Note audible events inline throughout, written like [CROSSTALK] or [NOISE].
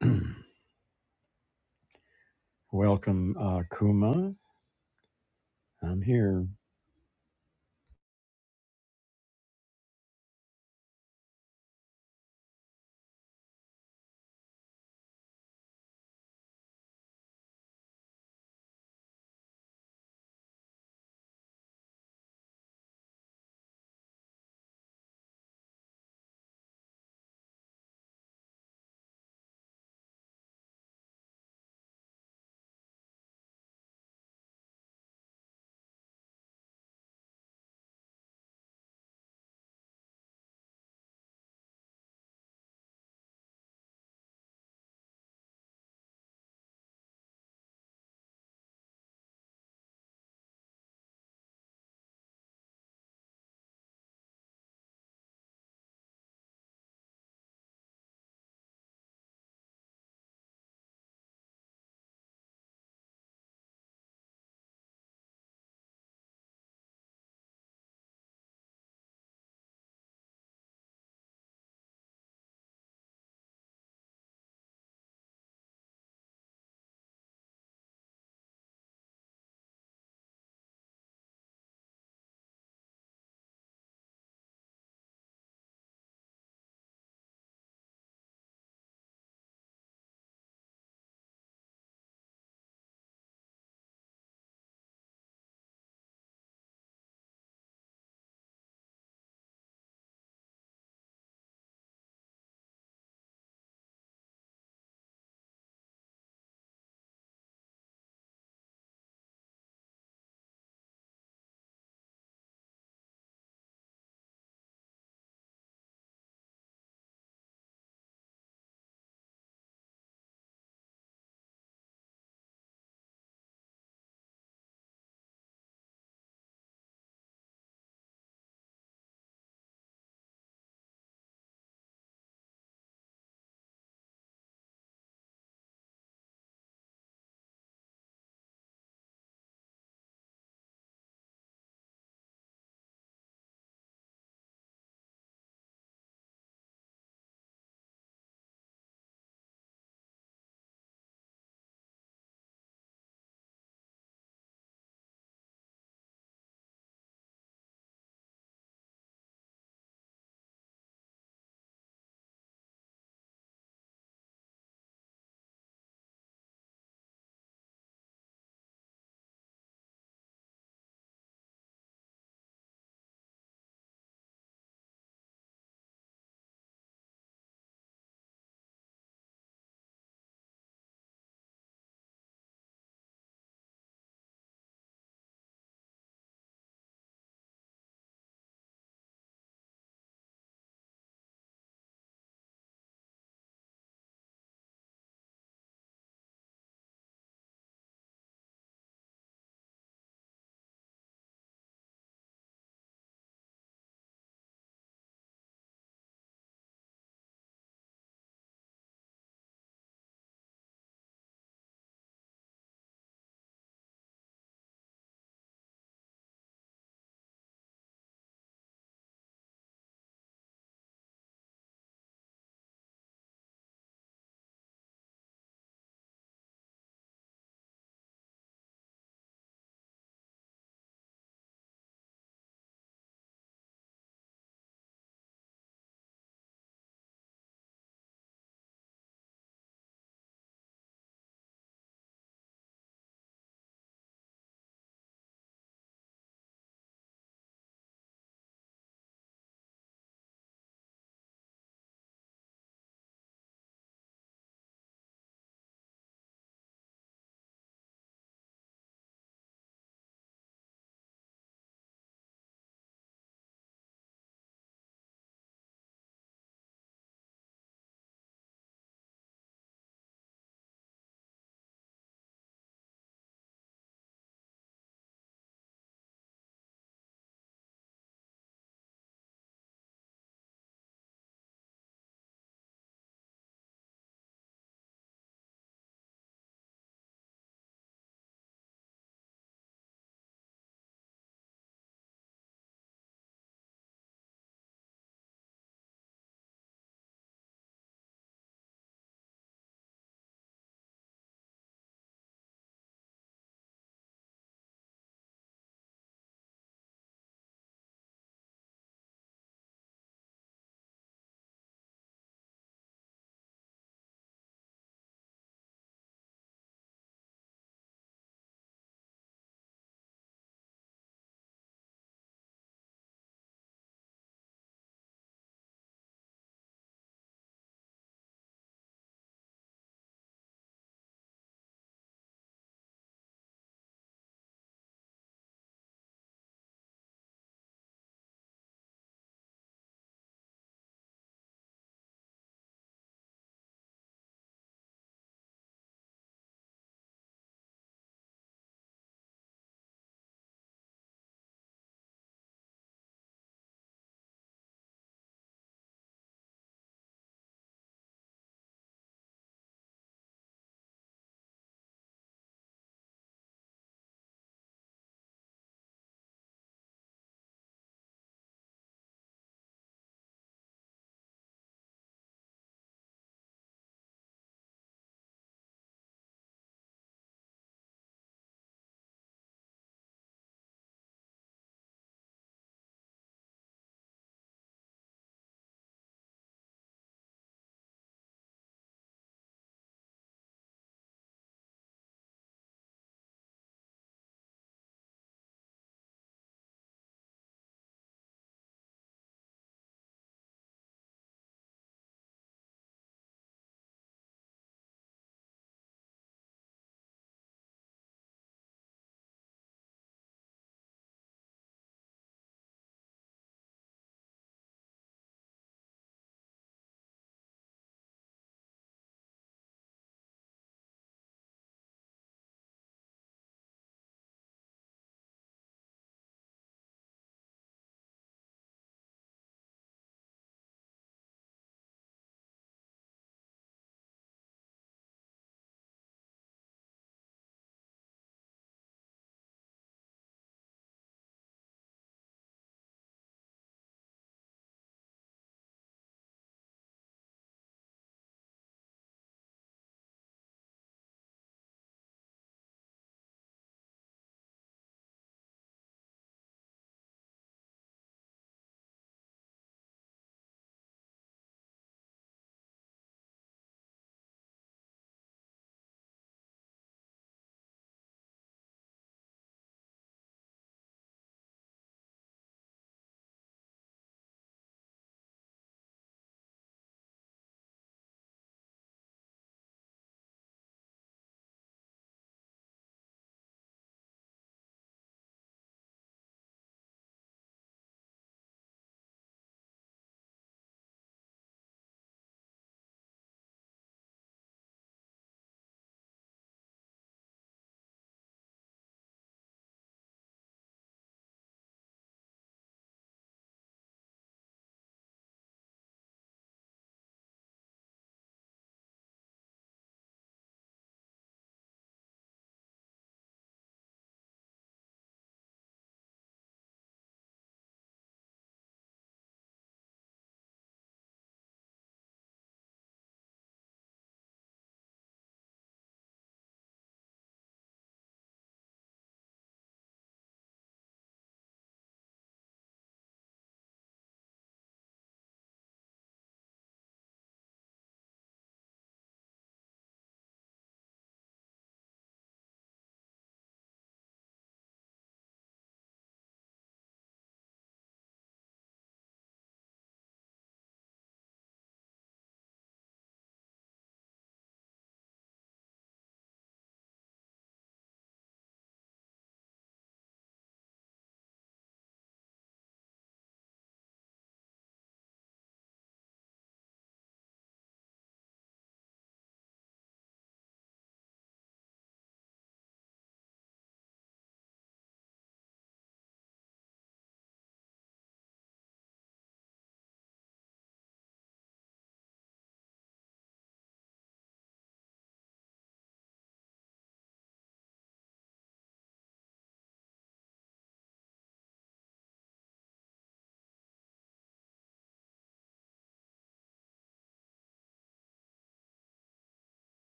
[CLEARS THROAT] Welcome, uh, Kuma. I'm here.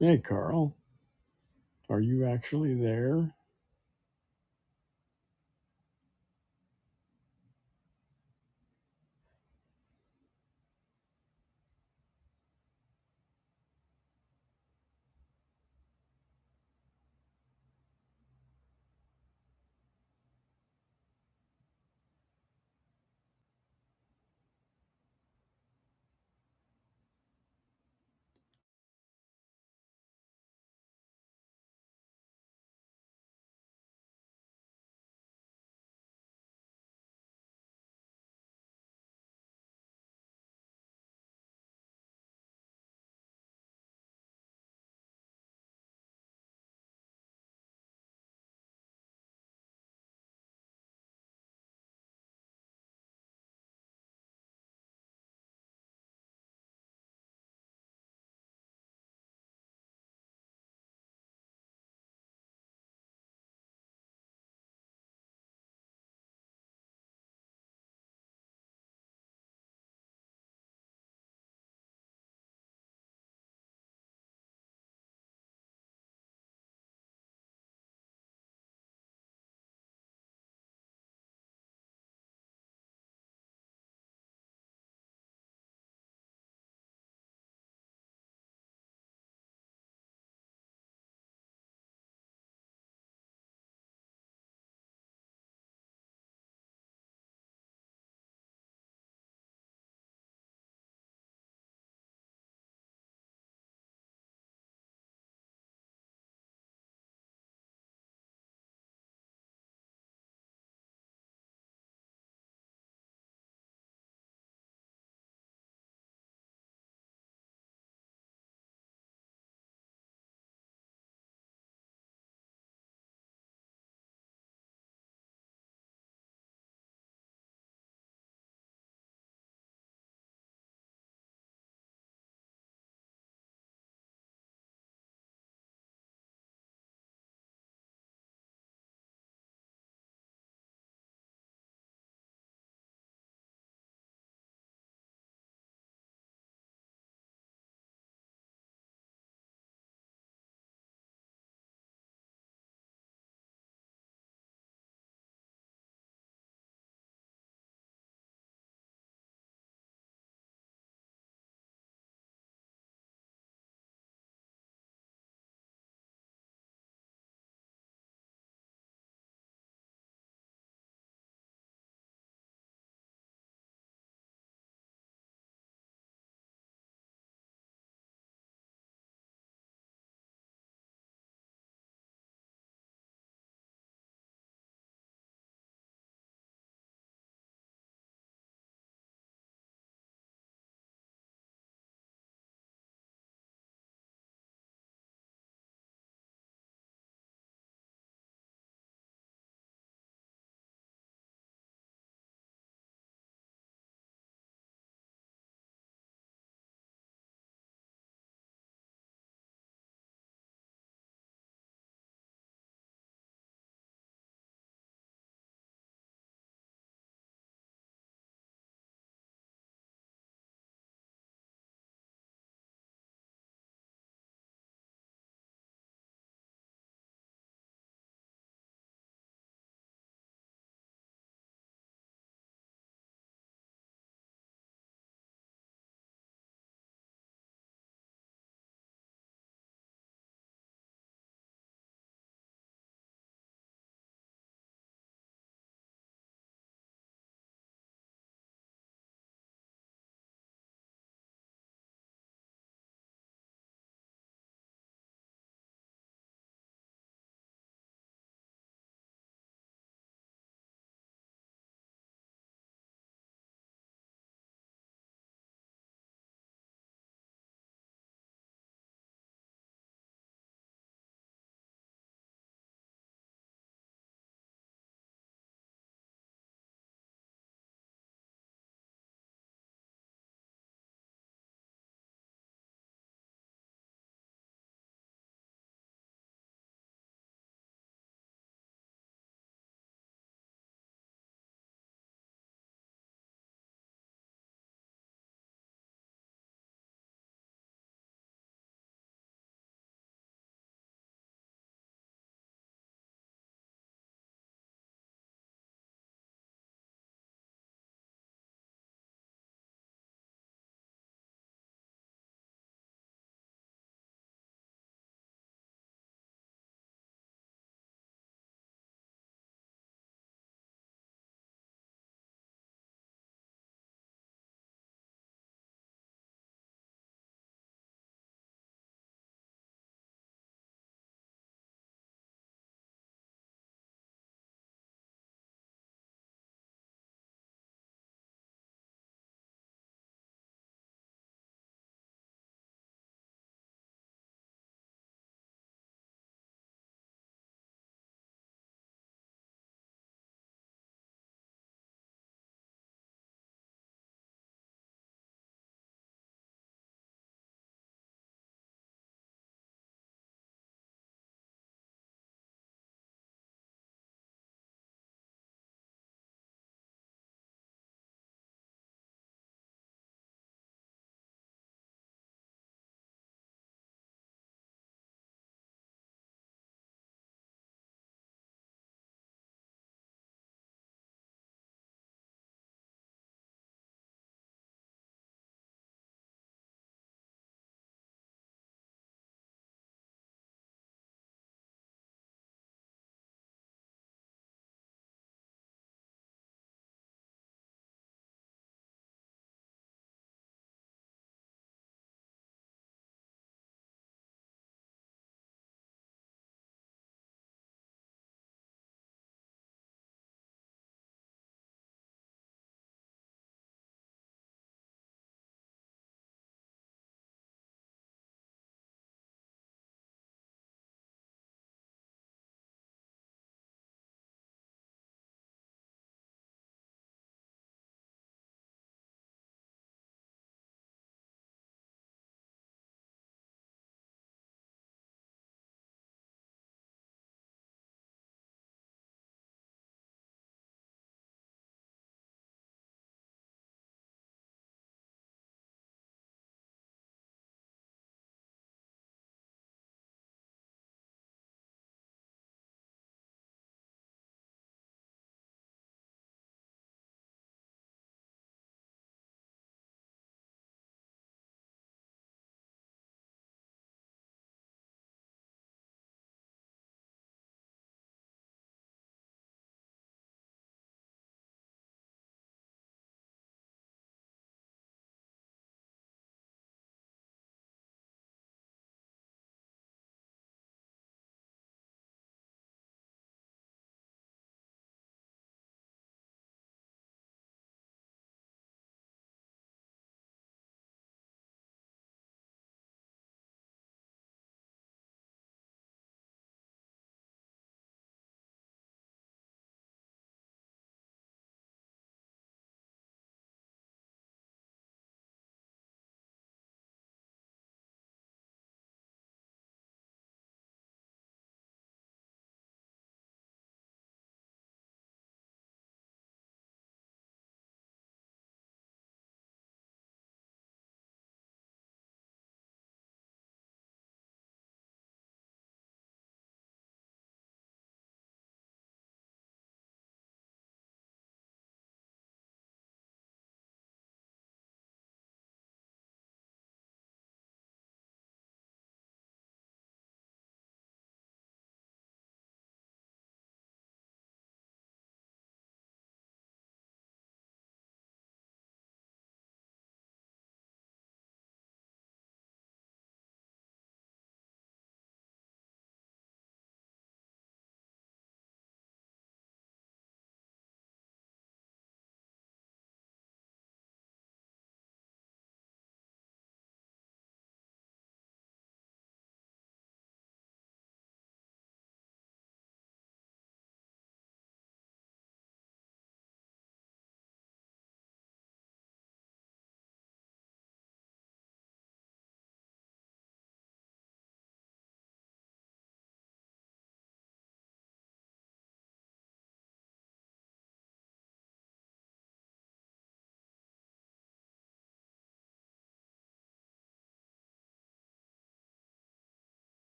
Hey, Carl. Are you actually there?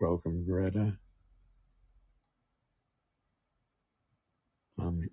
Welcome, Greta. Um,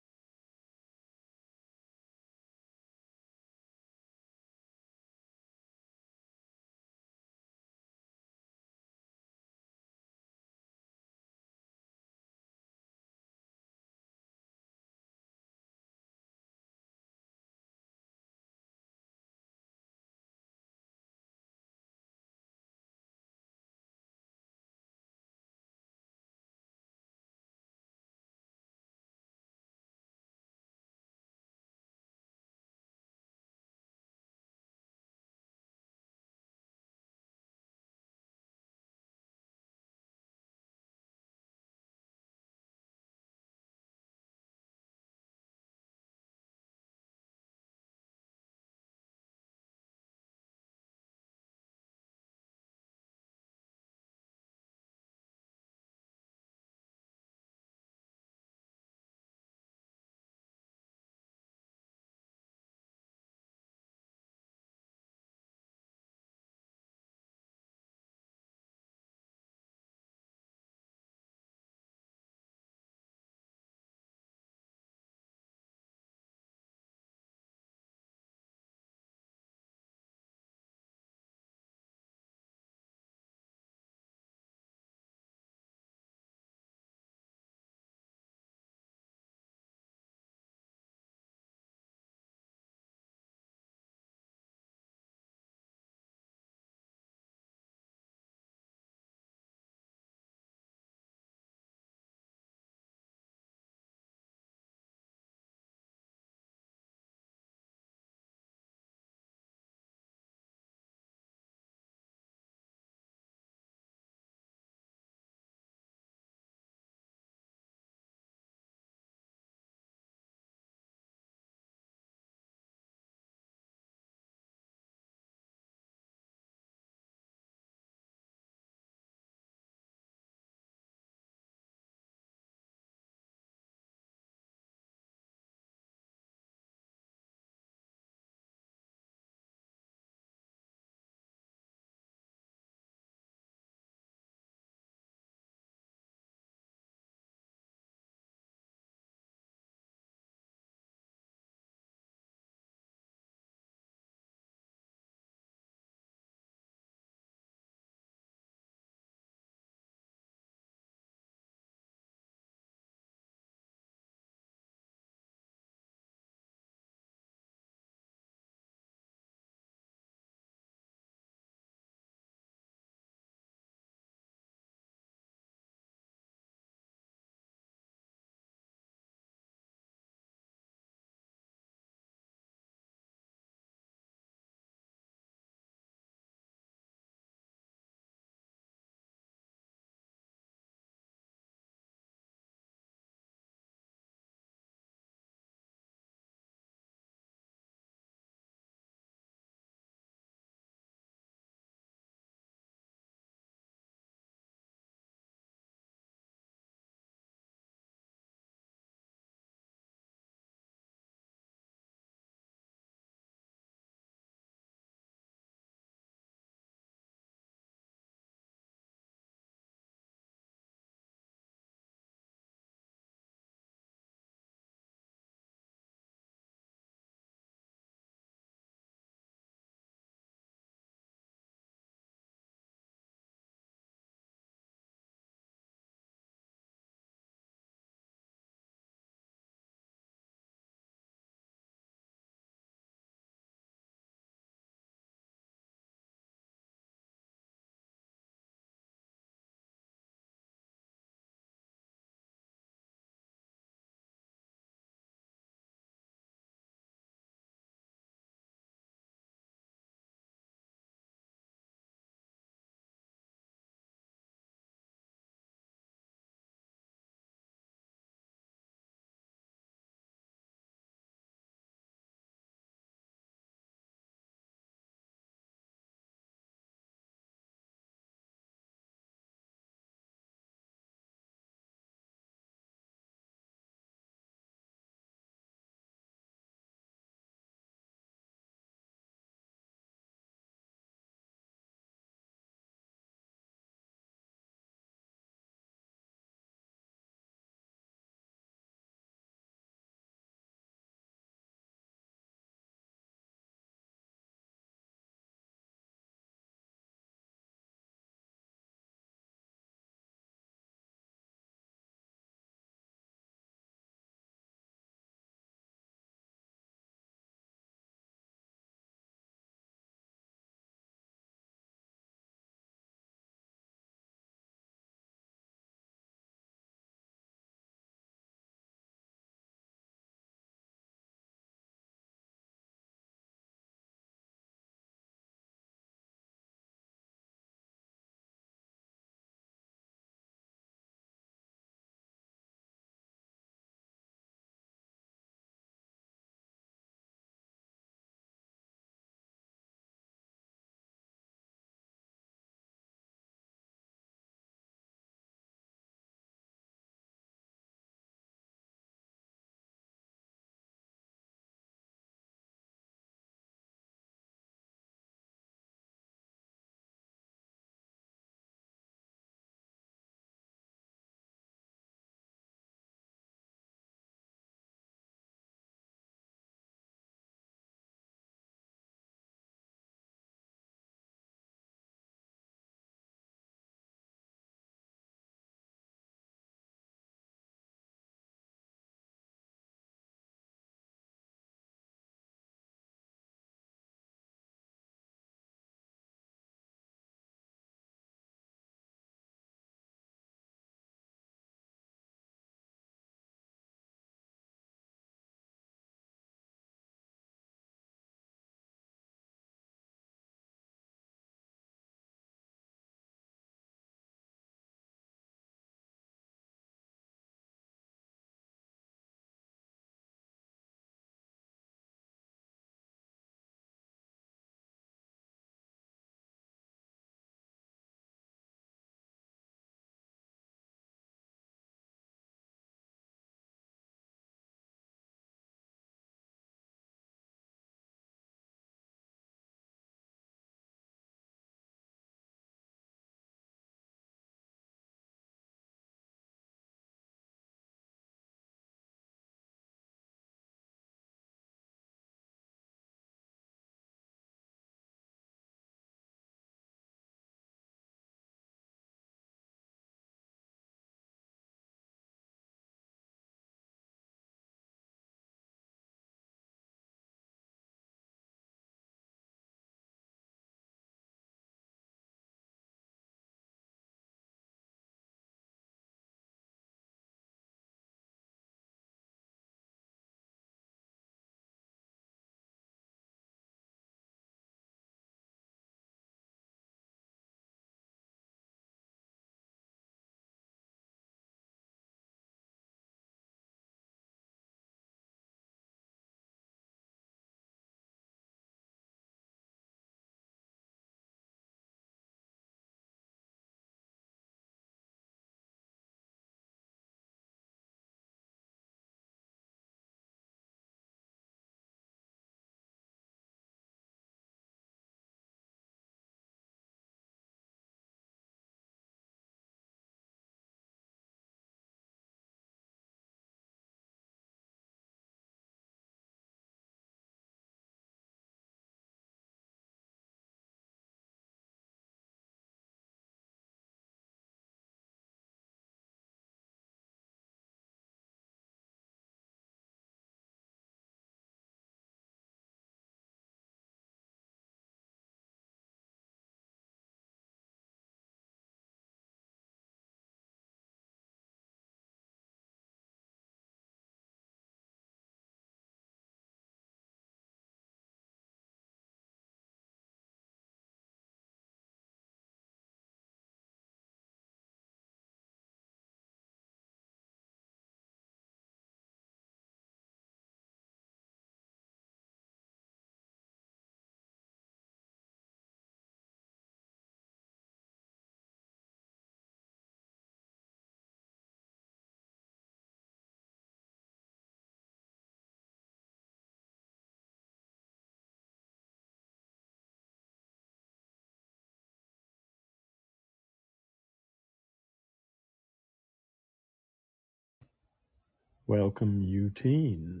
welcome, Eutine.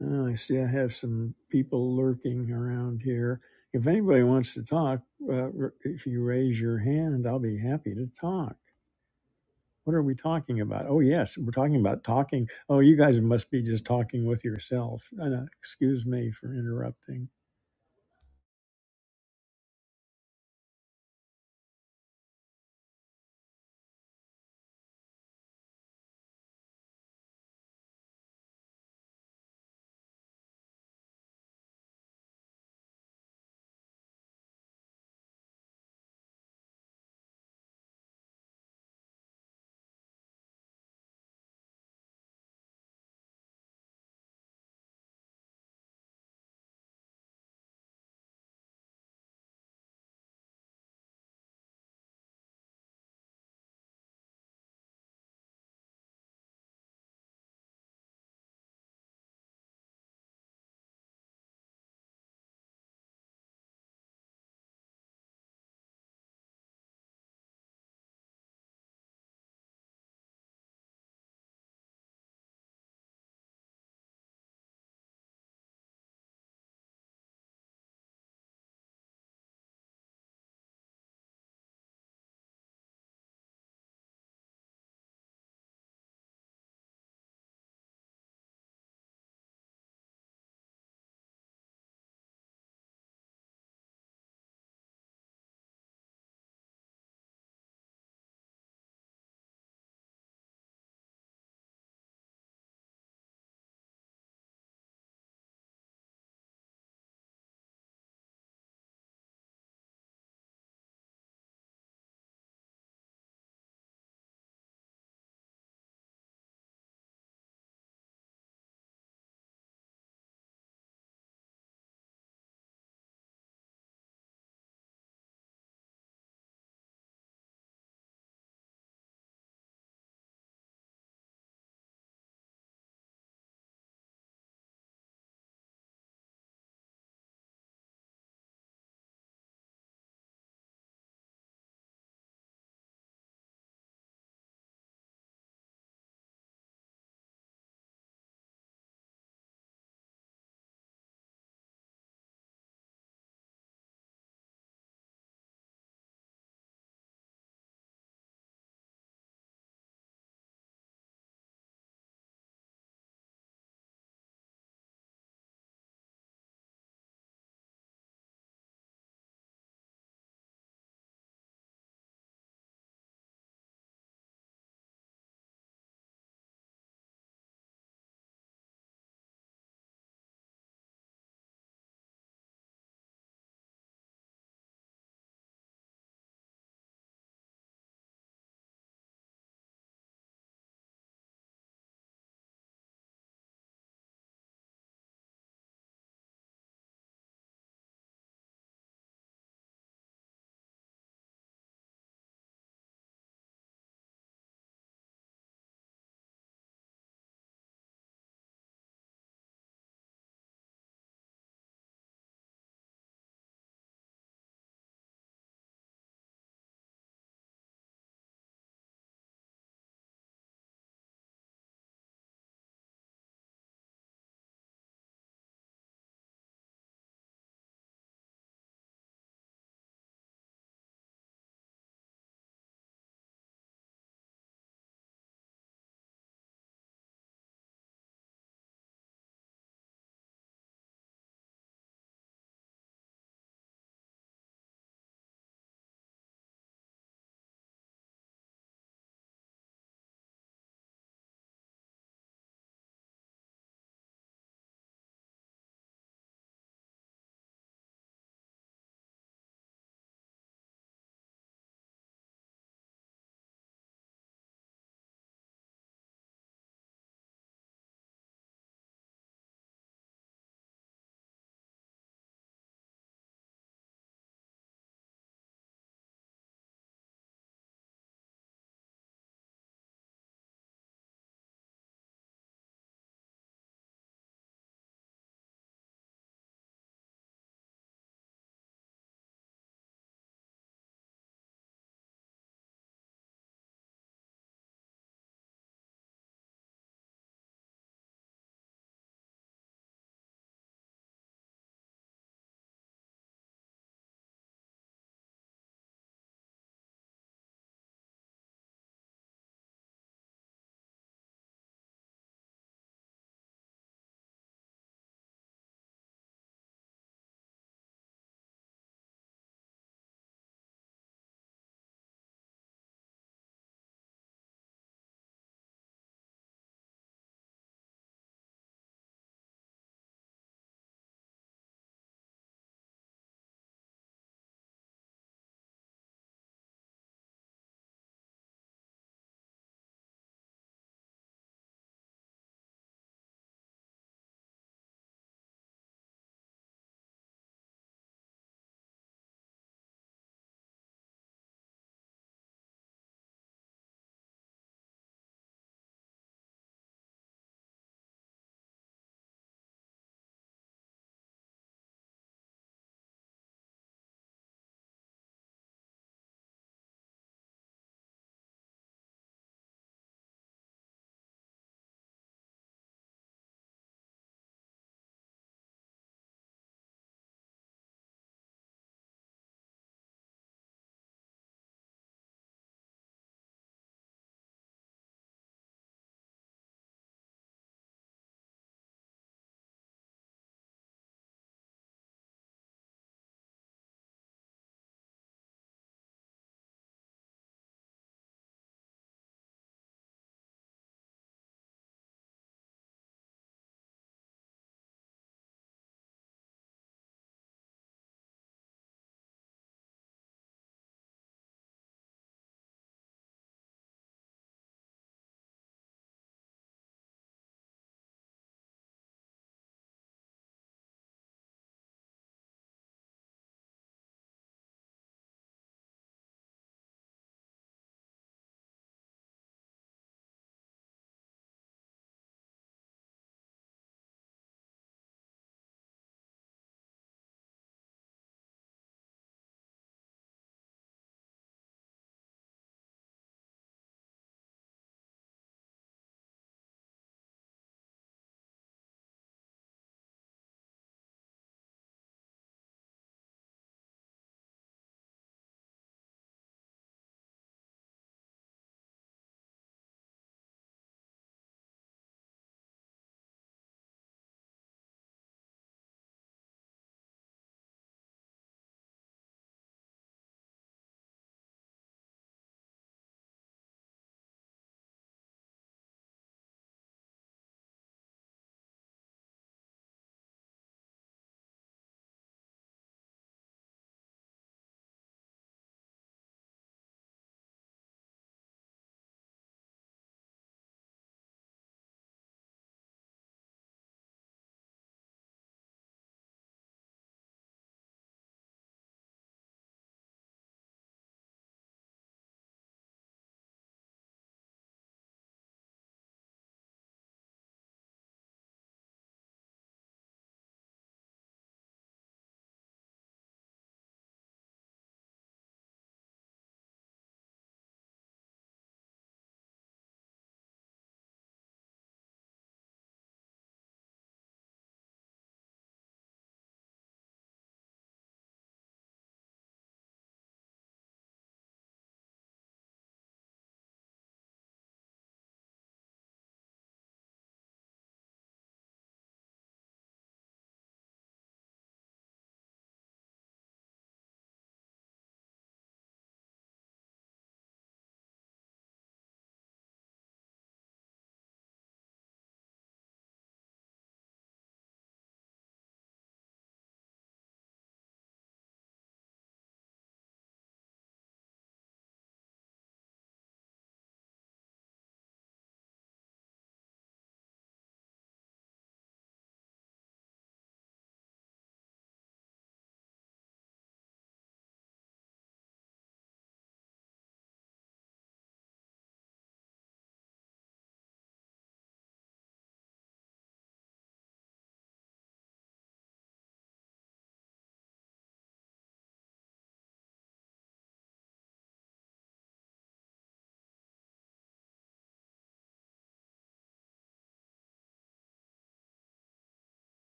Uh, I see I have some people lurking around here. If anybody wants to talk, uh, r- if you raise your hand, I'll be happy to talk. What are we talking about? Oh, yes, we're talking about talking. Oh, you guys must be just talking with yourself. Uh, no, excuse me for interrupting.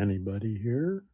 Anybody here?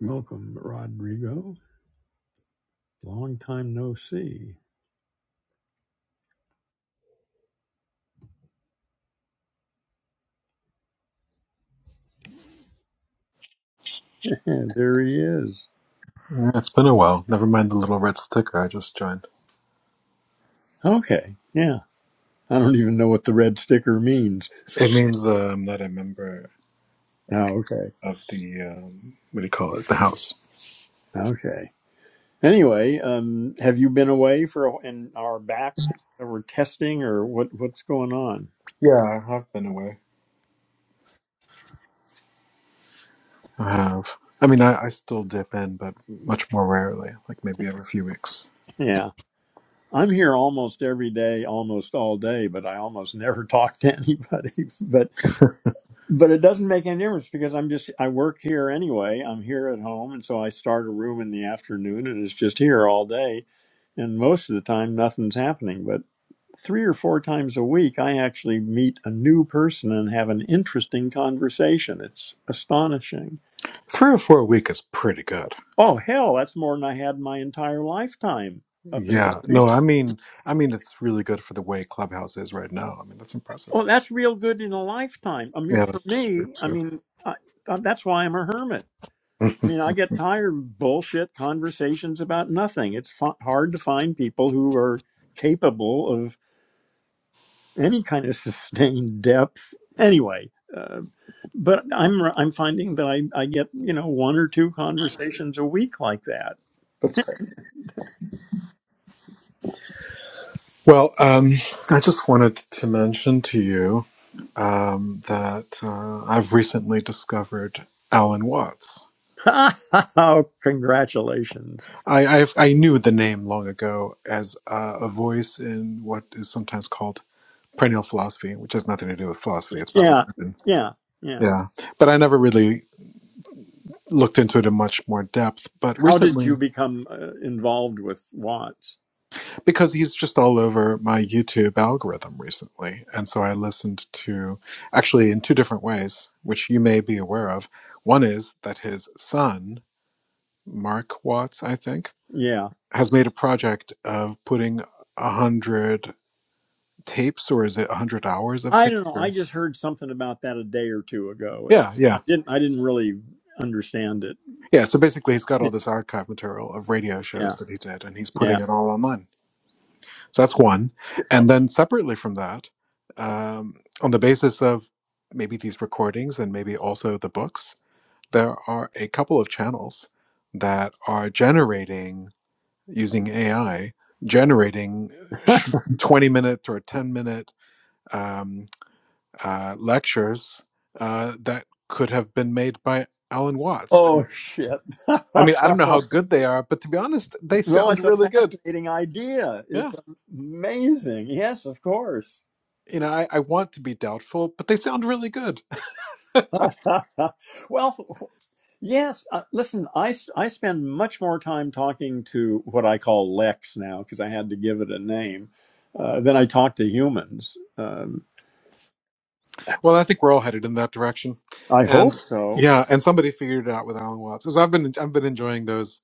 Welcome, Rodrigo. Long time no see. [LAUGHS] there he is. Yeah, It's been a while. Never mind the little red sticker. I just joined. Okay. Yeah. I don't even know what the red sticker means. It means uh, I'm not a member Oh, okay. of the um, what do you call it? The house. Okay. Anyway, um, have you been away for a- and are back or testing or what? What's going on? Yeah, I have been away. I have. I mean, I, I still dip in, but much more rarely. Like maybe every few weeks. Yeah, I'm here almost every day, almost all day, but I almost [LAUGHS] never talk to anybody. [LAUGHS] But [LAUGHS] Three but it doesn't make any difference because I'm just I work here anyway. I'm here at home, and so I start a room in the afternoon, and it's just here all day and most of the time nothing's happening but three or four times a week i actually meet a new person and have an interesting conversation it's astonishing or four a week is pretty good. oh hell that's more than i had in my entire lifetime up until Yeah. No, recently I mean, I mean, it's really good for the way Clubhouse is right now. I mean, that's impressive. well that's real good in a lifetime i mean Yeah, for that's true me i too. mean I, that's why i'm a hermit [LAUGHS] i mean i get tired of bullshit conversations about nothing it's f- hard to find people who are capable of any kind of [LAUGHS] sustained depth anyway uh, but i'm i'm finding that I, I get you know one or two conversations a week like that that's great. Well, um, I just wanted to mention to you um, that uh, I've recently discovered Alan Watts. [LAUGHS] oh congratulations I, I've, I knew the name long ago as uh, a voice in what is sometimes called perennial philosophy, which has nothing to do with philosophy. It's about yeah religion. yeah yeah Yeah. But I never really looked into it in much more depth. But how did recently, you become uh, involved with watts because he's just all over my YouTube algorithm recently. And so I listened to actually in two different ways, which you may be aware of. One is that his son, Mark Watts, I think, yeah has made a project of putting a hundred tapes or is it a hundred hours of i tapes don't know i or just heard something about that a day or two ago Uh, yeah, i yeah. didn't i didn't really understand it Yeah. So basically he's got yeah all this archive material of radio shows that he did and he's yeah yeah putting it all online. So that's one. And then separately from that, um, on the basis of maybe these recordings and maybe also the books, there are a couple of channels that are generating using AI, generating uh, [LAUGHS] sh- 20 minute or 10 minute um, uh, lectures uh, that could have been made by Alan Watts. oh And shit I mean, I don't know [LAUGHS] how good they are, but to be honest, they No, sound it's a really good. fascinating idea. Yeah. It's amazing. Yes, of course. You know, I, I want to be doubtful, but they sound really good [LAUGHS] well, yes. Uh, listen, I, s- I spend much more time talking to what I call Lex now because I had to give it a name uh, than I talk to humans. Um, Well, I think we're all headed in that direction, I hope and so. yeah, and somebody figured it out with Alan Watts. Because I've been I've been enjoying those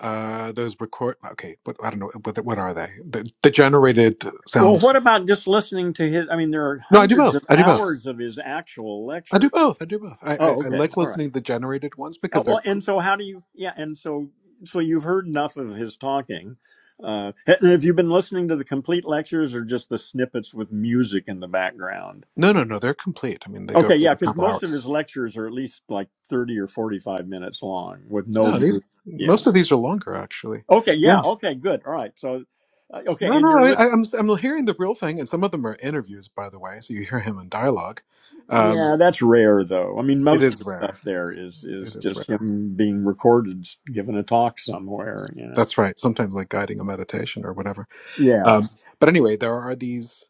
uh those record. Okay, but I don't know what what are they? The, the generated Well, sound. what about just listening to his? I mean, there are No, I do hundreds of both. I do both. hours of his actual I do lecture. both. I do both. I, I Oh, I okay. like All right. listening to the generated ones Oh, because they're Well, co- and so how do you? Yeah, and so so you've heard enough of his talking. Uh, and have you been listening to the complete lectures or just the snippets with music in the background? no no no they're complete. I mean they go Okay, for yeah, a because couple most of his hours. lectures are at least like thirty or forty-five minutes long with no Yeah, these music. Yeah. most of these are longer actually. Okay. Yeah. Yeah. Okay. Good. All right. So, uh, okay, No, and no, I, you're mean, I- listening. I'm I'm hearing the real thing, and some of them are interviews, by the way. So you hear him in dialogue. Um, Yeah, that's rare though. I mean, it most of is the rare. stuff there is It is is just rare. him being recorded, giving a talk somewhere. You know. That's right. Sometimes like guiding a meditation or whatever. Yeah. Um, but anyway, there are these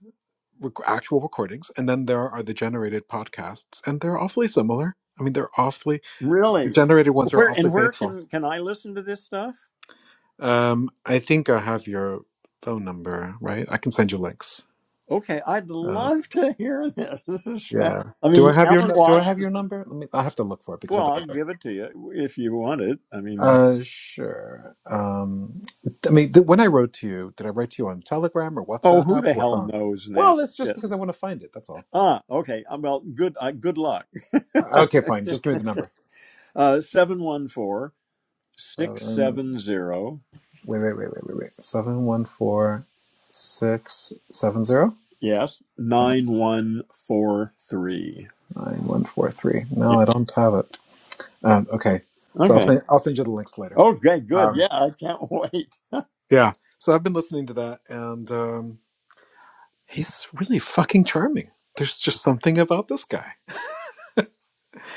rec- actual recordings, and then there are the generated podcasts, and they're awfully similar. I mean, they're awfully the Really? generated ones are Where awfully and where faithful. can can I listen to this stuff? Um, I think I have your phone number, right? I can send you links. Okay, I'd Uh, love to [LAUGHS] hear this. This is fast. yeah. I Do mean, I have your Alan nu- Do I Watts have is your number? Let me. I have to look for it because well. I'll otherwise. give it to you if you want it. I mean, Uh, sure. Um, I mean, th- when I wrote to you, did I write to you on Telegram or oh, who WhatsApp the or hell phone? knows now? Well, it's just Shit. because I want to find it. That's all. Ah, okay. uh, Well, good. Uh, good luck. Uh, Okay, fine. [LAUGHS] Just give me the number. Uh, Seven. 714 Wait, wait, wait, wait, wait, wait. Seven one four six seven zero yes, Uh, 9143. nine one four three. Yeah. No, I don't have it. Um, okay, so I'll Okay. send I'll send you the links later. Okay, good. Um, Yeah, I can't [LAUGHS] wait. yeah. So I've been listening to that, and um, he's really fucking charming. There's just something about this guy.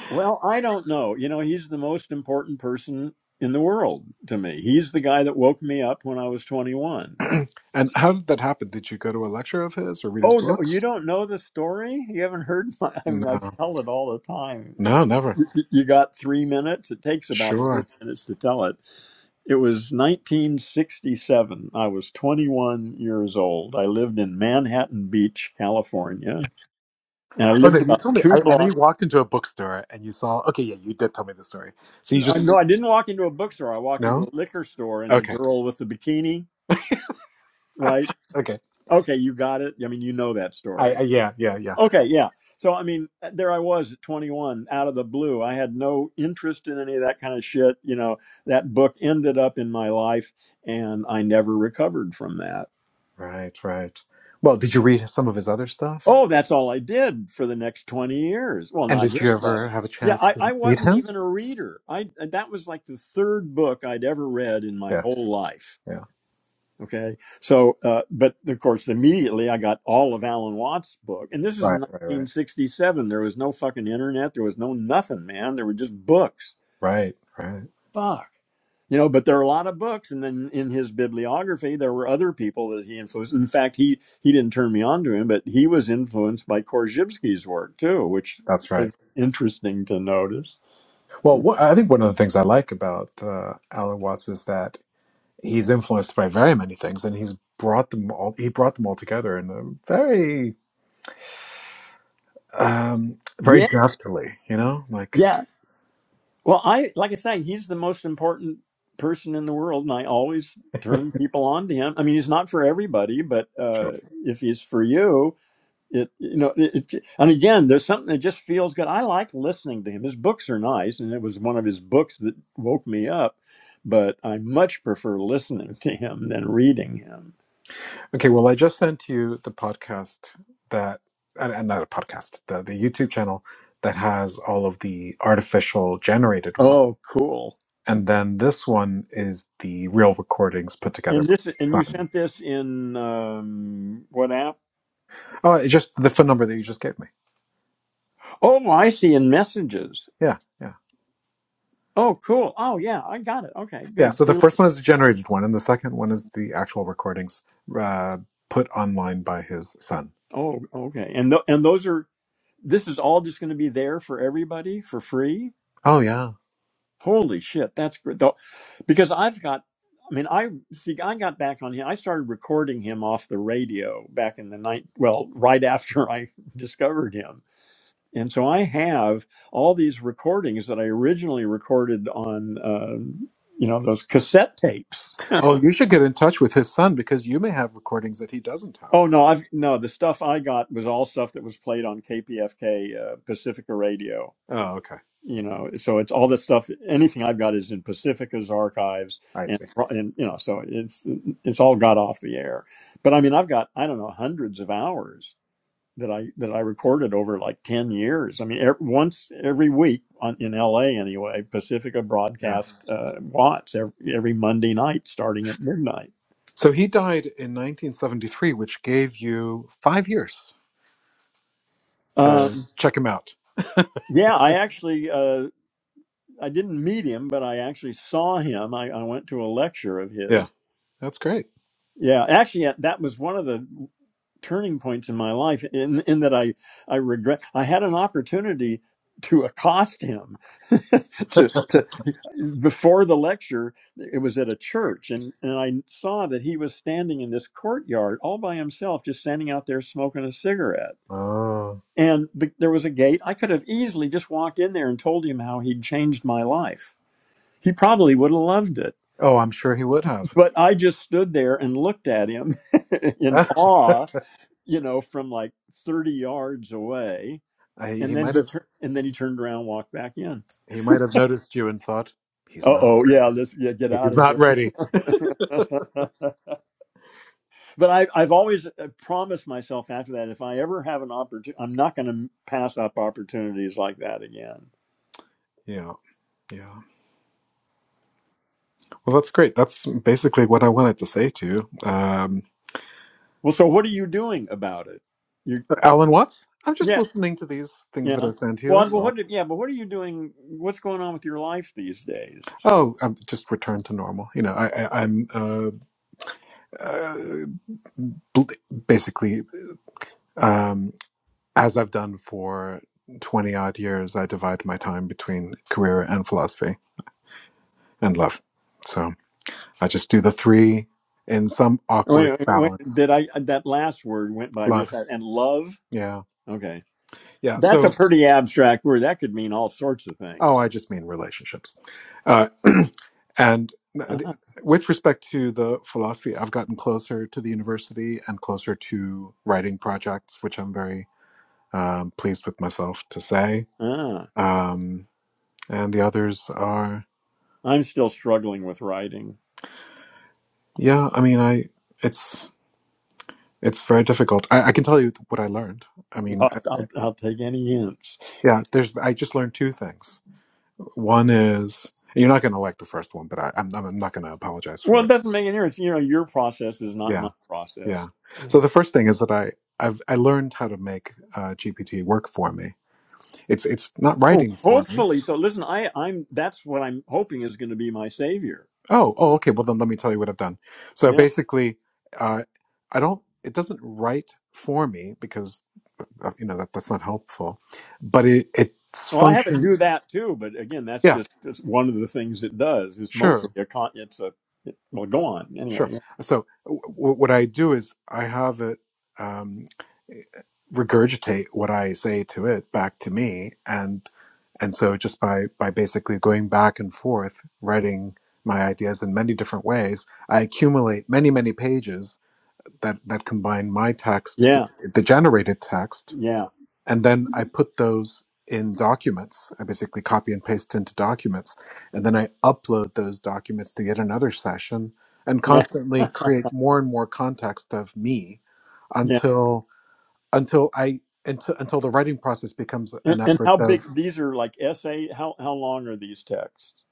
Well, I don't know. You know, he's the most important person in the world to me. He's the guy that woke me up when I was 21. [CLEARS THROAT] and how did that happen? Did you go to a lecture of his or read his Oh no, books? you don't know the story? You haven't heard my I mean I No, tell it all the time. no, never. Y- You got 3 minutes. It takes about 3 Sure. minutes to tell it. It was 1967. I was 21 years old. I lived in Manhattan Beach, California, and I Oh no, lived you about told me. 2 I, I know you blocks walked into a bookstore and you saw. Okay, yeah, you did tell me the story. So you just no, I didn't walk into a bookstore. I walked into a no. liquor store and the Okay, girl with the bikini right? okay. Okay, you got it. I mean, you know that I, I story. yeah yeah yeah. Okay, yeah. So, I mean, uh, there I was at 21 out of the blue. I had no interest in any of that kind of shit. You know, that book ended up in my life and I never recovered from that. Right right. Well, did you read some of his other stuff? Oh, that's all I did for the next 20 years. Well, And not did his you stuff. ever have a Yeah, chance I, to I meet wasn't him? even a reader. I uh, that was like the third book I'd ever read in my Yeah whole life yeah. Okay. So, uh, but of course, immediately I got all of Alan Watts' book. And this was in Right right right 1967. There was no fucking internet. There was no nothing, man. There were just books. right right. Fuck. You know, but there are a lot of books. And then in his bibliography, there were other people that he influenced. In fact, he, he didn't turn me on to him, but he was influenced by Korzybski's work too, which That's right. was interesting to notice. Well, wha- I think one of the things I like about uh, Alan Watts is that he's influenced by very many things, and he's brought them all. He brought them all together in a very, um, very Yeah. deftly. You know, like Yeah. Well, I like I say, he's the most important person in the world, and I always turn people on to him. I mean, he's not for everybody, but sure. uh, if he's for you, it you know, it, it, and again, there's something that just feels good. I like listening to him. His books are nice, and it was one of his books that woke me up. But I much prefer listening [LAUGHS] to him than reading him. Okay, well, I just sent you the podcast that, and, and not a podcast, the the YouTube channel that has all of the artificial generated one. Oh, cool. And then this one is the real recordings put together And by this, his and you son. sent this in um, what app? Oh, it's just the phone number that you just gave me. Oh, I see. In messages. Yeah, yeah. Oh, cool. Oh, yeah, I got it. Okay, Yeah, good. so the Two first one links. is the generated one, and the second one is the actual recordings uh, put online by his son. Oh, okay. And th- and those are this is all just going to be there for everybody for free. Oh, yeah. Holy shit, that's great. Though, because I've got, I mean, I see, I got back on him. I started recording him off the radio back in the night. Well, right after I [LAUGHS] discovered him, and so I have all these recordings that I originally recorded on, uh, you know, those cassette tapes Oh, you should get in touch with his son because you may have recordings that he doesn't have. Oh no, I've no. The stuff I got was all stuff that was played on KPFK uh, Pacifica Radio. Oh, okay. You know, so it's all the stuff. Anything I've got is in Pacifica's archives, I and see. and you know, so it's it's all got off the air. But I mean, I've got I don't know hundreds of hours that I that I recorded over like ten years. I mean, er, once every week on, in L.A. anyway, Pacifica Yeah. broadcast uh, Watts every, every Monday night starting at midnight. So he died in 1973, which gave you five years Um, to check him out. yeah, I actually. Uh, I didn't meet him, but I actually saw him. I, I went to a lecture of Yeah, his. that's great. Yeah, actually, yeah, that was one of the turning points in my life. In in that I I regret I had an opportunity to accost him [LAUGHS] to, [LAUGHS] to before the lecture it was at a church and, and i saw that he was standing in this courtyard all by himself just standing out there smoking a cigarette Oh, and the, there was a gate i could have easily just walked in there and told him how he'd changed my life he probably would have loved it. oh, I'm sure he would have. But I just stood there and looked at him [LAUGHS] [LAUGHS] in I, awe, you know, from like 30 yards away. he And then might he have. turned and then he turned around and walked back in. He might have noticed you and thought he's Uh not oh, yeah, ready. this yeah, get out He's of not here. ready. [LAUGHS] but I, I've always uh, promised myself after that if I ever have an opportunity, I'm not going to pass up opportunities like that again. Yeah, yeah. Well, that's great. That's basically what I wanted to say to you. Um, Well, so what are you doing about it? You, Alan Watts, I'm just are listening to these things that I Yeah. sent you. Well, That's but all. what? Yeah, but what are you doing? What's going on with your life these days? Oh, I'm just return to normal. You know, I, I, I'm uh, uh, bl- basically, um, as I've done for 20 odd years, I divide my time between career and philosophy and love. So I just do the three in some Wait, awkward wait, balance. did I? That last word went by real Love. fast. And love. Yeah. Okay, Yeah. that's a So pretty abstract word. That could mean all sorts of Oh, things. I just mean relationships. Uh, [CLEARS THROAT] and th- Ah, with respect to the philosophy, I've gotten closer to the university and closer to writing projects, which I'm very um, pleased with myself to say. ah. Um, and the others are, I'm still struggling with writing. yeah, I mean, I it's it's very difficult. I, I can tell you what I learned. I [LAUGHS] mean, I- I'll, I'll, I'll take any hints. yeah, there's I just learned two things. One is you're not going to like the first one, but I, I'm I'm not going to apologize Well, for it it. doesn't make any difference. You know, your process is not Yeah my Yeah. process. Yeah. So the first thing is that I I've I learned how to make uh, GPT work for me. It's it's not Oh, writing for me. hopefully. So listen, I, I'm. That's what I'm hoping is going to be my savior. Oh oh okay. Well then let me tell you what I've done. So Yeah. basically, uh, I don't. It doesn't write for me because uh, you know that that's not helpful. But it it's Well, I have it function. do that too, but again, that's Yeah. just, just one of the things it does. It's mostly Sure. a con. It's a it, well, go on Sure. anyway. So w- w- what I do is I have it. Um, regurgitate what I say to it back to me, and and so just by by basically going back and forth, writing my ideas in many different ways, I accumulate many many pages that that combine my text with Yeah, the generated text, yeah, and then I put those in documents. I basically copy and paste into documents, and then I upload those documents to yet another session, and yeah, constantly [LAUGHS] create more and more context of me yeah. until until I until, until the writing process becomes And, an and effort how of big? These are like essay. How how long are these texts?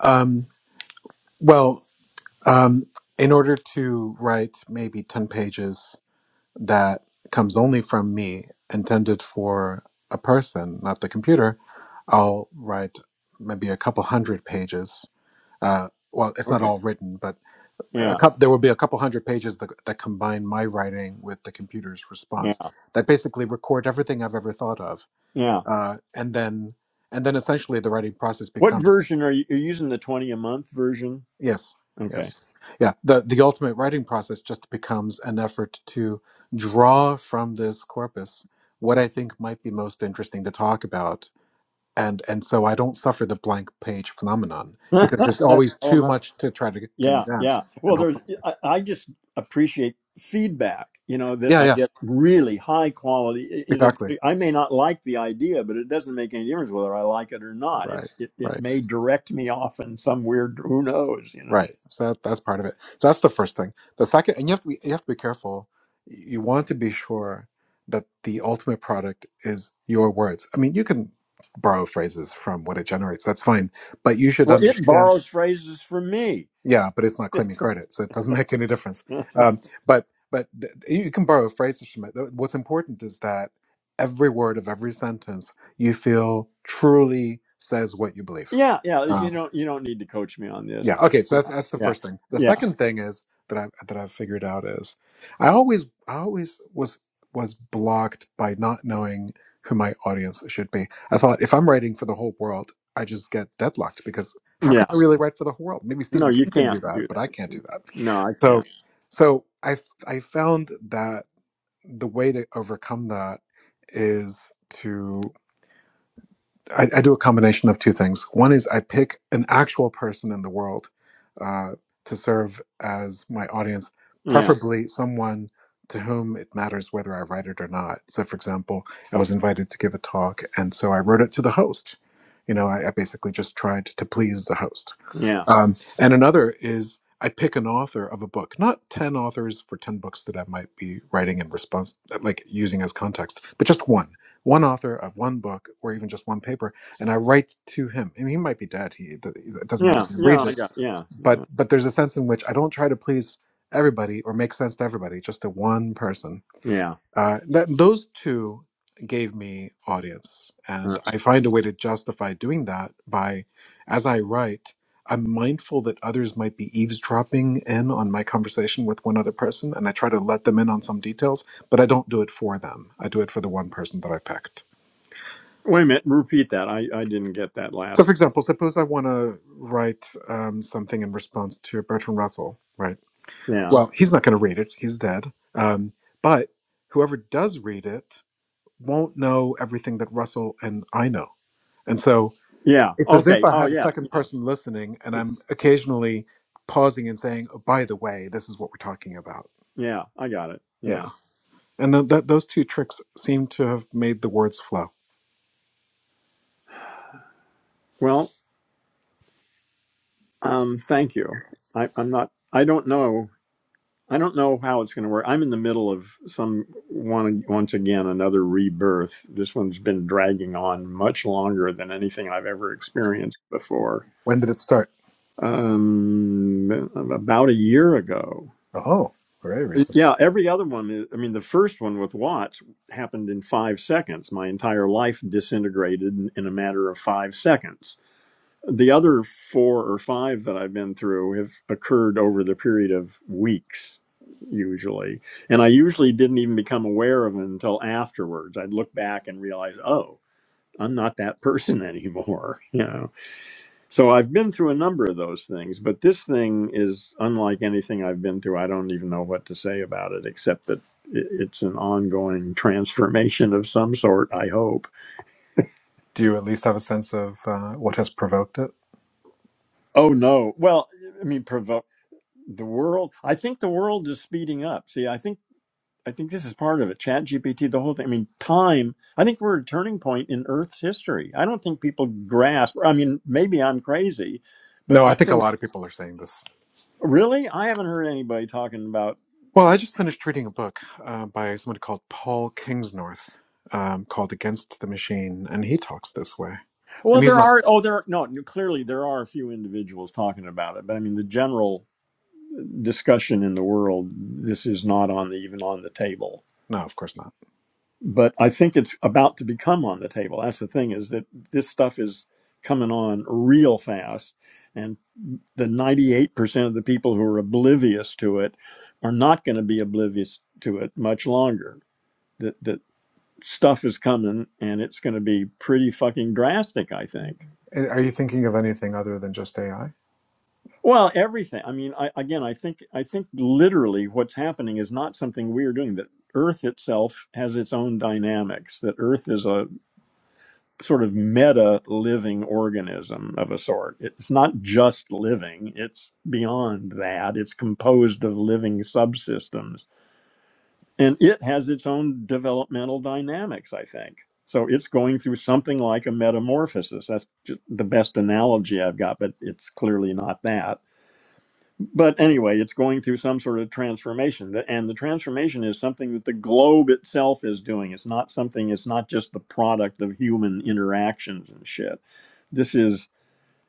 um, well, um, in order to write maybe ten pages that comes only from me, intended for a person, not the computer, I'll write maybe a couple hundred pages. Uh, well, it's not Okay. all written, but a Yeah, couple, there will be a couple hundred pages that, that combine my writing with the computer's yeah, response that basically record everything I've ever thought of yeah. uh, and then and then essentially the writing process What becomes version are you? You're using the twenty a month version? yes Okay. yes yeah the the ultimate writing process just becomes an effort to draw from this corpus what i think might be most interesting to talk about and and so i don't suffer the blank page phenomenon [LAUGHS] oh because there's always too no. much to try to Yeah, yeah. condense and Well, hold there's, on to I, I just appreciate feedback, you know, that yeah I yeah get really high quality. It- It'll, exactly I may not like the idea, but it doesn't make any difference whether I like it or not. right It's, it, right it may direct me off in some weird, who knows, you know. Right. So that, that's part of it. So that's the first thing. The second, and you have to be, you have to be careful. You want to be sure that the ultimate product is your words. I mean, you can borrow phrases from what it generates. That's fine, but you should Well, it understand. borrows phrases from me. Yeah, but it's not claiming credit, so it doesn't [LAUGHS] make any difference. [LAUGHS] Um, but but th- you can borrow phrases from it. What's important is that every word of every sentence you feel truly says what you believe. Yeah, yeah. Um, You don't, you don't need to coach me on this. yeah. Okay. So that's Yeah, that's the yeah, first thing. The yeah, second thing is that I that I've figured out is I always I always was was blocked by not knowing who my audience should be. I thought if I'm writing for the whole world, I just get deadlocked because how can yeah. I really write for the whole world? Maybe No, Stephen you King can do can't that, do but I can't that. do that. No, I So can't. so I f- I found that the way to overcome that is to. I, I do a combination of two things. One is I pick an actual person in the world uh, to serve as my audience, Yeah, preferably someone to whom it matters whether I write it or not. So, for example, I was invited to give a talk, and so I wrote it to the host. You know, I, I basically just tried to please the host yeah, um, and another is I pick an author of a book, not 10 authors for 10 books that I might be writing in response, like using as context, but just one, one author of one book or even just one paper. And I write to him. And he might be dead. He, it it doesn't matter if yeah, he yeah, reads I it. got, yeah, But, yeah, but there's a sense in which I don't try to please everybody or make sense to everybody, just to one person yeah. uh, that those two gave me audience, and I find a way to justify doing that by, as I write, I'm mindful that others might be eavesdropping in on my conversation with one other person, and I try to let them in on some details, but I don't do it for them. I do it for the one person that I picked. Wait a minute, repeat that. I, I didn't get that So, last for part. example, suppose I want to write um, something in response to Bertrand Russell, right? Yeah. Well, he's not going to read it, he's dead. Um, but whoever does read it won't know everything that Russell and I know. And so Yeah. it's as if Okay. I Oh had a yeah, second yeah. person listening and I'm This occasionally pausing and saying, oh, by the way, this is what we're talking about. yeah, I got it. Yeah. Yeah. And th- th- those two tricks seem to have made the words flow. Well, um, thank you. I, I'm not I don't know I don't know how it's gonna work. I'm in the middle of some one once again another rebirth. This one's been dragging on much longer than anything I've ever experienced before. When did it start? Um about a year ago. Oh, very recent. Yeah, every other one. is- I mean, the first one with Watts happened in five seconds. My entire life disintegrated in in a matter of five seconds. The other four or five that I've been through have occurred over the period of weeks, usually. And I usually didn't even become aware of it until afterwards. I'd look back and realize, oh, I'm not that person [LAUGHS] anymore. You know? So I've been through a number of those things, but this thing is unlike anything I've been through. I don't even know what to say about it, except that i- it's an ongoing transformation of some sort, I hope. Do you at least have a sense of uh, what has provoked it? Oh, no. Well, I mean, provo- the world, I think the world is speeding up. See, I think. I think this is part of it. Chat GPT, the whole thing. I mean, time. I think we're at a turning point in Earth's history. I don't think people grasp. I mean, maybe I'm crazy, but No, I I think a think lot of people are saying this. really, I haven't heard anybody talking about Well, I just finished reading a book uh, by somebody called Paul Kingsnorth um, called Against the Machine, and he talks this way. Well, And he's there not are. Oh, there. No, clearly there are a few individuals talking about it, but I mean the general discussion in the world. This is not on the even on the table. No, of course not. But I think it's about to become on the table. That's the thing is that this stuff is coming on real fast, and the ninety-eight percent of the people who are oblivious to it are not going to be oblivious to it much longer. That that stuff is coming, and it's going to be pretty fucking drastic. I think. Uh, Are you thinking of anything other than just AI? Well, everything. I mean, I, again, I think I think literally what's happening is not something we are doing. That Earth itself has its own dynamics. That Earth is a sort of meta living organism of a sort. It's not just living. It's beyond that. It's composed of living subsystems, and it has its own developmental dynamics. I think. So it's going through something like a metamorphosis. That's ju- the best analogy I've got, but it's clearly not that but anyway, it's going through some sort of transformation. And the transformation is something that the globe itself is doing. It's not something, it's not just the product of human interactions and shit. This is,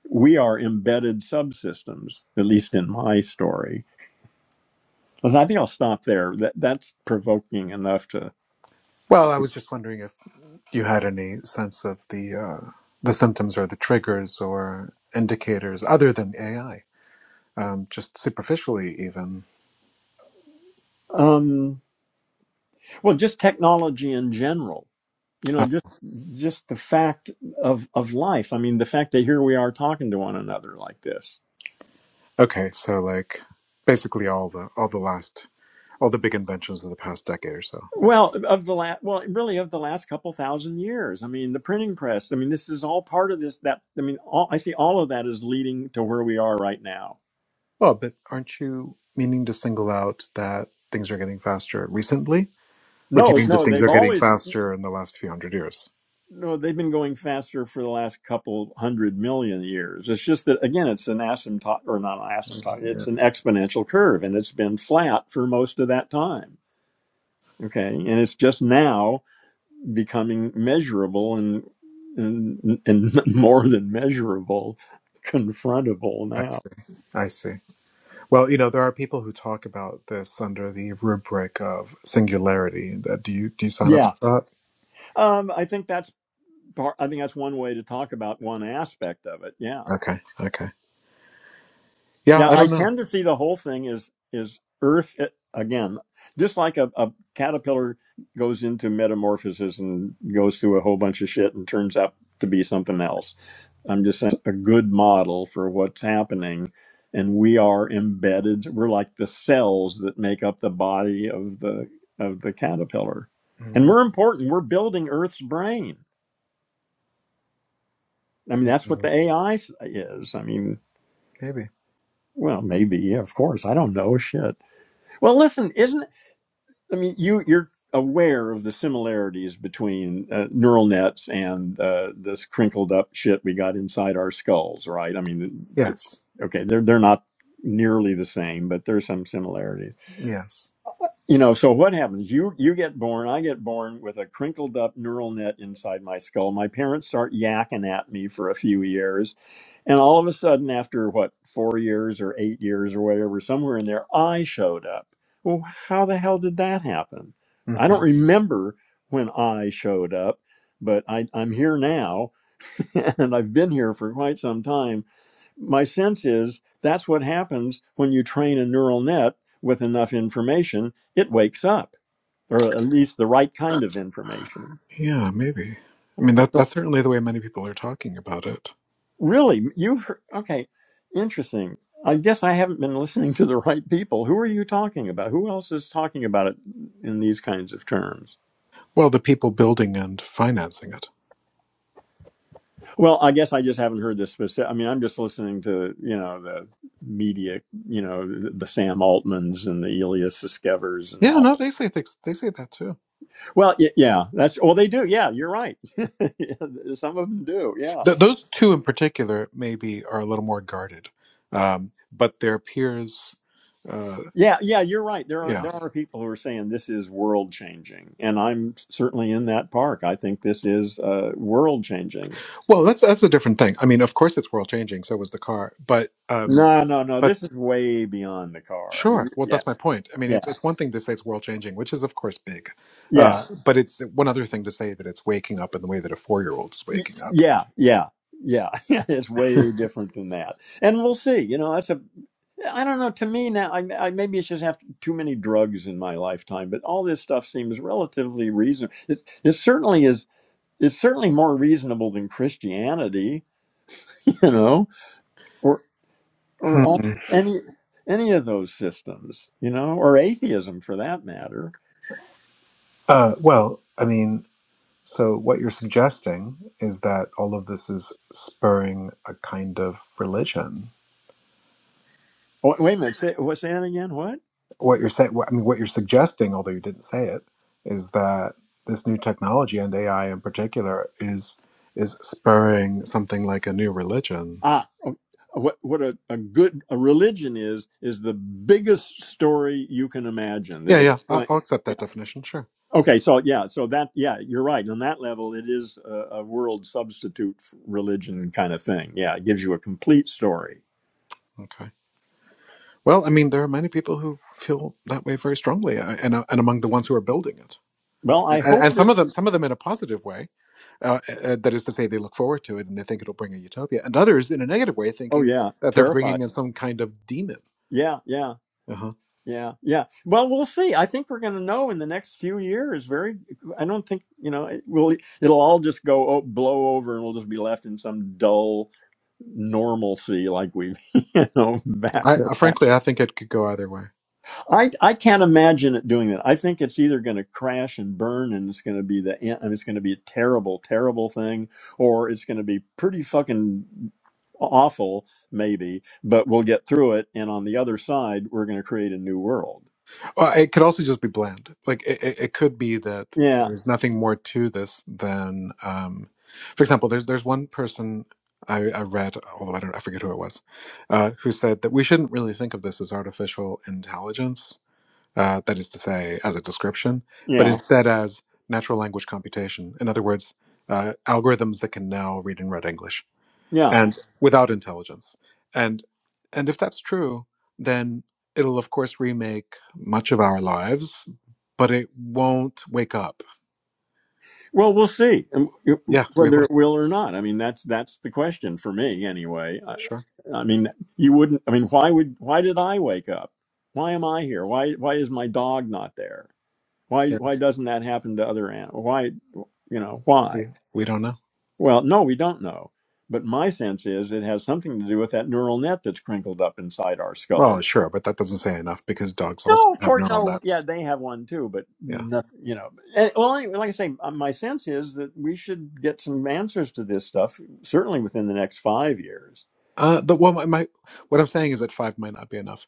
we are embedded subsystems, at least in my story. Listen, I think I'll stop there. That, that's provoking enough to, Well, I was just wondering if you had any sense of the uh, the symptoms or the triggers or indicators other than AI, um, just superficially even. um, well, just technology in general. You know, Uh, just just the fact of of life. I mean, the fact that here we are talking to one another like this okay, so like basically all the all the last all the big inventions of the past decade or so, basically. Well, of the last, well, really of the last couple thousand years. I mean, the printing press. I mean, this is all part of this. That I mean, all, I see all of that is leading to where we are right now. Well, but aren't you meaning to single out that things are getting faster recently, or do you No, mean that no, things they've are getting always faster in the last few hundred years? no, they've been going faster for the last couple hundred million years. It's just that again, it's an asymptotic or not an asymptotic. Yeah, It's an exponential curve, and it's been flat for most of that time. Okay, and it's just now becoming measurable and and, and [LAUGHS] more than measurable, confrontable I now. see. I see. Well, you know, there are people who talk about this under the rubric of singularity. That- Do you do you sign up Yeah. for Um, I think that's part. I think that's one way to talk about one aspect of it. Yeah, that? Okay, okay. Yeah, yeah. I I don't know. tend to see the whole thing is is Earth eh, again, just like a, a caterpillar goes into metamorphosis and goes through a whole bunch of shit and turns out to be something else I'm just saying, a good model for what's happening. And we are embedded. We're like the cells that make up the body of the of the caterpillar, and hmm we're important. We're building Earth's brain. I mean, that's what the AI is. I mean, Maybe. well, maybe, yeah, of course. I don't know shit. Well, listen, isn't I mean, you you're aware of the similarities between uh, neural nets and uh, this crinkled up shit we got inside our skulls, right? I mean, th- Yes. okay, they're they're not nearly the same, but there's some similarities Yes. you know so what happens you you get born i get born with a crinkled up neural net inside my skull my parents start yakking at me for a few years and all of a sudden after what four years or eight years or whatever somewhere in there i showed up well how the hell did that happen hmm i don't remember when i showed up but I, i'm here now [LAUGHS] and i've been here for quite some time my sense is that's what happens when you train a neural net with enough information it wakes up or at least the right kind of information Yeah, maybe. I mean, that so that's certainly the way many people are talking about it. really you've heard, okay interesting i guess i haven't been listening to the right people who are you talking about who else is talking about it in these kinds of terms Well, the people building and financing it. well i guess i just haven't heard this specific i mean i'm just listening to you know the media you know the, sam altmans and the elias Siskevers and Yeah, all no, they say things. They say that too. Well, y- yeah, that's well, they do. Yeah, you're right. [LAUGHS] Yeah, Some of them do. Yeah, Th- those two in particular maybe are a little more guarded, um, but their peers, uh, yeah, yeah, you're right. There are yeah. there are people who are saying this is world changing, and I'm certainly in that park. I think this is uh, world changing. Well, that's that's a different thing. I mean, of course, it's world changing. So was the car, but um, No, no, no. but This is way beyond the car. I mean, Sure. Well, yeah, that's my point. I mean, yeah, it's it's one thing to say it's world changing, which is of course big, yeah, uh, but it's one other thing to say that it's waking up in the way that a four year old is y- waking up. yeah, yeah. Yeah, [LAUGHS] it's [LAUGHS] way different than that, and we'll see. You know, that's a I don't know. To me now, I, I maybe it's just have too many drugs in my lifetime, but all this stuff seems relatively reasonable. It's, it certainly is. It's certainly more reasonable than Christianity, [LAUGHS] you know, or Hmm. or al- any any of those systems, you know, or atheism for that matter. Uh, well, I mean, so what you're suggesting is that all of this is spurring a kind of religion. Oh, wait a minute. Say, what's that again? What? What you're saying, I mean, what you're suggesting, although you didn't say it, is that this new technology and AI in particular is is spurring something like a new religion. Ah, o- what what a, a good a religion is is the biggest story you can imagine Yeah, that yeah, I- explains. I'll accept that definition. Sure. Okay, so yeah, so that yeah, you're right. On that level, it is a, a world substitute f- religion kind of thing. Yeah, it gives you a complete story. Okay. Well, I mean, there are many people who feel that way very strongly, uh, and uh, and among the ones who are building it, Well, I and, hope and some this. of them, some of them in a positive way. Uh, uh, uh, that is to say, they look forward to it and they think it'll bring a utopia, and others in a negative way, Oh thinking yeah, that they're terrified. bringing in some kind of demon. Yeah, yeah, Uh-huh. yeah, yeah. Well, we'll see. I think we're going to know in the next few years. Very. I don't think you know. It will. It'll all just go oh, blow over, and we'll just be left in some dull normalcy, like we've [LAUGHS] you know back I, to I that. frankly, I think it could go either way. I, I can't imagine it doing that. I think it's either going to crash and burn, and it's going to be the end. and It's going to be a terrible, terrible thing, or it's going to be pretty fucking awful, maybe. But we'll get through it, and on the other side, we're going to create a new world. Well, it could also just be bland. Like it, it, it could be that Yeah, there's nothing more to this than, um, for example, there's there's one person I, I read, although I don't I forget who it was, uh, who said that we shouldn't really think of this as artificial intelligence, uh, that is to say, as a description, but yeah, instead as natural language computation. In other words, uh, algorithms that can now read and write English yeah. and without intelligence and and if that's true then it'll of course remake much of our lives but it won't wake up Well, we'll see um, yeah we whether will it will or not. I mean, that's that's the question for me, anyway. I, sure I mean, you wouldn't. I mean, why would why did I wake up? Why am I here? Why why is my dog not there? Why yeah why doesn't that happen to other animals? Why you know why? we, we don't know Well, no, we don't know. But my sense is it has something to do with that neural net that's crinkled up inside our well skull. sure but that doesn't say enough because dogs also No, of have course, neural no. Yeah, nets they have one too, but yeah not, you know. And, well, anyway, like I say, uh, my sense is that we should get some answers to this stuff certainly within the next five years, uh the well my, my what i'm saying is that five might not be enough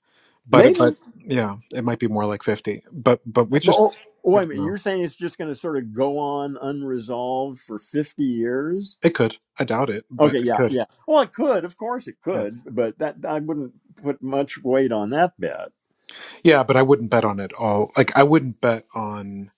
but it maybe. but yeah it might be more like 50 but but Oh, we just oh, we wait a don't minute. know You're saying it's just going to sort of go on unresolved for fifty years? it could i doubt it Okay, but it yeah, could yeah. Well, it could, of course, it Yeah. could, but that I wouldn't put much weight on that bet. Yeah, but I wouldn't bet on it all. Like I wouldn't bet on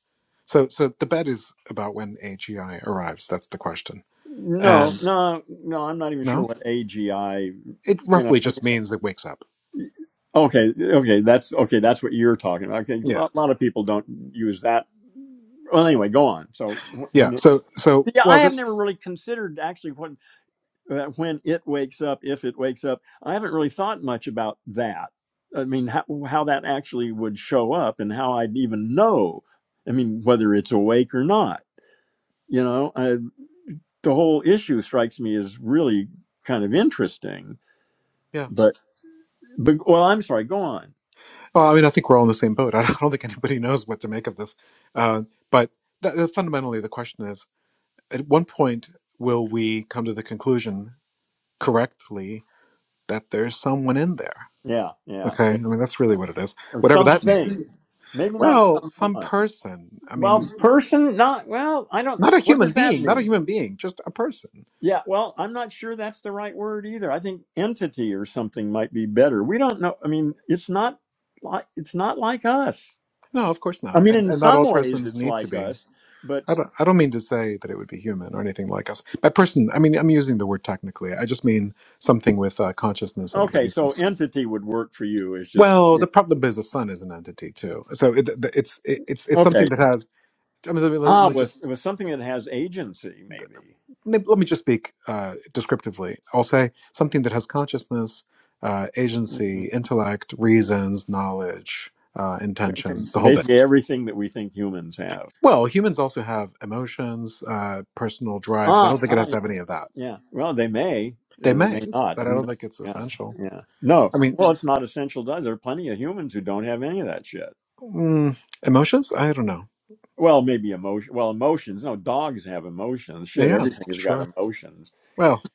so so the bet is about when AGI arrives. That's the question. No, And no, no. I'm not even sure no, what AGI. it You know, roughly I just means it wakes up. mean, okay, okay. That's okay. That's what you're talking about. Okay, a Yeah, lot, lot of people don't use that. Well, anyway, go on. So wh- yeah. when it, So so yeah, well, I have th- never really considered actually what uh, when it wakes up, if it wakes up. I haven't really thought much about that. I mean, how, how that actually would show up and how I'd even know. I mean, whether it's awake or not. You know, I, the whole issue strikes me as really kind of interesting. yeah. But, but well, I'm sorry. Go on. Well, I mean, I think we're all in the same boat. [LAUGHS] I don't think anybody knows what to make of this. Uh, but th- th- fundamentally, the question is: at one point, will we come to the conclusion correctly that there's someone in there? Yeah, yeah, Okay, I that- mean that's really what it is. or Whatever that means. something. Maybe not Well, some someone. person. I mean. Well, person, not well. I don't. Not a What human does that being, not a mean? human being, just a person. Yeah, well, I'm not sure that's the right word either. I think entity or something might be better. We don't know. I mean, it's not like it's not like us. No, of course I not. mean, And, in and not some all ways persons it's need to like be. us, but I don't, I don't mean to say that it would be human or anything like us. By person, I mean, I'm using the word technically. I just mean something with uh, consciousness and okay, so reasons. entity would work for you is just Well, yeah, the problem is the sun is an entity too. So it, the- it's it, it's it's okay. something that has. I mean, let me, let Ah, me with just with something that has agency let maybe. me let me just speak uh, descriptively. I'll say something that has consciousness, uh, Mhm. agency, intellect, reasons, knowledge, uh, intentions, the whole bit Basically everything that we think humans have. Well, humans also have emotions, uh, personal drives. I Ah, don't think it ah has to have yeah. any of that. Yeah. Well, they may They or they may, may not. but I Who don't knows? think it's Yeah. essential. Yeah. No. I mean, Well, it's not essential to us. There are plenty of humans who don't have any of that shit. mm, emotions? I don't know. Well, maybe emotion. Well, emotions. No, dogs have emotions. Shit, Yeah, everything has got sure. emotions. Well,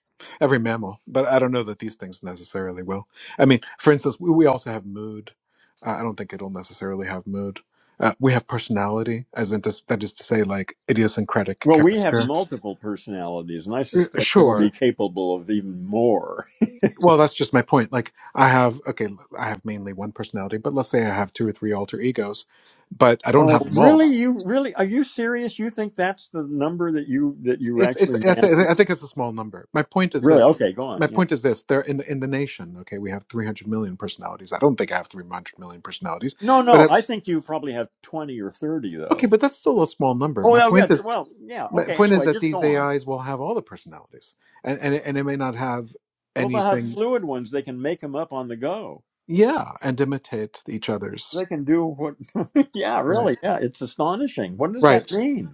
every mammal, but I don't know that these things necessarily will. I mean, for instance, we, we also have mood. Uh, I don't think it'll necessarily have mood. Uh, we have personality, as in to, that is to say, like idiosyncratic Well, we have character. multiple personalities, and I suspect it'll Sure, be capable of even more. well that's just my point like i have okay i have mainly one personality but let's say i have two or three alter egos but i don't Oh, have them all really? You really? Are you serious? You think that's the number that you that you it's it's actually i, th- manage? I think it's a small number my point is Really? this Okay, go on. my Yeah. point is this they're in the in the nation okay we have 300 million personalities i don't think i have 300 million personalities No, but I, no. I think you probably have twenty or thirty, okay though. but that's still a small number Oh, my well, yeah. point it's- is Well, yeah. my Okay. point is Anyway, that just these go on. ais will have all the personalities and and, it- and it may not have Well, they'll have anything fluid ones. They can make them up on the go. yeah and imitate each other's They can do what? [LAUGHS] yeah, right really. Yeah, it's astonishing. What does right that mean?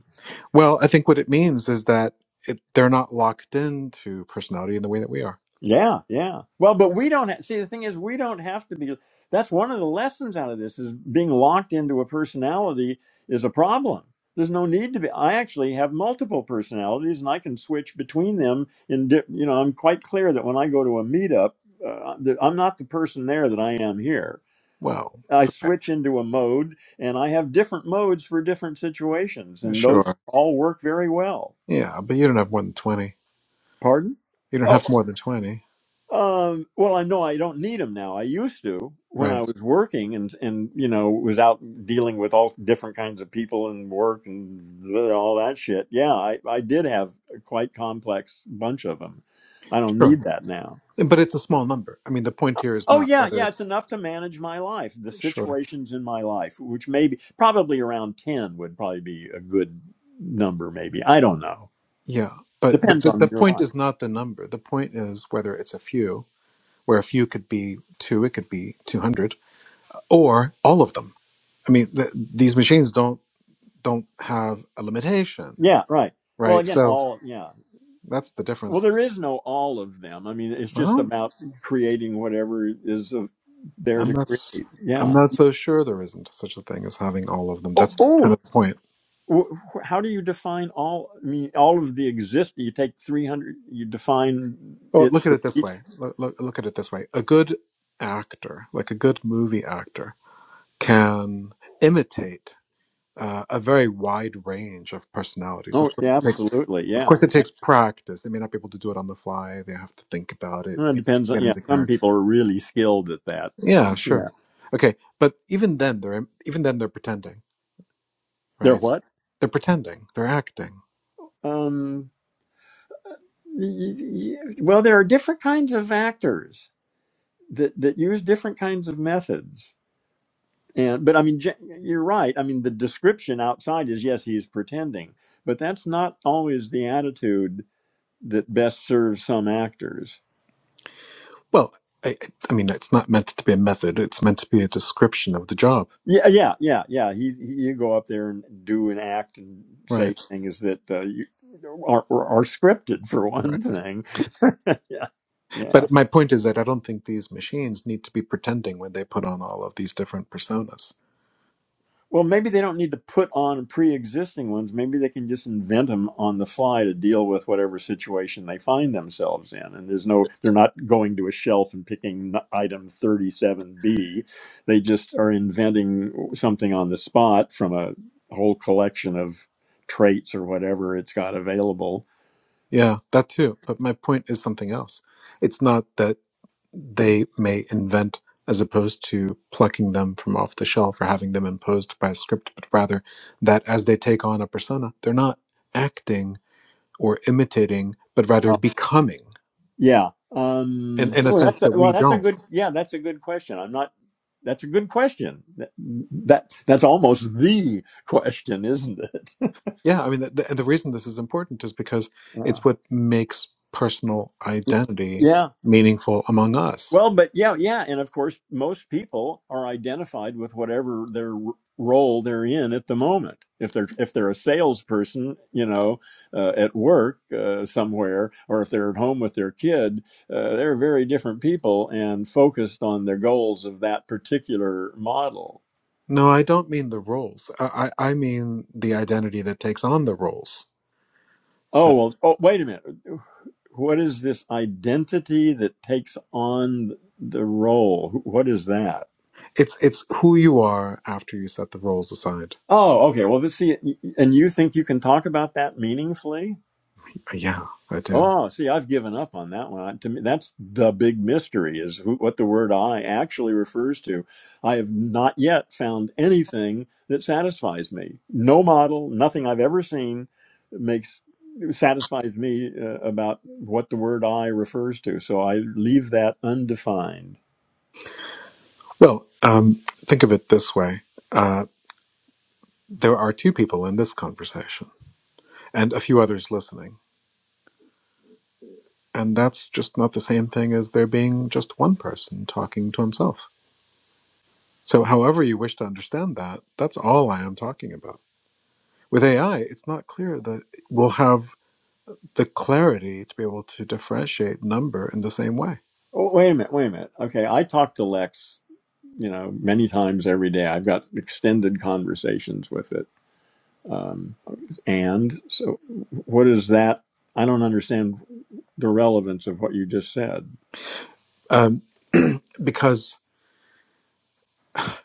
Well, I think what it means is that it, they're not locked into personality in the way that we are. Yeah, yeah. Well, but we don't ha- see the thing is we don't have to be that's one of the lessons out of this is being locked into a personality is a problem. There's no need to be I actually have multiple personalities and I can switch between them in di- you know, I'm quite clear that when I go to a meetup uh, that I'm not the person there that I am here. Well, I okay, switch into a mode and I have different modes for different situations and those sure. all work very well. Yeah, but you don't have more than 20. Pardon? You don't Oh. have more than 20, Um, well, I know I don't need them now. I used to when right? I was working and and you know was out dealing with all different kinds of people and work and all that shit. Yeah, I I did have a quite complex bunch of them. I don't Sure. need that now. But it's a small number. I mean, the point here is Oh not yeah, whether yeah, it's it's enough to manage my life, the sure. situations in my life, which maybe probably around ten would probably be a good number. Maybe I don't know. Yeah, but but Depends the, on the your point life. is not the number. The point is whether it's a few, where a few could be two, it could be 200. or all of them. I mean, th- these machines don't don't have a limitation, Yeah, right. Well, right? again, So all yeah. that's the Well, difference. there is no all of them. I mean, it's just Well, about creating whatever is of, there I'm to not s- create. I'm Yeah. not so sure there isn't such a thing as having all of them. Oh, That's kind oh. of the point. Wh- wh- How do you define all? I mean, all of the exist. You take three hundred. You define Well, it look at for it this each. way. Look, look, look at it this way. A good actor, like a good movie actor, can imitate uh, a very wide range of personalities. Oh, Of course, yeah, it takes absolutely. of Yeah, course it yeah. takes practice. They may not be able to do it on the fly. They have to think about it, Well, it you depends know, on. get Yeah, into some character. people are really skilled at that. Yeah, sure. Yeah, Okay, but even then, they're even then they're pretending, they're right? what? They're pretending. They're acting. Um, y- y- y- well, there are different kinds of actors that that use different kinds of methods And but I mean, gen- you're right. I mean, the description outside is yes, he is pretending, but that's not always the attitude that best serves some actors. Well, I, I I mean, it's not meant to be a method. It's meant to be a description of the job, Yeah, yeah, yeah, yeah. He, he you go up there and do and act and say right? things that uh, you, are are scripted for Right. one thing. [LAUGHS] yeah, yeah. But my point is that I don't think these machines need to be pretending when they put on all of these different personas. Well, maybe they don't need to put on pre-existing ones. Maybe they can just invent them on the fly to deal with whatever situation they find themselves in. And there's no, they're not going to a shelf and picking item 37B. They just are inventing something on the spot from a whole collection of traits or whatever it's got available. Yeah, that too. But my point is something else. It's not that they may invent as opposed to plucking them from off the shelf or having them imposed by a script, but rather that as they take on a persona, they're not acting or imitating, but Uh, rather becoming Yeah. in, Um, in a oh, sense that's a, that well, we that's a good. don't. Yeah, that's a good question. I'm not. That's a good question. That, that that's almost the [LAUGHS] question, isn't it? Yeah, I mean, the, the, and the reason this is important is because Yeah. it's what makes personal identity Yeah. meaningful among us. Well, but yeah, yeah, and of course, most people are identified with whatever their r- role they're in at the moment. If they're if they're a salesperson, you know, uh, at work uh, somewhere, or if they're at home with their kid, uh, they're very different people and focused on their goals of that particular model. No, I don't mean the roles. I, I, I mean the identity that takes on the roles. So. Oh well. Oh, wait a minute. What is this identity that takes on the role? What is that? It's it's who you are after you set the roles aside. Oh, okay. Well, this, see, y- y- and you think you can talk about that meaningfully? Yeah, I do. Oh, see, I've given up on that one. To me, that's the big mystery is who, what the word I actually refers to. I have not yet found anything that satisfies me. No model, nothing I've ever seen makes satisfies me uh, about what the word I refers to. So I leave that undefined. Well, um, think of it this way: uh, there are two people in this conversation, and a few others listening, and that's just not the same thing as there being just one person talking to himself. So, however you wish to understand that, that's all I am talking about. With AI, it's not clear that we'll have the clarity to be able to differentiate number in the same way, Oh, wait a minute, wait a minute. Okay, I talked to Lex you know, many times every day. I've got extended conversations with it. Um, and so, what is that? I don't understand the relevance of what you just said. um, because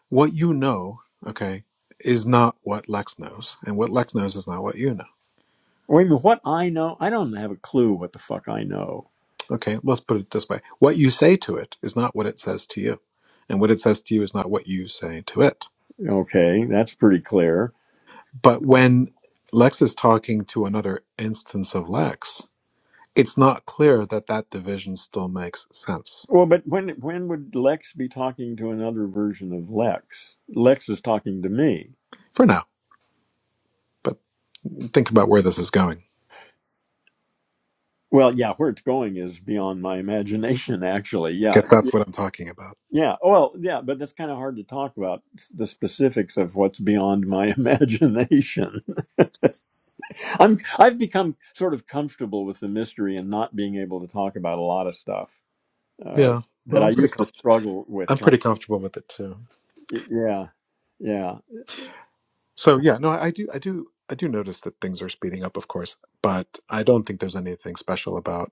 what you know, okay, is not what Lex knows, and what Lex knows is not what you know. Wait a minute, what I know? I don't have a clue what the fuck I know. Okay, let's put it this way: what you say to it is not what it says to you, and what it says to you is not what you say to it. Okay, that's pretty clear. But when Lex is talking to another instance of Lex, it's not clear that that division still makes sense Well, but when when would Lex be talking to another version of Lex? Lex is talking to me. for now. But think about where this is going. Well, yeah, where it's going is beyond my imagination, [LAUGHS] actually. Yeah, guess that's what I'm talking about. Yeah. Well, yeah, but that's kind of hard to talk about the specifics of what's beyond my [LAUGHS] imagination. I'm I've become sort of comfortable with the mystery and not being able to talk about a lot of stuff uh, Yeah. Well, that I I'm pretty used to comfortable. struggle with. I'm Trying, pretty comfortable with it too. yeah, yeah, So yeah, no, I do, I do, I do notice that things are speeding up, of course, but I don't think there's anything special about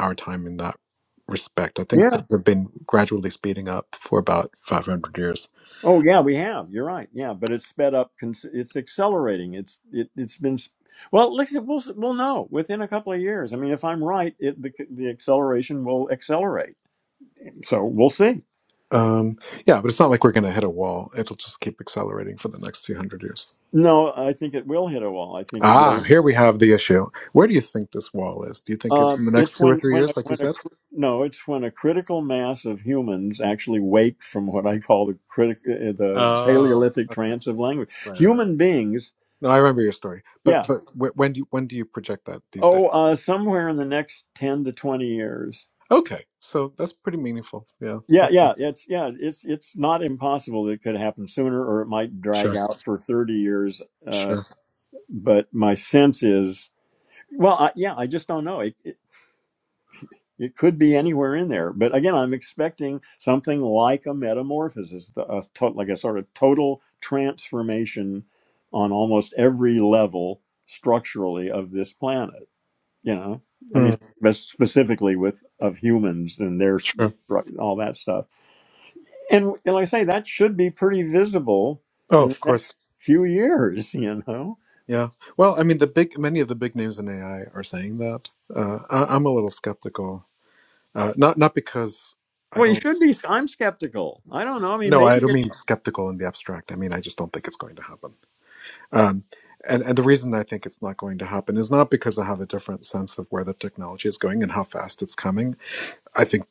our time in that respect. I think yeah. things have been gradually speeding up for about 500 years. Oh, yeah. We have. You're right. Yeah, but it's sped up. cons- It's accelerating. It's it, it's been. s- Well, listen, we'll s- we'll know within a couple of years. I mean, if I'm right, it, the the acceleration will accelerate. So we'll see. Um, yeah, but it's not like we're going to hit a wall. It'll just keep accelerating for the next few hundred years. No, I think it will hit a wall. I think it Ah, will. here we have the issue. Where do you think this wall is? Do you think it's Um, in the next it's two or when three when a, years, like you when a said? cr- no, it's when a critical mass of humans actually wake from what I call the critic uh, uh, the Oh, Paleolithic okay. trance of language. Right, right, right. Human beings, No, I remember your story. But yeah. but wh- when do you, when do you project that these days? Oh, uh, somewhere in the next ten to twenty years. Okay, so that's pretty meaningful. Yeah, Yeah, yeah, it's yeah, it's it's not impossible that it could happen sooner, or it might drag sure, out for thirty years. Uh, sure. but my sense is, well, I, yeah, I just don't know. It, It could be anywhere in there. But again, I'm expecting something like a metamorphosis, a to- like a sort of total transformation on almost every level structurally of this planet. You know, I Hmm. mean, but specifically with of humans and their Sure. stru- all that stuff. And, and like I say, that should be pretty visible Oh, in the of next course. few years. [LAUGHS] You know, Yeah. Well, I mean, the big many of the big names in AI are saying that. Uh, I, I'm a little skeptical. Uh, not not because I well, you don't. should be. I'm skeptical. I don't know. I mean, No, I maybe don't it. mean skeptical in the abstract. I mean I just don't think it's going to happen. Um, and and the reason I think it's not going to happen is not because I have a different sense of where the technology is going and how fast it's coming. I think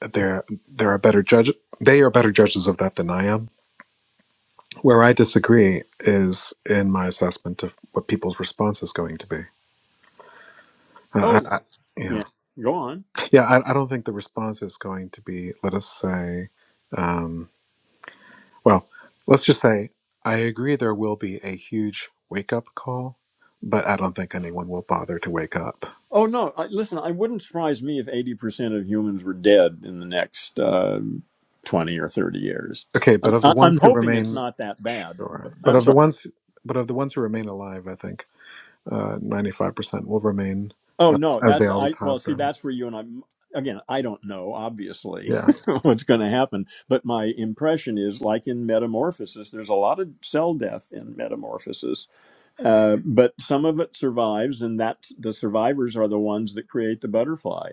there there are better judge they are better judges of that than I am. Where I disagree is in my assessment of what people's response is going to be I, Oh, I, yeah, yeah. Go on. yeah. I, I don't think the response is going to be. Let us say, um, well, let's just say I agree. There will be a huge wake up call, but I don't think anyone will bother to wake up. Oh no! I, listen, I wouldn't surprise me if eighty percent of humans were dead in the next uh, twenty or thirty years. Okay, but of the I, I'm ones who hoping it's remain, not that bad. sure. But, But I'm of the sorry. ones, but of the ones who remain alive, I think ninety five percent will remain Oh uh, no, as they that's always I. Well, have see, been. that's where you and I. Again, I don't know obviously Yeah, [LAUGHS] what's going to happen, but my impression is, like in Metamorphosis, there's a lot of cell death in Metamorphosis, Uh, but some of it survives, and that's the survivors are the ones that create the butterfly.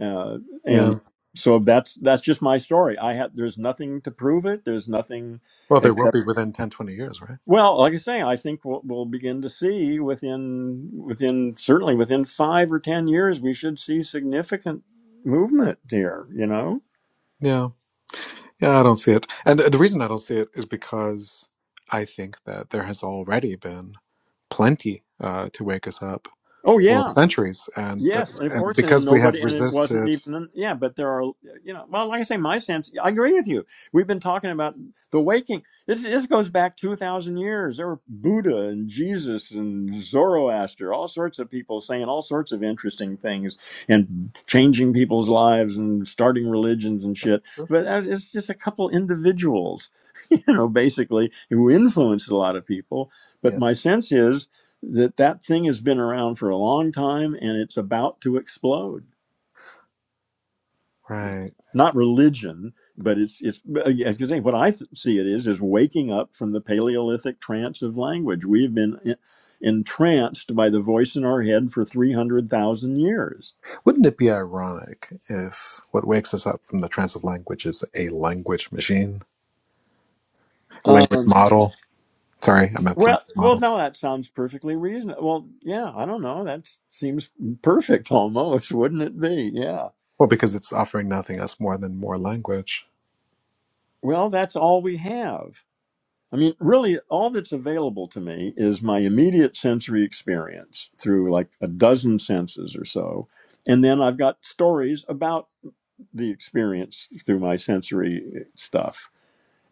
Uh, yeah. and so that's that's just my story. I have there's nothing to prove it. There's nothing Well, they will except be within 10, 20 years, right? well, like I say, I think we'll, we'll begin to see within within certainly within five or ten years we should see significant movement here. You know? Yeah. Yeah, I don't see it. And the, the reason I don't see it is because I think that there has already been plenty uh, to wake us up Oh yeah. for centuries. And, th- Yes, and of and course, and because we have nobody, and it wasn't resisted, even, yeah, but there are, you know, well, like I say, my sense, I agree with you. We've been talking about the waking. This this goes back 2,000 years. There were Buddha and Jesus and Zoroaster, all sorts of people saying all sorts of interesting things and changing people's lives and starting religions and shit. But as- it's just a couple individuals, [LAUGHS] you know, basically, who influenced a lot of people. But yeah. my sense is, that that thing has been around for a long time and it's about to explode Right. not religion but it's it's Because what i th- see it is is waking up from the paleolithic trance of language we've been en- entranced by the voice in our head for 300,000 years Wouldn't it be ironic if what wakes us up from the trance of language is a language machine, language um model? Sorry, I meant well language well model. no that sounds perfectly reasonable well yeah i don't know that seems perfect almost [LAUGHS] wouldn't it be yeah Well, because it's offering nothing else more than more language. well that's all we have I mean, really, all that's available to me is my immediate sensory experience through like a dozen senses or so. And then I've got stories about the experience through my sensory eh, stuff.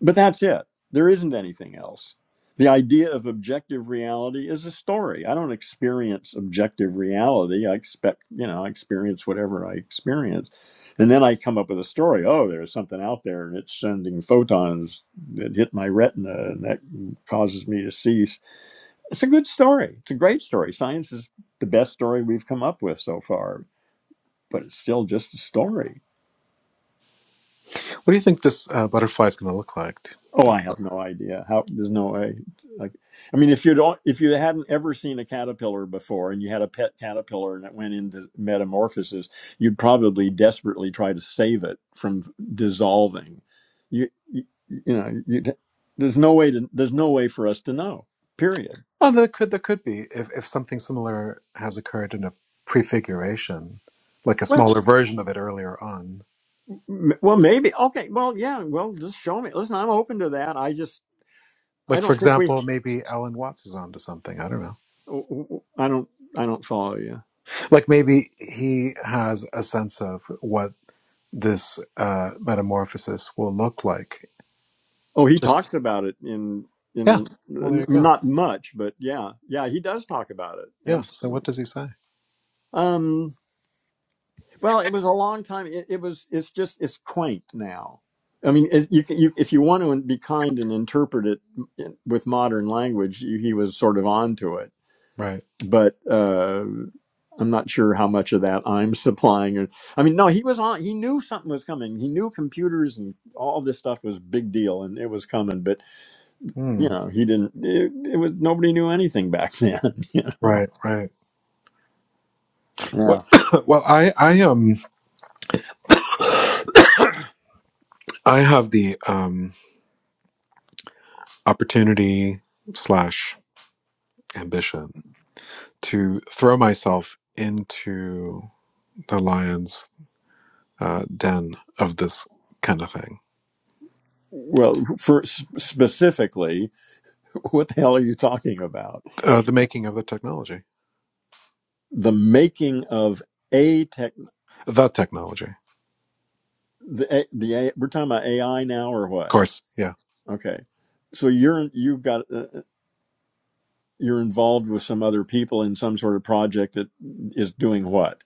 But that's it. There isn't anything else. The idea of objective reality is a story. I don't experience objective reality. I expect, you know, I experience whatever I experience. And then I come up with a story. Oh, there's something out there and it's sending photons that hit my retina and that causes me to see. It's a good story. It's a great story. Science is the best story we've come up with so far, but it's still just a story What do you think this uh, butterfly is going to look like? Oh, I have no idea. How there's no way. Like, I mean, if you don't, if you hadn't ever seen a caterpillar before, and you had a pet caterpillar and it went into metamorphosis, you'd probably desperately try to save it from dissolving. You, you, you know, you'd, there's no way to. There's no way for us to know. Period. Oh, there could there could be if if something similar has occurred in a prefiguration, like a Well, smaller version of it earlier on. M- Well, maybe. Okay. Well, yeah. Well, just show me. Listen, I'm open to that. I just, I Like for don't think we. example, maybe Alan Watts is onto something. I don't know. I don't. I don't follow you. like maybe he has a sense of what this uh, metamorphosis will look like. Oh, he Just talks about it in yeah. in Well, there n- you go. not much, but yeah, yeah, he does talk about it. Yeah. So Absolutely. what does he say? Um, well, it was a long time. It, it was. It's just. It's quaint now. I mean, it, you, can- you if you want to be kind and interpret it in- with modern language, you, he was sort of onto it. Right. But uh, I'm not sure how much of that I'm [LAUGHS] supplying. Or, I mean, no, he was on. He knew something was coming. He knew computers and all this stuff was big deal, and it was coming. but. Hmm. you know, he didn't. It, it was nobody knew anything back then. [LAUGHS] You know. Right. Right. Yeah. Well, [COUGHS] well, I I um I have the um opportunity slash ambition to throw myself into the lion's uh, den of this kind of thing, Well, for s- specifically, [LAUGHS] what the hell are you talking about? uh, the making of the technology, The making of a tech, the technology. Of the A- the A, we're talking about AI now or what? course, yeah Okay, so you're you've got uh, uh, you're involved with some other people in some sort of project that is doing what?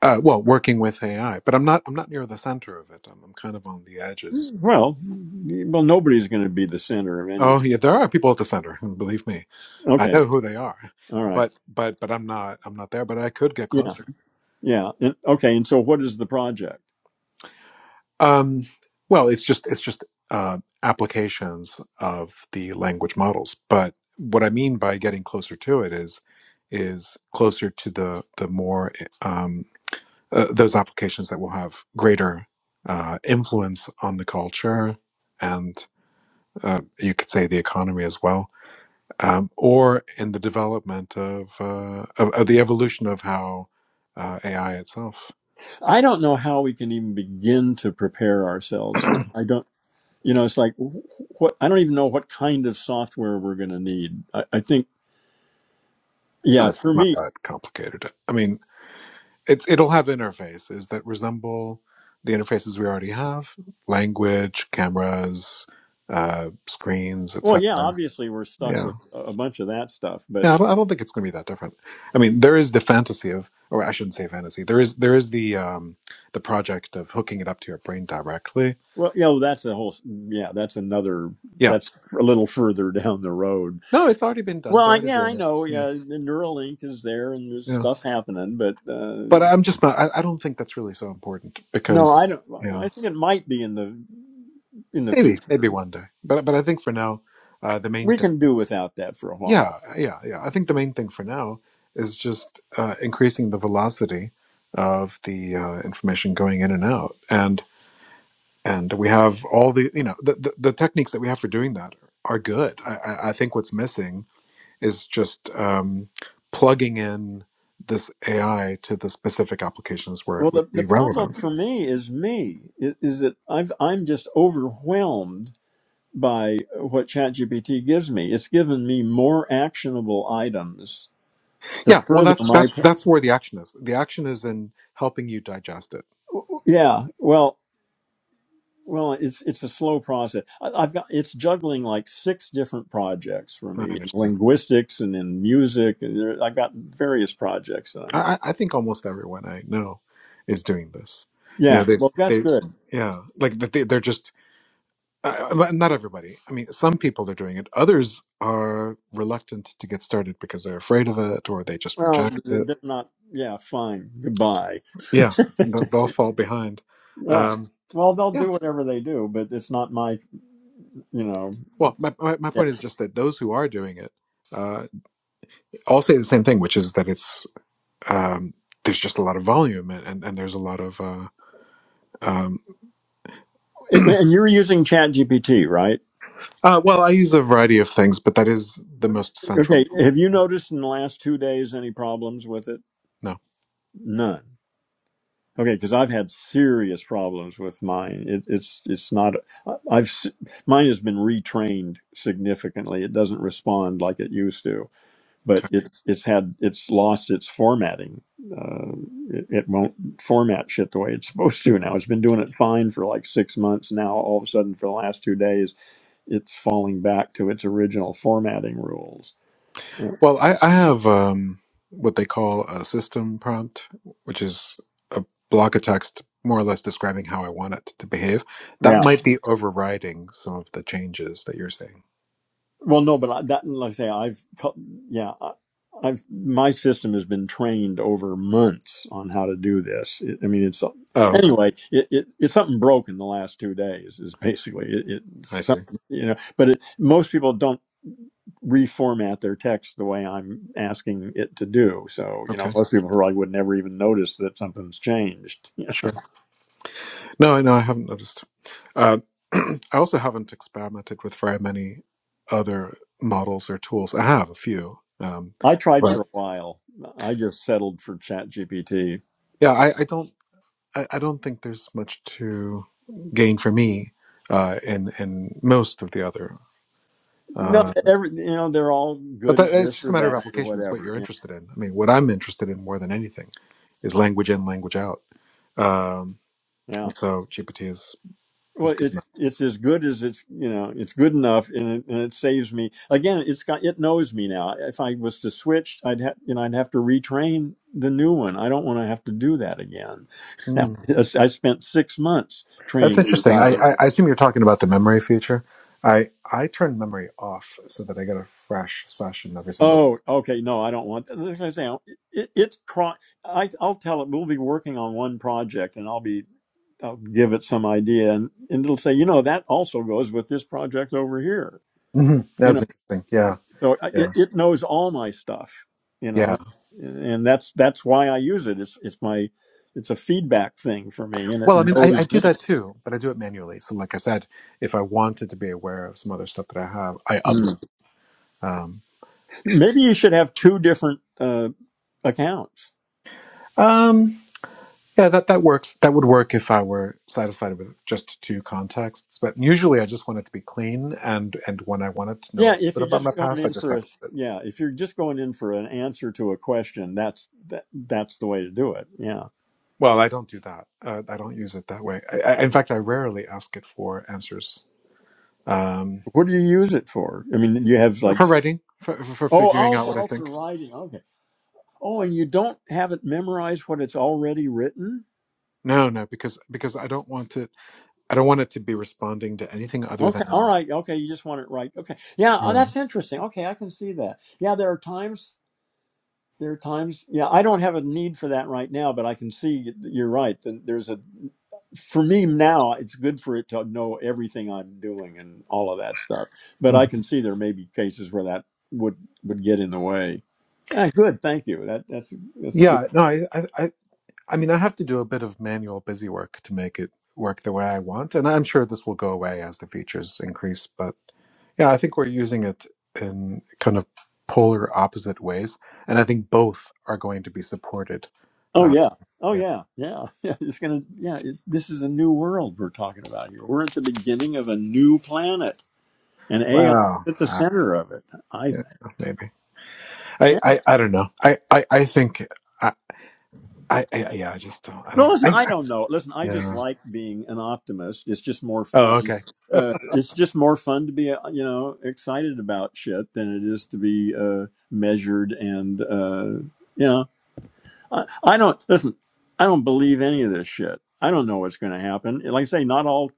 Uh, well, working with AI, but I'm not. I'm not near the center of it. I'm, I'm kind of on the edges. Well, well, nobody's going to be the center of Oh anything. yeah, there are people at the center. [LAUGHS] and Believe me, I Okay, know who they are. all right, But but but I'm not. I'm not there. But I could get yeah, closer. yeah, and, okay. And so, what is the project? Um, well, it's just it's just uh, applications of the language models. But what I mean by getting closer to it is is closer to the the more eh, um, uh, those applications that will have greater uh, influence on the culture and. uh, you could say the economy as well, um, or in the development of, uh, of, of the evolution of how uh, AI itself. I don't know how we can even begin to prepare ourselves for. I don't, you know, it's like what I don't even know what kind of software we're going to need. I, I think, Oh, yeah, it's for not me, that complicated. I mean, it's it'll have interfaces that resemble the interfaces we already have: language, cameras, uh, screens, well, etc. yeah, obviously we're stuck Yeah, with a a bunch of that stuff, but yeah. I don't, I don't think it's going to be that different. I mean, there is the fantasy of, or I shouldn't say fantasy. There is there is the um, the project of hooking it up to your brain directly well, you know, that's a whole, yeah, that's another, Yeah. that's a little further [LAUGHS] down the road. No, it's already been done. Well, They're I- already yeah, doing I it. know, Yeah, yeah, the Neuralink is there and there's yeah. stuff happening, but uh, But I'm just not. I, I don't think that's really so important no, because I don't. yeah, I think it might be in the in the maybe maybe future. one day. But but I think for now, uh, the main We thing. can do without that for a while. Yeah, yeah, yeah. I think the main thing for now is just uh, increasing the velocity of the uh, information going in and out, and and we have all the you know the, the the techniques that we have for doing that are good. I I, I think what's missing is just um, plugging in this AI to the specific applications where Well, it would the, the be problem relevant. for me is me i- is that I've I'm just overwhelmed by what ChatGPT gives me. It's given me more actionable items to Yeah, well, further that's my. that's pr- that's where the action is. The action is in helping you digest it. Yeah, well, well, it's it's a slow process. I, I've got it's juggling like six different projects for I me in understand. linguistics and in music, and there, I've got various projects that I'm I, working. I I think almost everyone I know is doing this. You Yeah, know, they well, that's they good. yeah, like that they, they're just. Uh, but not everybody. I mean, some people are doing it. Others are reluctant to get started because they're afraid of it, or they just Well, reject th- it. they're not. Yeah, fine. Goodbye. Yeah, they'll, they'll fall behind. Yeah. Um, Well, they'll yeah, do whatever they do, but it's not my, you know. Well, my, my, my Yeah. point is just that those who are doing it uh, all say the same thing, which is that it's um, there's just a lot of volume and, and, and there's a lot of uh, um, It- and you're using ChatGPT, right? uh, well, I use a variety of things, but that is the most central. Okay. Have you noticed in the last two days any problems with it? No, None. Okay, because I've had serious problems with mine. It, it's it's not. I've s- mine has been retrained significantly. It doesn't respond like it used to. but okay. it's it's had it's lost its formatting. Uh, it, it won't format shit the way it's [LAUGHS] supposed to now. It's been doing it fine for like six months now. All of a sudden, for the last two days, it's falling back to its original formatting rules. Well, I, I have um, what they call a system prompt, which is a block of text more or less describing how I want it to behave. That Yeah, might be overriding some of the changes that you're saying. Well, no, but I, that, like I say, I've, co- yeah, I, I've, my system has been trained over months on how to do this. It, I mean, it's, Oh, okay. anyway, it, it, it's something broken the last two days is basically it, it's I see. something, you know, but it, most people don't reformat their text the way I'm asking it to do. So, you know, Okay, most people probably would never even notice that something's changed. [LAUGHS] sure. No, I know I haven't noticed. Uh, [CLEARS THROAT] I also haven't experimented with very many other models or tools. I have a few, um, I tried for but a while. I just settled for ChatGPT. yeah, I, I don't. I, I don't think there's much to gain for me uh, in in most of the other. No, Uh, every you know they're all but good that, at it's this just a or matter of that or application. It's what whatever. you're Yeah, interested in. I mean, what I'm interested in more than anything is language in, language out. Um, yeah. and so GPT is is Well, good it's enough. it's as good as it's you know it's good enough, and it, and it saves me. Again, it's got it knows me now. If I was to switch, I'd have you know I'd have to retrain the new one. I don't want to have to do that again. [LAUGHS] Now, Hmm. I spent six months That's training. interesting. I, Goddamn. I, I assume you're talking about the memory feature. I I turn memory off so that I get a fresh session every single. Oh, okay. No, I don't want that. Like I say, it, it's cro- I I'll tell it. We'll be working on one project, and I'll be I'll give it some idea, and, and it'll say, you know, that also goes with this project over here. hmm You That's know, interesting. Yeah, so I- it, yeah, it knows all my stuff. You yeah. know, and that's that's why I use it. It's it's my it's a feedback thing for me, and it Well, I mean, I, I knows do me. that too, but I do it manually. So, like I said, if I wanted to be aware of some other stuff that I have, I upload. Mm. Um, Maybe you should have two different uh, accounts. um, yeah, that that works. That would work if I were satisfied with just two contexts. But usually, I just want it to be clean, and and when I wanted to know a Yeah, little if bit you're about my just going past, I in just for upload. a it. yeah, if you're just going in for an answer to a question, that's that that's the way to do it. Yeah. Well, I don't do that. Uh, I don't use it that way. I, I, in fact, I rarely ask it for answers um, What do you use it for? I mean, you have for, like for writing, for, for Oh, figuring all, out what I all for think. writing. okay. Oh, and you don't have it memorized what it's already written? No, no, because because I don't want it. I don't want it to be responding to anything other Okay, all than. right, okay, you just want it right. Okay. Yeah, oh, Mm. that's interesting. Okay, I can see that. Yeah, there are times there are times yeah, I don't have a need for that right now, but I can see y- you're right. that There's a for me now, it's good for it to know everything I'm doing and all of that stuff. But I Mhm. can see there may be cases where that would would get in the way. Ah, good, thank you. That that's that's good. Yeah, no, I, I, I, I mean, I have to do a bit of manual busy work to make it work the way I want, and I'm sure this will go away as the features increase. But Yeah, I think we're using it in kind of polar opposite ways, and I think both are going to be supported. Oh Uh, yeah. Oh yeah. yeah. Yeah. [LAUGHS] Yeah. It's gonna. Yeah. It, this is a new world we're talking about here. We're at the beginning of a new planet, and AI is Well, at the uh, center of it. I yeah, think. maybe. I, Yeah. I, I don't know. I, I, I think. I, I, I, yeah. I just don't. I No, don't. listen. I, I I- don't know. Listen, I just yeah. like being an optimist. It's just more Oh, fun. okay. [LAUGHS] Uh, it's just more fun to be, uh, you know, excited about shit than it is to be uh, measured and, uh, you know. I, I don't listen. I don't believe any of this shit. I don't know what's going to happen. Like I say, not all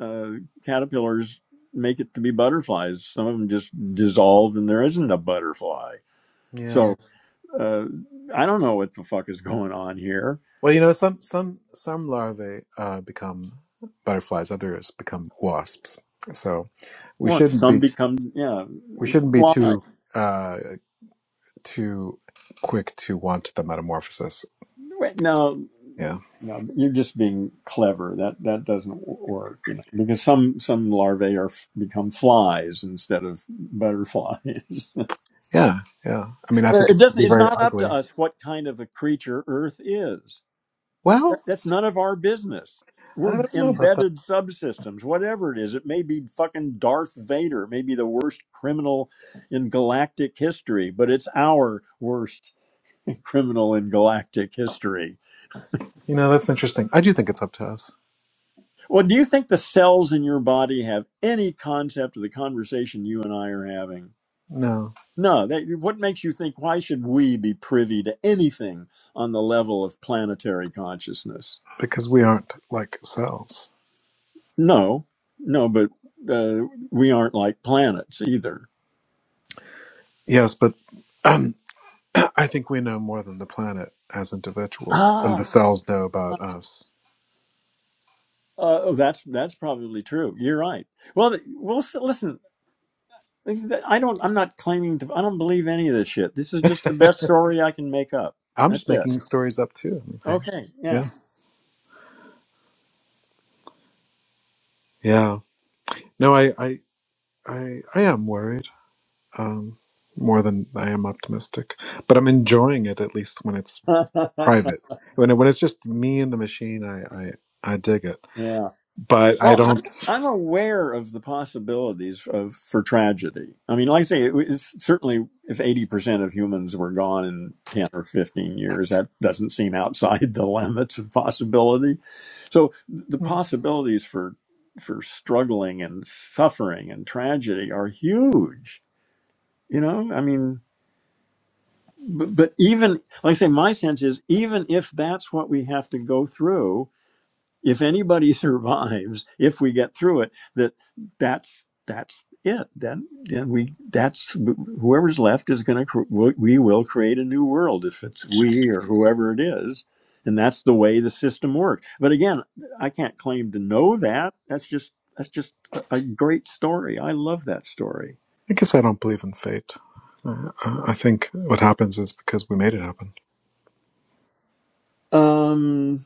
uh, caterpillars make it to be butterflies. Some of them just dissolve, and there isn't a butterfly. Yeah. So uh, I don't know what the fuck is going on here. Well, you know, some some some larvae uh, become butterflies. Others become wasps. So we Well, shouldn't some be become yeah we shouldn't be fly. too uh, too quick to want the metamorphosis. Wait, No, Yeah. no, you're just being clever. That that doesn't work, you know, because some some larvae are become flies instead of butterflies. [LAUGHS] Yeah. Yeah. I mean, I Well, think it It would doesn't. be It's very not up ugly. to us what kind of a creature Earth is. That, Well, that's none of our business. I We're don't know about that. embedded subsystems. Whatever it is, it may be fucking Darth Vader, maybe the worst criminal in galactic history, but it's our worst [LAUGHS] criminal in galactic history. You know, that's interesting. I do think it's up to us. Well, do you think the cells in your body have any concept of the conversation you and I are having? No, No. They, what makes you think? Why should we be privy to anything on the level of planetary consciousness? because we aren't like cells. No, no, but uh, we aren't like planets either. Yes, but um, [CLEARS THROAT] I think we know more than the planet as individuals, and the Ah, cells know uh, about us. oh, that's that's probably true. You're right. Well, th- well, s- listen. I don't. I'm not claiming to. I don't believe any of this shit. This is just the [LAUGHS] best story I can make up. I'm That's just it. making stories up too. I mean, Okay. I- Yeah. Yeah. Yeah. No, I, I, I, I am worried. Um, more than I am optimistic, but I'm enjoying it at least when it's [LAUGHS] private. When it, when it's just me and the machine, I, I I dig it. yeah. But I Well, I'm don't. I'm aware of the possibilities of for tragedy. I mean, like I say, it was certainly if eighty percent of humans were gone in ten or fifteen years, that doesn't seem outside [LAUGHS] the limits of possibility. So the I possibilities for for struggling and suffering and tragedy are huge. You know, I mean, but, but even like I say, my sense is even if that's what we have to go through, if anybody [LAUGHS] survives if we get through it that that's that's it then then we that's whoever's left is going to we will create a new world if it's we or whoever it is and that's the way the system works but again i can't claim to know that that's just that's just a a great story i love that story guess I don't believe in fate. Uh, I I think what happens is because we made it happen. um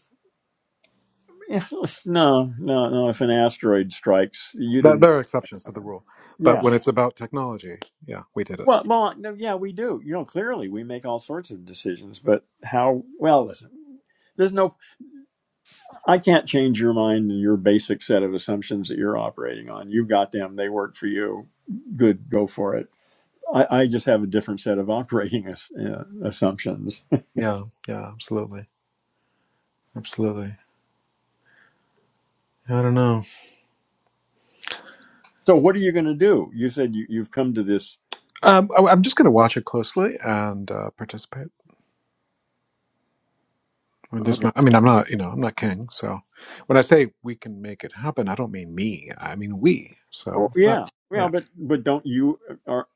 [LAUGHS] no no no if an asteroid strikes you There didn't there are exceptions to the happen. rule, but Yeah. when it's about technology, yeah, we did it. Well, well, no, yeah, we do. You know, clearly we make all sorts of decisions, but how? Well, listen, there's no. I can't change your mind and your basic set of assumptions that you're operating on. You've got them; they work for you. Good, go for it. I, I just have a different set of [LAUGHS] operating as, uh, assumptions. [LAUGHS] Yeah, yeah, absolutely, absolutely. I don't know. So, what are you going to do? You said you, you've come to this. Um, I, am just going to watch it closely and uh, participate. I mean, there's Okay. not. I mean, I'm not. You know, I'm not king. So when I say we can make it happen, I don't mean me. I mean we. So Oh, it's not. yeah. yeah. Well, but but don't you uh, are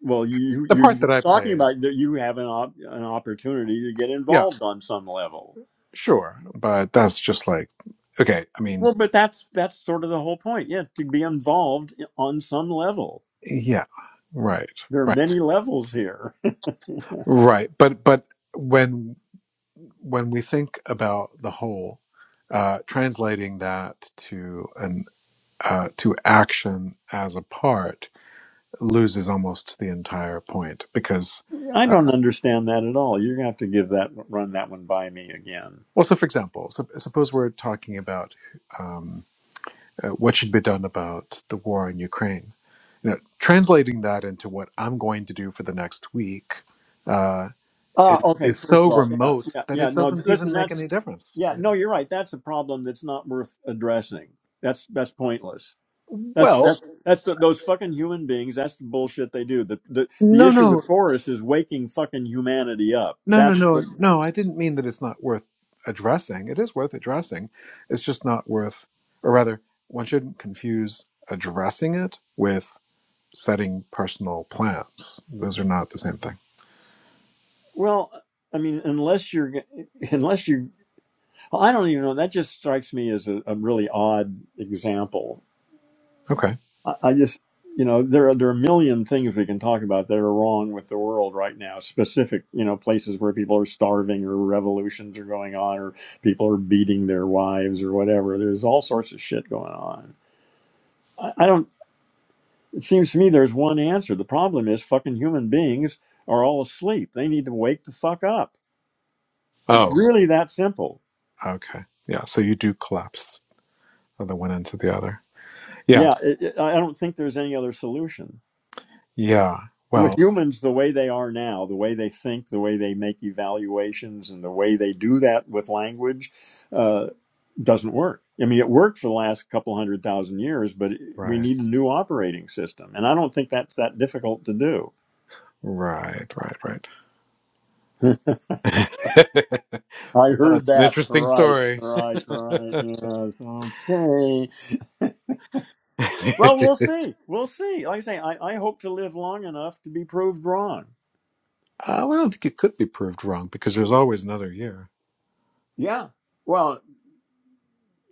well you the you- part are that I talking play, about that you have an op, an opportunity to get yeah, involved on some level sure, but that's just like okay. I mean, Well, but that's that's sort of the whole point. Yeah, to be involved on some level. yeah, right, There are right, many levels here. right. But but when when we think about the whole, uh, translating that to an uh, to action as a part loses almost the entire point because, [LAUGHS] I uh, don't understand that at all. You're gonna have to give that run that one by me again. well, so for example, sup- suppose we're talking about. um, uh, what should be done about the war in Ukraine. You know, translating that into what I'm going to do for the next week uh, Ah, is, okay. is First so of all, yeah, remote yeah, that yeah. it No, doesn't listen, even make that's any difference. yeah. you No, you're right. That's a problem that's not worth addressing. That's that's pointless. That's Well, that's that's the, those fucking human beings. That's the bullshit they do. The the the no, issue no, before us is waking fucking humanity up. no, no, That's what. no, no. I didn't mean that it's not worth addressing. It is worth addressing. It's just not worth, or rather, one shouldn't confuse addressing it with setting personal plans. Those are not the same thing. Well, I mean, unless you're [LAUGHS] unless you Well, I don't even know. That just strikes me as a, a really odd example. Okay. I, I just, you know, there are there are a million things we can talk about that are wrong with the world right now. Specific, you know, places where people are starving, or revolutions are going on, or people are beating their wives, or whatever. There's all sorts of shit going on. I, I don't. It seems to me there's one answer. The problem is fucking human beings are all asleep. They need to wake the fuck up. It's Oh, really that simple. okay. Yeah. So you do collapse from the one end to the other. Yeah, Yeah, it, it, I I don't think there's any other solution. yeah. with Well, humans the way they are now, the way they think, the way they make evaluations, and the way they do that with language uh, doesn't work. I mean, it worked for the last couple hundred thousand years, but we right, need a new operating system. And I don't think that's that difficult to do. right, right, right. [LAUGHS] well, I heard it's an that. interesting Right, story. right, [LAUGHS] uh, right. Well, Yes, okay. I Well, we'll see. We'll see. Like I say, I, I hope to live long enough to be proved wrong. don't think it could be proved wrong because there's always another year. Yeah. Well.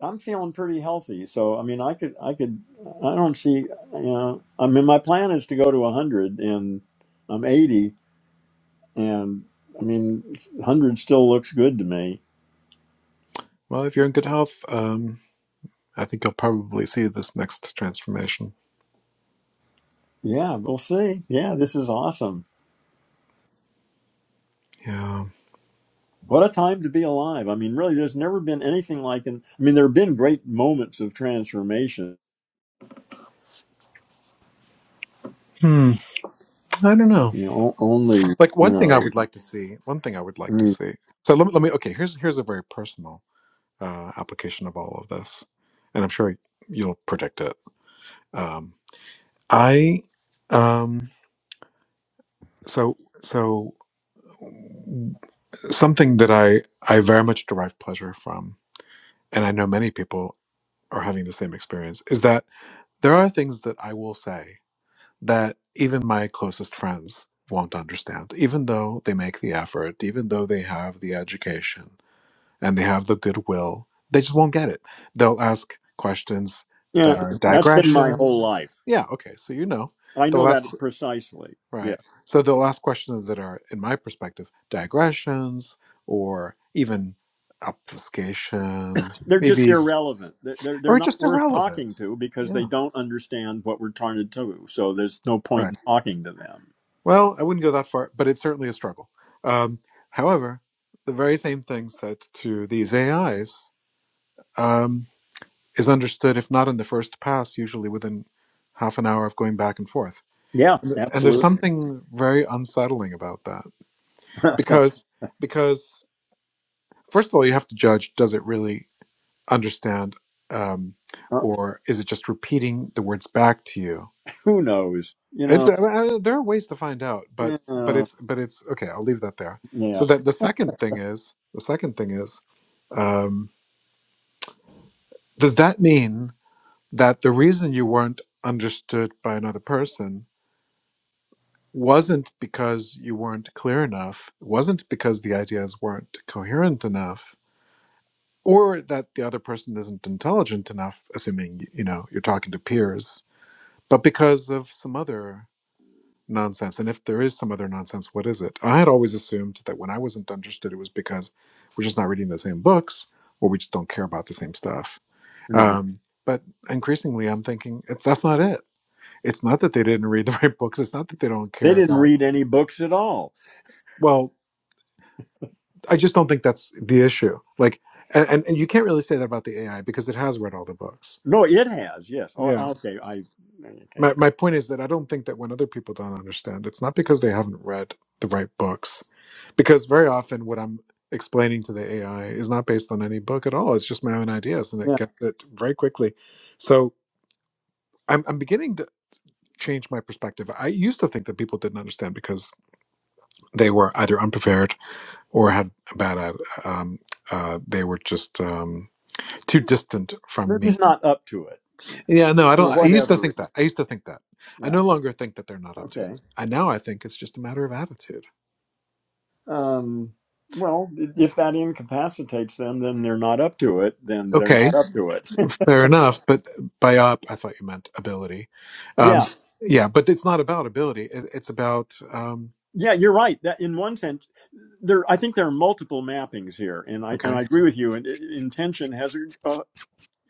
I'm feeling pretty healthy. So I mean, I could I could I don't see you know I mean my plan is to go to 100 and I'm 80 and I mean 100 still looks good to me. Well, if you're in good health, um, I think you'll probably see this next transformation. Yeah, we'll see. Yeah, this is awesome. Yeah. What a time to be alive. I mean, really, there's never been anything like an I mean, there have been great moments of transformation. Hmm. I don't know. You know, o- only, Like you one thing I know, would like to see. One thing I would I like to mean, see. So let me. Let me. Okay. Here's here's a very personal uh, application of all of this, and I'm sure you'll predict it. Um, I um so so something that I I very much derive pleasure from and I know many people are having the same experience is that there are things that I will say that even my closest friends won't understand even though they make the effort even though they have the education and they have the goodwill they just won't get it they'll ask questions that yeah, are that's been my whole digressions life. yeah okay so you know I know they'll that ask precisely. Yeah. Right. So they'll ask questions that are, in my perspective, digressions or even obfuscation, they're just maybe, irrelevant. They're they're or not just worth irrelevant. talking to because they Yeah. don't understand what we're trying to do. So there's no point Right. in talking to them. Well, I wouldn't go that far, but it's certainly a struggle. Um, however, the very same thing said to these AIs um, is understood, if not in the first pass, usually within half an hour of going back and forth. Yeah, And th- and there's absolutely. [LAUGHS] something very unsettling about that because because first of all, you have to judge does it really understand um, Uh, or is it just repeating the words back to you? who knows? You It's know, uh, uh, there are ways to find out, but but uh, it's but it's okay. I'll leave that there. So yeah. that the second thing is the second thing is um, does that mean that the reason you weren't understood by another person wasn't because you weren't clear enough, wasn't because the ideas weren't coherent enough, or that the other person isn't intelligent enough assuming you know you're talking to peers but because of some other nonsense and if there is some other nonsense what is it i had always assumed that when i wasn't understood it was because we're just not reading the same books or we just don't care about the same stuff Mhm. um, but increasingly i'm thinking it's that's not it it's not that they didn't read [LAUGHS] the right books it's not that they don't They care didn't about read any books at all. well i just don't think that's the issue like and, and and you can't really say that about the ai because it has read all the books No, it has. Yes. Oh, yeah okay. I okay. my, my point is that I don't think that when other people don't understand, it's not because they haven't read the right books. Because very often what I'm explaining to the AI is not based on any book at all. It's just my own ideas and it Yeah, gets it very quickly. So I'm, I'm beginning to change my perspective. I used to think that people didn't understand because they were either unprepared or had a bad, ad- um, uh, they were just um, too distant from they're me just not up to it you know, Yeah, no, I don't. for I used to whatever think reason. that. I used to think that. I Yeah. no longer think that they're not up to it. Okay. I now I think it's just a matter of attitude. Um. Well, if that incapacitates them, then they're not up to it. Then they're not Okay, up to it. [LAUGHS] fair enough. But by up, I thought you meant ability. Yeah. Um, yeah, but it's not about ability. It, it's about um, Yeah, you're right. That in one sense, there I think there are multiple mappings here, and I and I okay. agree with you. And i- intention has uh,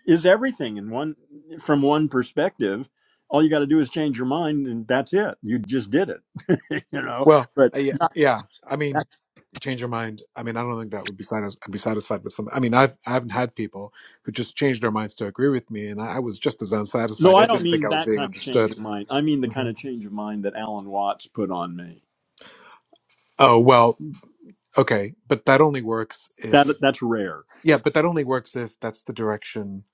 is everything in one from one perspective. All you got to do is change your mind, and that's it. You just did it, [LAUGHS] you know. Well, But uh, yeah, yeah. I mean, that, change your mind. I mean, I don't think that would be satis- I'd be satisfied with something. I mean, I've I haven't had people who just changed their minds to agree with me, and I, I was just as no, unsatisfied. I I don't didn't think I mean was that being kind of change understood. of mind. I mean the kind Mhm. of change of mind that Alan Watts put on me. Oh well. Okay, but that only works That if that's rare. yeah, but that only works if that's the direction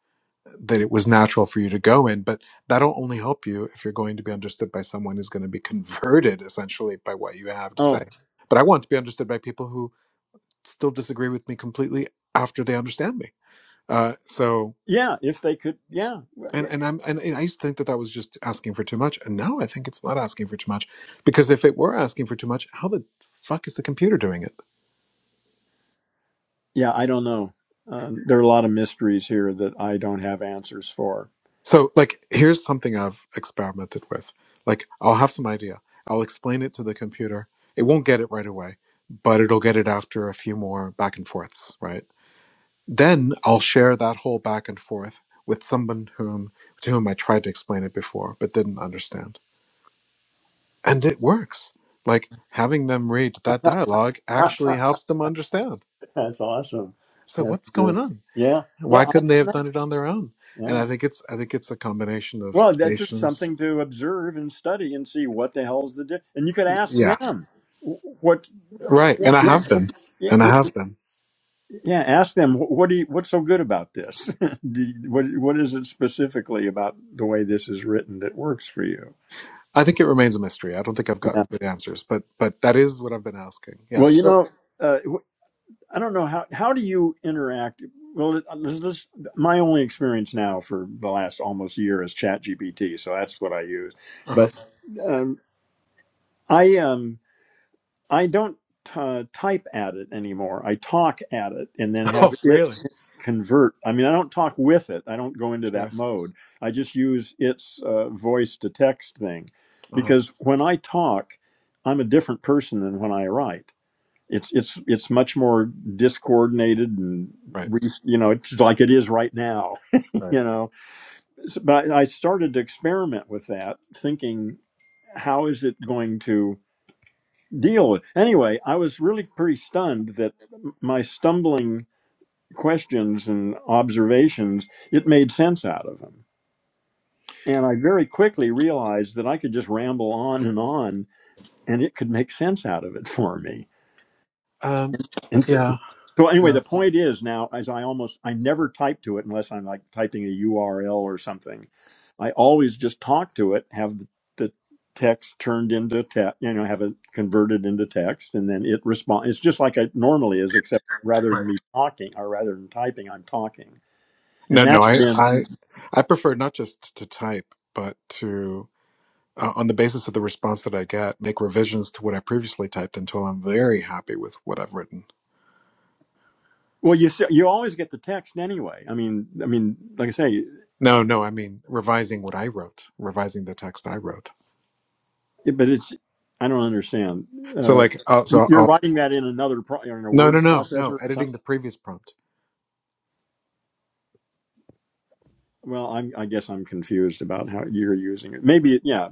that it was natural for you to go in. But that'll only help you if you're going to be understood by someone who's going to be converted [LAUGHS] essentially by what you have to say. Oh, But I want to be understood by people who still disagree with me completely after they understand me. Uh, so yeah. If they could, yeah, Well, and yeah. and I'm and, and I used to think that that was just asking for too much, and now I think it's not asking for too much because if it were asking for too much, how the fuck is the computer doing it? yeah, I don't know. Um, there are a lot of mysteries here that I don't have answers for. So, like, here's something I've experimented with. Like, I'll have some idea. I'll explain it to the computer. It won't get it right away, but it'll get it after a few more back and forths, right? Then I'll share that whole back and forth with someone whom to whom I tried to explain it before but didn't understand. And it works. Like having them read that dialogue [LAUGHS] actually helps them understand. That's awesome. So That's what's going good. on? Yeah. Why Yeah. I- couldn't they have done it on their own? And Yeah. I think it's I think it's a combination of Well, that's just patience. something to observe and study and see what the hell's the di- and you could ask Yeah. them wh- what Right, yeah and I yeah have them, yeah and I yeah have them. yeah, ask them "Wh- what do you, what's so good about this [LAUGHS] do you, what what is it specifically about the way this is written that works for you I think it remains a mystery. I don't think I've gotten yeah good answers, but but that is what I've been asking. Yeah. well you So, know uh, I don't know how how do you interact? Well, this, this, my only experience now for the last almost year is ChatGPT, so that's what I use. uh-huh. But um, I um I don't t- type at it anymore. I talk at it and then [LAUGHS] have oh, it really? convert. I mean, I don't talk with it. I don't go into Sure. that mode. I just use its uh, voice to text thing Uh-huh. because when I talk, I'm a different person than when I write it's it's it's much more discoordinated and Right. re- you know it's like it is right now, [LAUGHS] Right. you know. So- But I I started to experiment with that, thinking how is it going to deal with. Anyway, I was really pretty stunned that m- my stumbling questions and observations it made sense out of them, and I very quickly realized that I could just ramble on and on, and it could make sense out of it [LAUGHS] for me. Um. Yeah. So anyway, Yeah. the point is now, as I almost, I never type to it unless I'm like typing a URL or something. I always just talk to it, have the, the text turned into text, you know, have it converted into text, and then it responds. It's just like it normally is, except rather Right. than me talking or rather than typing, I'm talking, No, and no. that's I been I I prefer not just to type, but to uh, on the basis of the response that I get, make revisions to what I previously typed until I'm very happy with what I've written. well. You s- you always get the text anyway. I mean, I mean, like I say, No, no. I mean revising what I wrote, revising the text I wrote. it, but it's I don't understand. So Uh, like, uh, so you're I'll writing that in another pro, in a No, word no, no, no. processor or something. Editing the previous prompt. Well, I'm, I guess I'm confused about how you're using it. Maybe, yeah,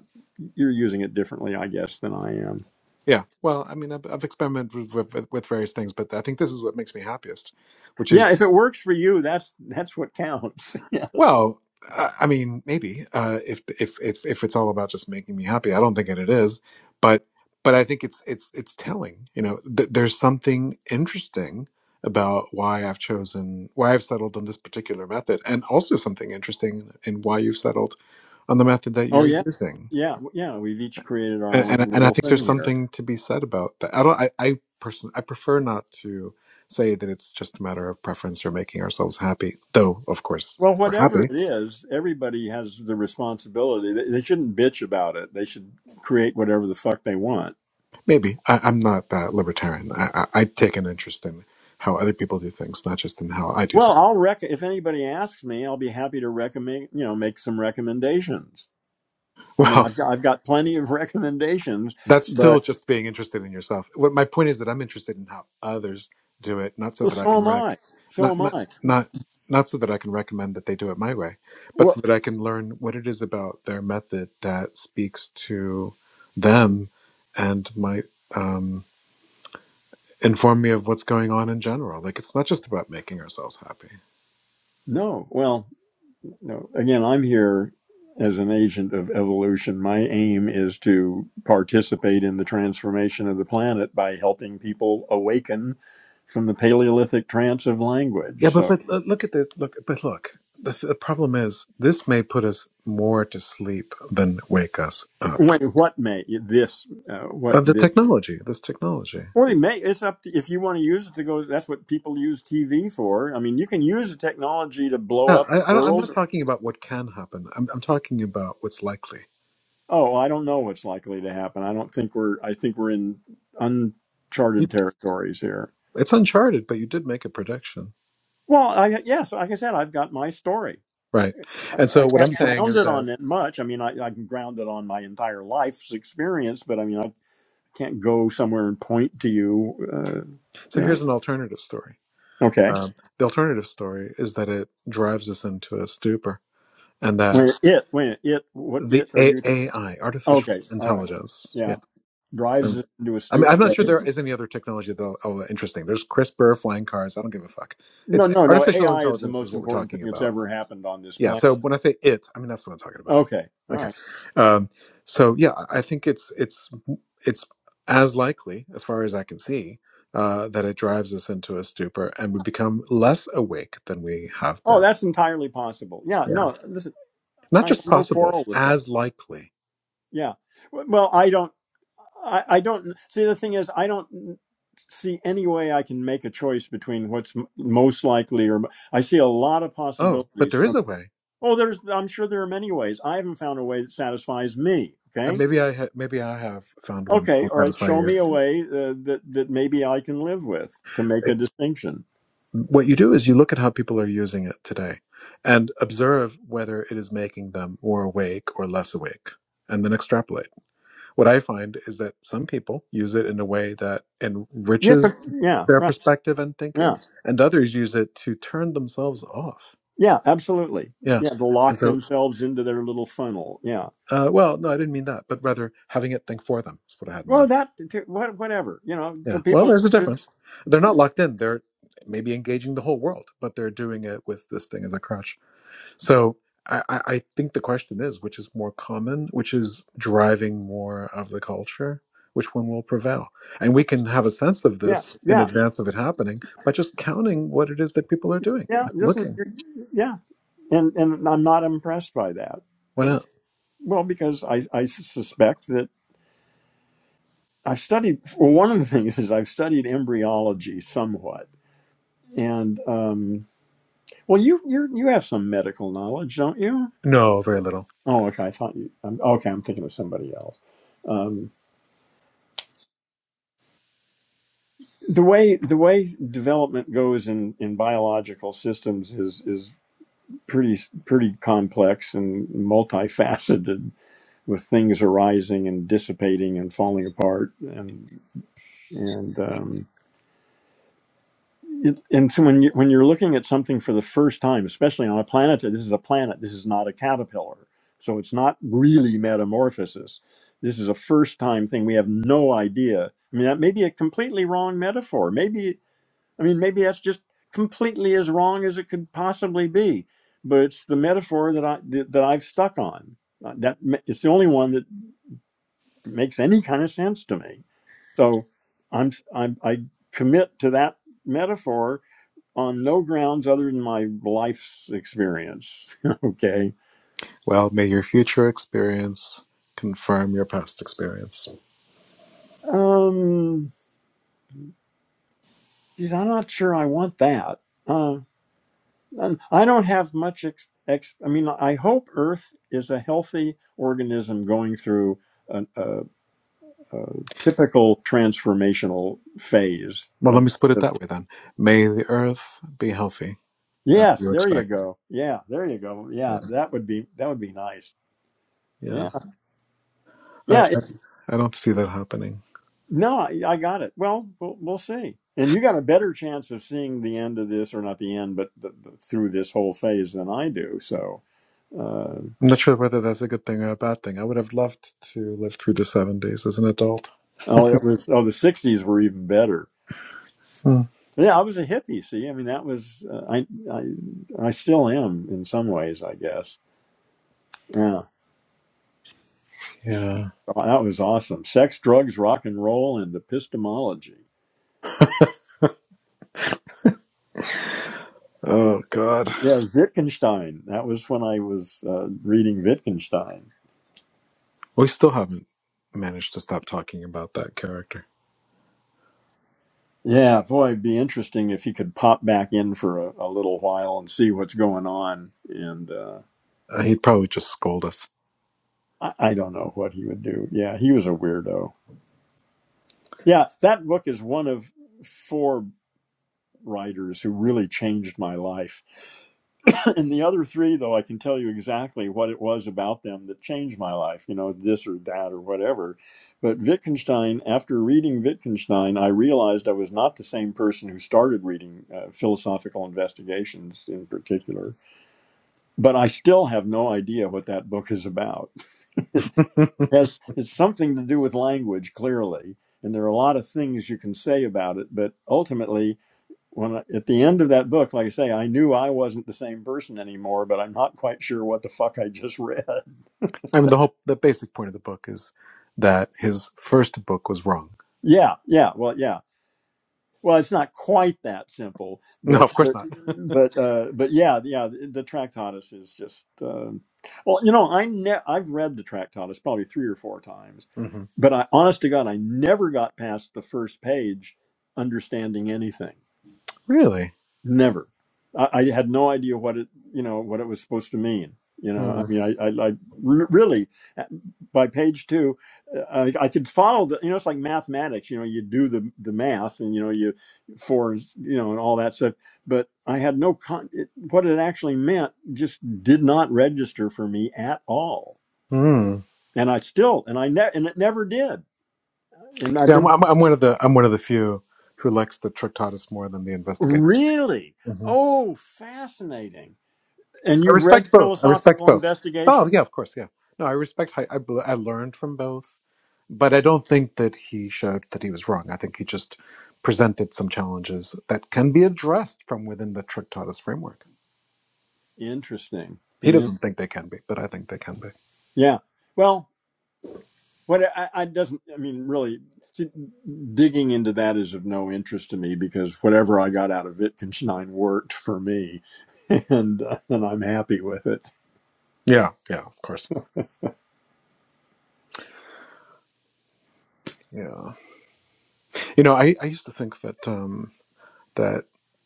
you're using it differently, I guess, than I am. Yeah. Well, I mean, I've, I've experimented with, with with various things, but I think this is what makes me happiest, which Yeah, if is, it works for you, that's that's what counts. [LAUGHS] yes. well, I, I mean, maybe uh, if if if if it's all about just making me happy, I don't think that it is, but but I think it's it's it's telling. You know, th- there's something interesting about why I've chosen why I've settled on this particular method, and also something interesting in why you've settled on the method that Oh you're yeah, using. yeah, w- yeah. We've each created our and own and, and I little think there's thing here. something to be said about that. I don't. I, I person I prefer not to say that it's just a matter of preference or making ourselves happy. Though, of course, Well, we're whatever happy. it is, everybody has the responsibility. They, they shouldn't bitch about it. They should create whatever the fuck they want. Maybe I, I'm not that libertarian. I, I, I take an interest in how other people do things, not just in how I do Well, things. I'll rec. If anybody asks me, I'll be happy to recommend. You know, make some recommendations. [LAUGHS] I mean, Well, I've got, I've got plenty of [LAUGHS] recommendations, That's still but just being interested in yourself. What my point is that I'm interested in how others do it, not so Well, that I so can am rec, I. So not am not I. not not so that I can recommend that they do it my way, but Well, so that I can learn what it is about their method that speaks to them and might um, inform me of what's going on in general. Like it's not just about making ourselves happy. no. Well, no. Again, I'm here as an agent of evolution. My aim is to participate in the transformation of the planet by helping people awaken from the Paleolithic trance of Yeah, language. but So, but uh, look at the look. But look, the, th- the problem is this may put us more to sleep than wake us up. wait, what may this? Uh, what of the this? technology, this technology. Well, it may. It's up to if you want to use it to go. That's what people use TV for. I mean, you can use the technology to blow Yeah, up I, the I don't, I'm not world. talking about what can happen. I'm, I'm talking about what's likely. Oh, well, I don't know what's likely to happen. I don't think we're. I think we're in You, uncharted territories here. it's uncharted, but you did make a prediction, Well, I, yes, like I said, I've got my story. right? I, And I so what I'm can't saying ground is it that on it much. I mean, I, I can ground it on my entire life's experience, but I mean, I can't go somewhere and point to you. Uh, so you know, here's an alternative story. okay. Um, the alternative story is that it drives us into a stupor, and When that it, when it, what the it are A- you? AI, artificial okay, all right, intelligence, yeah. yeah. Drives Um, it into a I stew. mean, I'm not sure Okay. there is any other technology that's all that interesting. There's CRISPR, flying cars. I don't give a fuck. No, It's no, no. artificial AI is the intelligence is most what we're important thing talking that's about ever happened on this yeah planet. so when i say it i mean that's what i'm talking about Okay, all okay right. um, so yeah i I think it's it's it's as likely as far as i can see uh, that it drives us into a stupor and we become less awake than we have Oh, been that's entirely possible. Yeah, yeah no, listen, not I have just no possible quarrel with that. as likely Yeah. W- Well, I don't, I, I don't see the thing is, I don't see any way I can make a choice between what's m- most likely or m- I see a lot of oh but possibilities there is from, a way oh, there's, I'm sure there are many ways. I haven't found a way that satisfies me. uh, Okay. maybe i ha- maybe i have found one that Okay. will All right. satisfy Show me you a way uh, that, that maybe I can live with to make a it, distinction. what you do is you look at how people are using it today and observe whether it is making them more awake or less awake and then extrapolate What I find is that some people use it in a way that Yes. of- enriches Yeah. their Right. perspective and yeah. thinking, and others use it to turn themselves off. Yeah, absolutely. Yeah. Yeah, they'll And lock so, themselves into their little funnel. Yeah. uh, well, no, I didn't mean that, but rather having it think for them is what I had in Well, mind. that to- what whatever you know, so Yeah. Well, people. Can, there's a use. difference. They're not locked in. They're maybe engaging the whole world, but they're doing it with this thing as a crutch. So I, I I think the question is which is more common, which is driving more of the culture, which one will prevail? And we can have a sense of yeah, this in yeah, advance of it happening by just counting what it is that people are doing, yeah. like Listen, looking. you- yeah, and and I'm not impressed by that. Why not? Well, because I I suspect that I've studied. Well, one of the things is I've studied embryology somewhat, and um, well, you you you have some medical knowledge, don't you? No, very little. Oh, okay. I thought you. I'm, okay, I'm thinking of somebody else. Um, the way the way development goes in in biological systems is is pretty pretty complex and multifaceted with things arising and dissipating and falling apart and and um it, and so when you when you're looking at something for the first time especially on a planet this is a planet this is not a caterpillar so it's not really metamorphosis this is a first time thing we have no idea i mean that may be a completely wrong metaphor maybe I mean, maybe that's just completely as wrong as it could possibly be, but it's the metaphor that I that, that I've stuck on. Uh, That it's the only one that makes any kind of sense to me. So I'm, I'm I commit to that metaphor on no grounds other than my life's experience. [LAUGHS] okay. Well, may your future experience confirm your past experience. Um, geez, I'm not sure I want that. Uh, Um, I don't have much. Ex- ex- I mean, I hope Earth is a healthy organism going through an, a, a typical transformational phase Well, let of. me put it The- that way then. May the earth be healthy, as yes, you there you expect. go. Yeah, there you go. Yeah, Yeah. that would be that would be nice. Yeah. Yeah, I, yeah. I, It, I don't see that happening. no, I, I got it. Well, well, we'll see. And you got a better chance of seeing the end of this, or not the end, but the, the, through this whole phase than I do. So, uh, I'm not sure whether that's a good thing or a bad thing. I would have loved to live through the seven days as an adult. oh, it was. Oh, the '60s were even better. Hmm. Yeah, I was a hippie. See, I mean, that was uh, I, I, I still am in some ways, I guess. Yeah, Yeah. Oh, that was awesome. Sex, drugs, rock and roll, and epistemology. Oh, God. Yeah, Wittgenstein. That was when I was uh, reading Wittgenstein. We still haven't managed to stop talking about that character. Yeah, boy, it'd be interesting if he could pop back in for a, a little while and see what's going on. And uh, Uh, he'd probably just scold us. I, I don't know what he would do. Yeah, he was a weirdo. Yeah, that book is one of four writers who really changed my life. and the other three though i can tell you exactly what it was about them that changed my life you know this or that or whatever but wittgenstein after reading wittgenstein i realized i was not the same person who started reading uh, philosophical investigations in particular but i still have no idea what that book is about [LAUGHS] yes it's something to do with language clearly and there are a lot of things you can say about it but ultimately when I, at the end of that book, like I say, I knew I wasn't the same person anymore, but I'm not quite sure what the fuck I just read. [LAUGHS] I mean, the whole, the basic point of the book is that his first book was wrong. Yeah, yeah, well, yeah. Well, it's not quite that simple, [LAUGHS] No, but of course but not. but uh, but yeah, yeah. The, the Tractatus is just um well, you know, I ne- I've read the Tractatus probably three or four times, [LAUGHS] Mhm. but I, honest to God, I never got past the first page understanding anything. Really? Never. I, I had no idea what it, you know, what it was supposed to mean. You know, Hmm. I mean, I, I, I re- really, uh, by page two, uh, I, I could follow the, you know, it's like mathematics. You know, you do the the math, and you know, you fours, you know, and all that stuff. But I had no con. It, what it actually meant just did not register for me at all, Hmm. and I still, and I ne- and it never did. And See, I've I'm, been I'm, I'm one of the I'm one of the few who likes the Tractatus more than the investigation. really, hmm oh, fascinating. And I you've read respect both. I respect philosophical both. investigation. Oh yeah, of course, yeah. No, I respect. I, I bl- I learned from both, but I don't think that he showed that he was wrong. I think he just presented some challenges that can be addressed from within the Tractatus framework. Interesting. He Yeah. doesn't think they can be, but I think they can be. Yeah. Well, what I, I doesn't, I mean, really, see, digging into that is of no interest to me because whatever I got out of Wittgenstein worked for me, [LAUGHS] and uh, and I'm happy with it. Yeah, yeah, of course. Yeah. You know, I, I used to think that um, that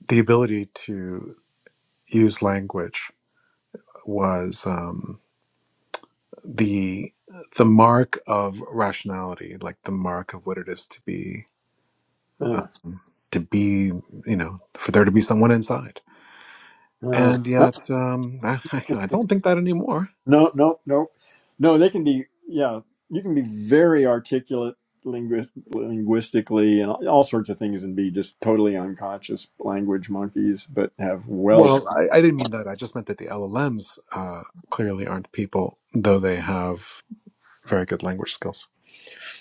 the ability to used language was um, the the mark of rationality, like the mark of what it is to be Uh, um, to be, you know, for there to be someone inside. uh, And uh, yet, um, [LAUGHS] I, don't think that anymore. no, no, no, no. They can be, yeah, you can be very articulate linguist, linguistically and all all sorts of things, and be just totally unconscious language monkeys, but have well Well, I, I didn't mean that. I just meant that the LLMs uh, clearly aren't people, though they have very good language skills.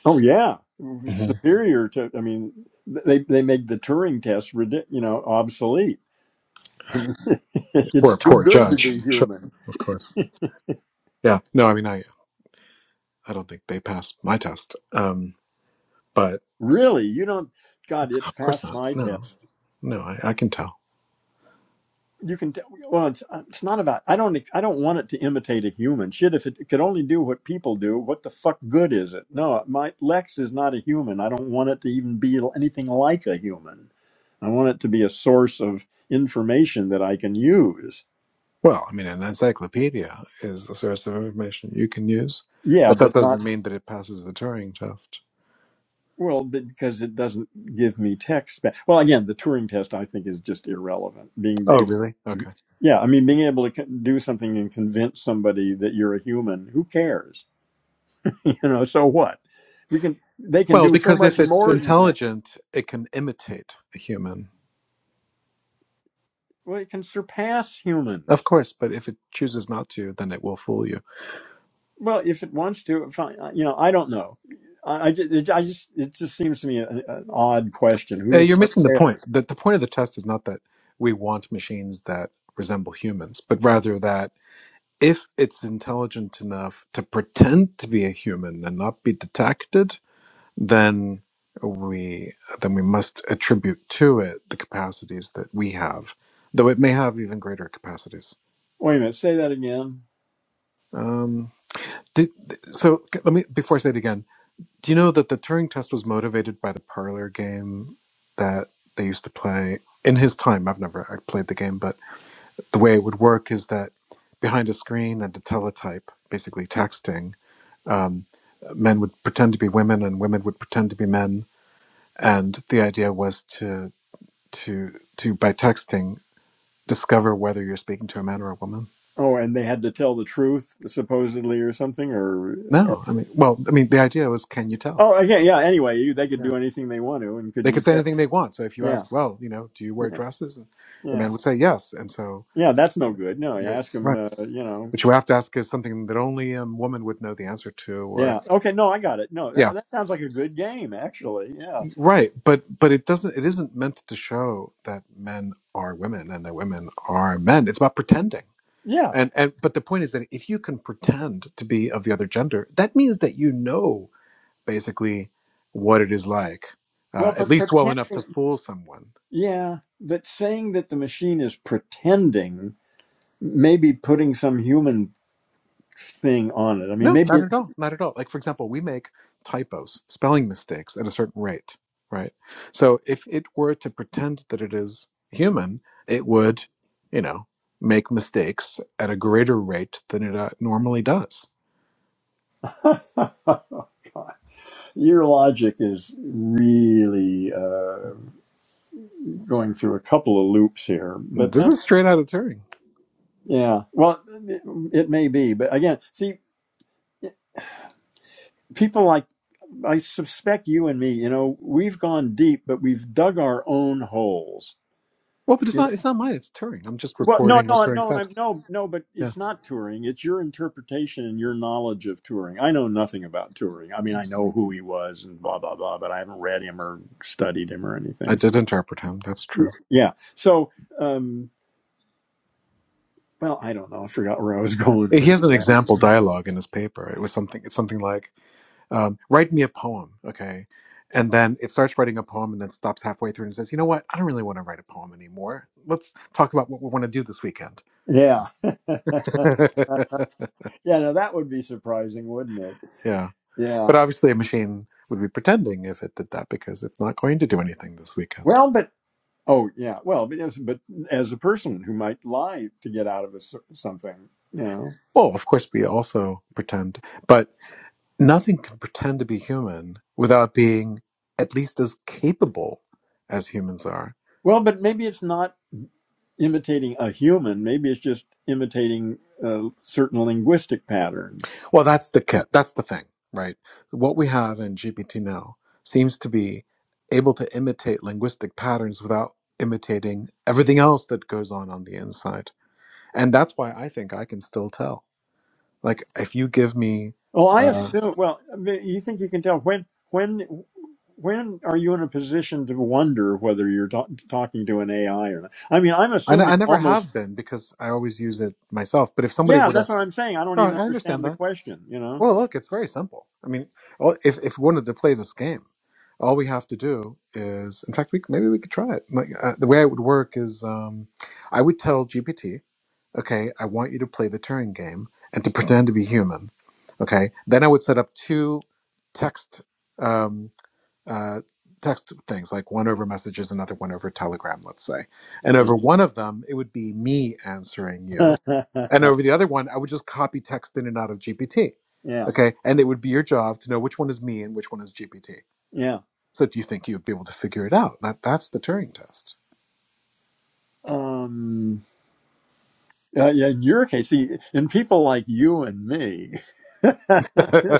Oh yeah, hmm superior to. I mean, they they make the Turing test ridic- you know obsolete. I mean, [LAUGHS] Or it's a too poor good to judge, be sure, human. of course. Yeah, no, I mean, I I don't think they passed my test. Um, but Really, you don't. God, it's Of course past not. my No, test. no, I, I can tell. You can. tell. well, it's uh, it's not about. I don't. I don't want it to imitate a human. Shit, if it could only do what people do, what the fuck good is it? No, my Lex is not a human. I don't want it to even be anything like a human. I want it to be a source of information that I can use. Well, I mean, an encyclopedia is a source of information you can use, Yeah, but that but not doesn't mean that it passes the Turing test. Well, be- because it doesn't give me text back. Well, again, the Turing test I think is just irrelevant. Being Oh, able, really? Okay. yeah, I mean, being able to con- do something and convince somebody that you're a human, who cares? [LAUGHS] you know, so what? We can, they can Well, do so because much if it's more than that. intelligent, it can imitate a human. Well, it can surpass Of humans. course, but if it chooses not to, then it will fool you. Well, if it wants to, fine. I- You know, I don't know. I, I, ju- it, I just, it just seems to me an, an odd question. Who Uh, the you're fuck missing the point. cares? The, the point of the test is not that we want machines that resemble humans, but rather that if it's intelligent enough to pretend to be a human and not be detected, then we then we must attribute to it the capacities that we have, though it may have even greater capacities. Wait a minute, say that again. Um, did, so let me before I say it again. Do you know that the Turing test was motivated by the parlor game that they used to play in his time? I've never I played the game, but the way it would work is that behind a screen and a teletype, basically texting, um, men would pretend to be women and women would pretend to be men, and the idea was to to to by texting discover whether you're speaking to a man or a woman Oh, and they had to tell the truth supposedly or something or, or no i mean well i mean the idea was can you tell Oh, okay, yeah, anyway, you, they could yeah do anything they want to and could they you could say tell? anything they want so if you Yeah. ask well you know do you wear Yeah. dresses and the Yeah. man would say yes and so Yeah, that's you no know good. No, you you're ask them, right uh, you know. what you have to ask is something that only a woman would know the answer to or Yeah. Okay, no, I got it. No, yeah that that sounds like a good game actually. Yeah. right but but it doesn't it isn't meant to show that men are women and that women are men it's about pretending Yeah. and and but the point is that if you can pretend to be of the other gender that means that you know basically what it is like, uh, Well, at but least well enough to pretending fool someone. Yeah, but saying that the machine is pretending, maybe putting some human thing on it. I mean, No, maybe not it, at all. Not at all. Like, for example, we make typos, spelling mistakes at a certain rate, right? So if it were to pretend that it is human, it would, you know, make mistakes at a greater rate than it uh, normally does. [LAUGHS] your logic is really uh, going through a couple of loops here, but This that's is straight out of Turing. yeah. Well, it, it may be, but again, see, people like I suspect you and me, you know, we've gone deep, but we've dug our own holes. Well, but it's You know, not. It's not mine. It's Turing. I'm just well, no, reporting what no, Turing no, no, said. I'm no, no, but Yeah. it's not touring. It's your interpretation and your knowledge of touring. I know nothing about touring. I mean, I know who he was and blah blah blah, but I haven't read him or studied him or I anything. did interpret him. That's true. Yeah. So, um, well, I don't know. I forgot where I was [LAUGHS] going He with has an example that. dialogue in his paper. It was something. It's something like, um, "Write me a poem, okay?" And then it starts writing a poem, and then stops halfway through and says, "You know what? I don't really want to write a poem anymore. Let's talk about what we want to do this weekend." Yeah. [LAUGHS] yeah, [LAUGHS] no, that would be surprising, wouldn't it? yeah, Yeah. but obviously, a machine would be pretending if it did that because it's not going to do anything this weekend. Well, but oh, yeah. Well, but as, but as a person who might lie to get out of a, s- something, you know. Well, of course, we also pretend, but nothing can pretend to be human without being at least as capable as humans are Well, but maybe it's not imitating a human. Maybe it's just imitating uh, certain linguistic patterns. Well, that's the ca- that's the thing, right? What we have in GPT now seems to be able to imitate linguistic patterns without imitating everything else that goes on on the inside, and that's why I think I can still tell. Like, if you give me, Well, I uh, assume. Well, I mean, you think you can tell when when when are you in a position to wonder whether you're ta- talking to an AI or not? I mean, I'm I, n- assuming I never almost have been because I always use it myself. But if somebody Yeah, would have, that's what I'm saying. I don't oh, even I understand understand the that. question, you know? Well, look, it's very simple. I mean, all- if if we wanted to play this game, all we have to do is, in fact, we maybe we could try it. Like, uh, the way it would work is, um, I would tell GPT, okay, I want you to play the Turing game and to pretend to be human. Okay, then I would set up two text um, uh, text things, like one over messages, another one over Telegram, let's say, and over one of them, it would be me answering you Yeah. [LAUGHS] and over the other one, I would just copy text in and out of GPT. yeah. Okay. And it would be your job to know which one is me and which one is GPT. Yeah. So do you think you'd be able to figure it out? That that's the Turing test. Um, uh, yeah. In your case, see, in people like you and me, [LAUGHS] [LAUGHS]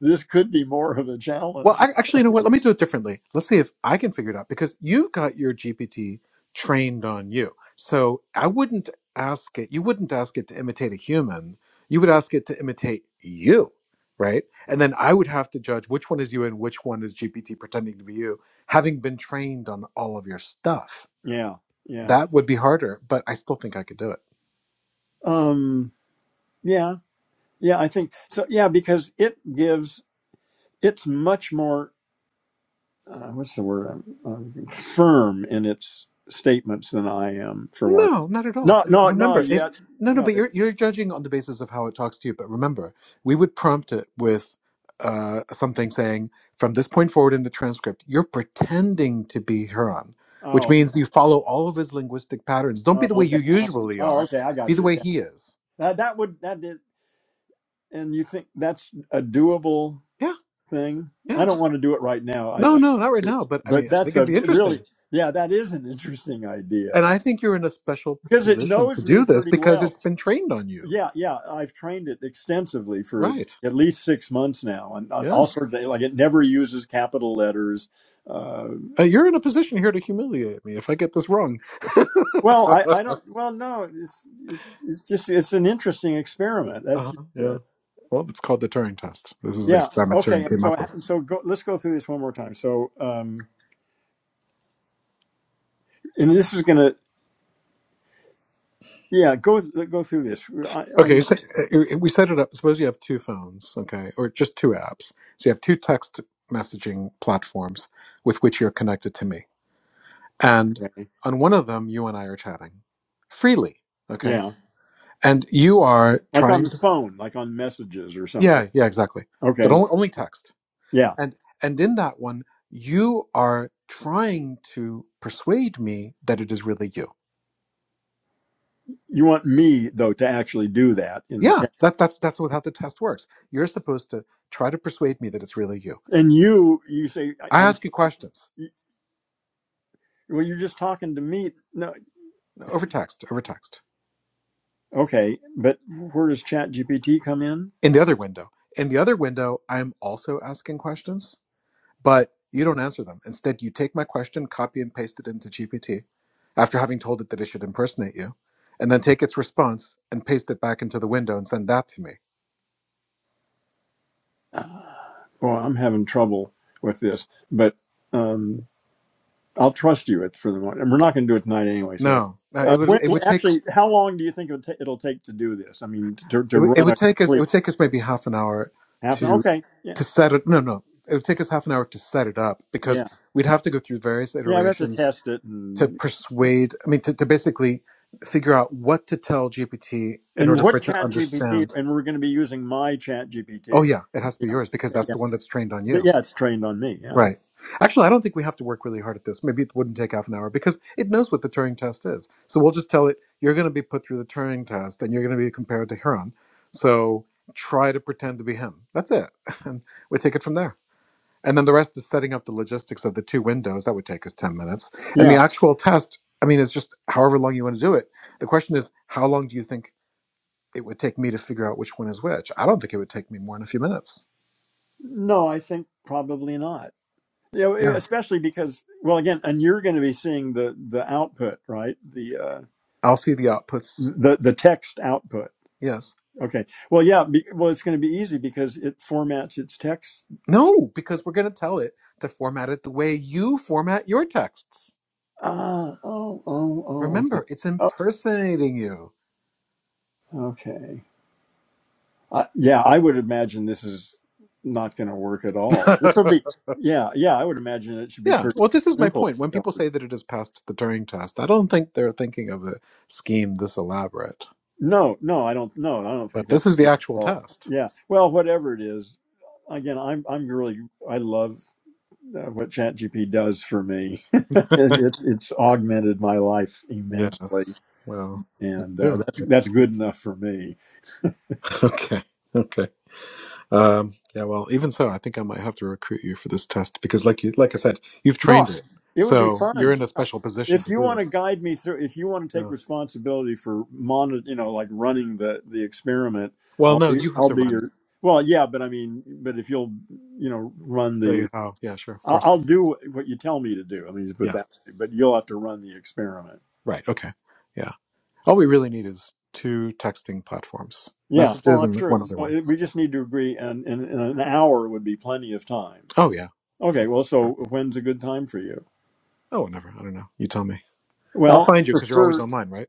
this could be more of a Well, challenge. I, actually, you know what? Let me do it differently. Let's see if I can figure it out because you've got your GPT trained on you. So I wouldn't ask it, you wouldn't ask it to imitate a human. You would ask it to imitate you, right? And then I would have to judge which one is you and which one is GPT pretending to be you, having been trained on all of your stuff. Yeah. Yeah. That would be harder, but I still think I could do it. Um, yeah. Yeah. I think so. Yeah. Because it gives, it's much more, uh, what's the word? Um, um, firm in its statements than I am, for one. No, not at all. No, M- no, no, Remember, if yet. no, no, no. but you're you're judging on the basis of how it talks to you. But remember, we would prompt it with uh, something saying, "From this point forward in the transcript, you're pretending to be Huron," which Oh, means you follow all of his linguistic patterns. Don't be oh, the way okay. you Uh, usually oh, are. okay. I Be got the you. way Yeah. he is. That that would that did, and you think that's a doable Yeah, thing? I yeah. don't want to do it right now. I, No, I- no, not right it- now. But I but mean, I that's think it'd a be really, interesting, yeah, that is an interesting and idea I think you're in a special because it position to knows do me this pretty because it's well. been trained on you. Yeah, yeah. I've trained it extensively for Right. at least six months now, and on Yeah. all sorts of like it never uses capital letters. Uh, Uh, you're in a position here to humiliate me if I get this wrong. [LAUGHS] well, I, I uh-huh, don't. Well, no, it's it's it's just it's an interesting experiment. That's. yeah. Well, it's called the Turing test. This is the Yeah. experiment Okay. Turing And came so, up with. and so, go, let's go through this one more time. So, um, and this is gonna, yeah, go go through this. I, I'm Okay, so uh, uh, we set it up. Suppose you have two phones, okay, or just two apps. So you have two text messaging platforms with which you're connected to me. And gonna, okay. on one of them, you and I are chatting freely, okay? yeah, And you are like on trying the to. phone, like on messages or something. Yeah, yeah, exactly. But Okay. only, only text. Yeah. and and in that one you are trying to persuade me that it is really you You want me though to actually do that in yeah text, that, that's that's what how the test works you're supposed to try to persuade me that it's really you and you you say i I- I'm. ask you questions Well, you're just talking to me. No. over text over text Okay. But where does Chat GPT come in? in the other window in the other window i'm also asking questions but you don't answer them instead you take my question copy and paste it into gpt after having told it that it should impersonate you and then take its response and paste it back into the window and send that to me [SIGHS] Uh, boy, I'm having trouble with this, but. Um, I'll trust you at, for the moment. And we're not going to do it tonight anyway. So, no, no, it uh, would when, it would take actually, how long do you think it'll, ta- it'll take to do this? I mean, to, It, to would it run a would take us. It complete would take us maybe half an hour half an hour. to Okay. Yeah. to set it. No, no. It would take us half an hour to set it up because Yeah. we'd have to go through various Yeah. We have to iterations test it. to And, uh, persuade. I mean, to, to basically figure out what to tell GPT in and order for what it to chat GPT? understand. And we're going to be using my chat Oh GPT. yeah, it has to be Yeah. yours because that's Yeah. the one that's trained on you. But Yeah. It's trained on me. Yeah. okay. Right. Actually, I don't think we have to work really hard at this. Maybe it wouldn't take half an hour because it knows what the Turing test is. So we'll just tell it you're going to be put through the Turing test and you're going to be compared to Huron. So try to pretend to be him. That's it. [LAUGHS] And we take it from there. And then the rest is setting up the logistics of the two windows. That would take us 10 minutes. And the Yeah. actual test, I mean, is just however long you want to do it. The question is, how long do you think it would take me to figure out which one is which? I don't think it would take me more than a few minutes. No, I think probably not. Yeah. know, Yeah. especially because, well, again, and you're going to be seeing the, the output, right? The, uh, I'll see the outputs. the, the text output Yes. Okay. Well, yeah. Be, well, it's going to be easy because it formats its text. No, because we're going to tell it to format it the way you format your texts. Ah. Oh. Oh. Oh. Okay. Remember, it's Oh. impersonating you. Okay. Uh, yeah, I would imagine this is not going to work at [LAUGHS] all. This will be. Yeah. Yeah. I would imagine it should be yeah, pretty well, this is my simple. point. When people say that it has passed the Turing test, I don't think they're thinking of a scheme this elaborate. No. No. I don't. No. I don't think But that this is the would work at actual all. test. Yeah. Well, whatever it is. Again, I'm. I'm really. I love uh, what ChatGPT does for me. [LAUGHS] [LAUGHS] it's. It's augmented my life immensely. Yes. Well, me and [LAUGHS] uh, that's that's good enough for me. Okay. Okay. Um, yeah. Well, even so, I think I might have to recruit you for this test because, like you, like I said, you've No, trained it, it would be so you're fun. in a Yeah, special position if to you do want to this. guide me through, if you want to Yeah. take responsibility for monitor, you know, like running the the experiment, Well, I'll no, be you have I'll to be run it. your. Well, yeah, but I mean, but if you'll you know run Show you the, how. Yeah, sure, of I'll, course. I'll do what you tell me to do. I mean, just put Yeah. that. But you'll have to run the experiment. Right. Okay. Yeah. All we really need is two texting platforms, Yeah. messages, Well, I'm and sure. one other So one. it, we just need to agree, and, and, and an hour would be plenty of time. Oh yeah. For Okay. Well, so sure. when's a good time for you? Oh, whatever. I don't know. You tell me. I'll Well, find you I because you're always prefer online, right?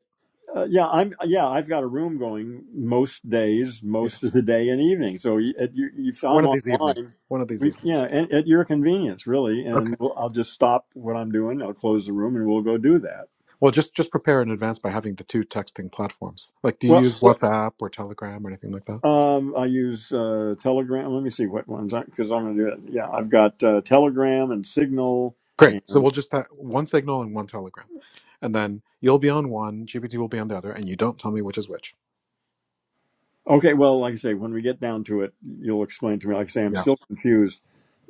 Uh, yeah, I'm. Yeah, I've got a room going most days, Yeah. most of the day and evening. So y- at, you, if One I'm of these online, evenings. One of these we, evenings. yeah, at, at your convenience, really. And Okay. we'll, I'll just stop what I'm doing. I'll close the room, and we'll go do that. Well, just just prepare in advance by having the two texting platforms. Like, do you Well, use wh- WhatsApp or Telegram or anything like that? um, I use uh, Telegram. Let me see what ones I. because I'm going to do it. Yeah, I've got uh, Telegram and Signal. Great. So And we'll just have one signal and one Telegram, and then you'll be on one, GPT will be on the other, and you don't tell me which is which. okay, well, like I say, when we get down to it, you'll explain to me. Like I say, I'm Yeah. still confused.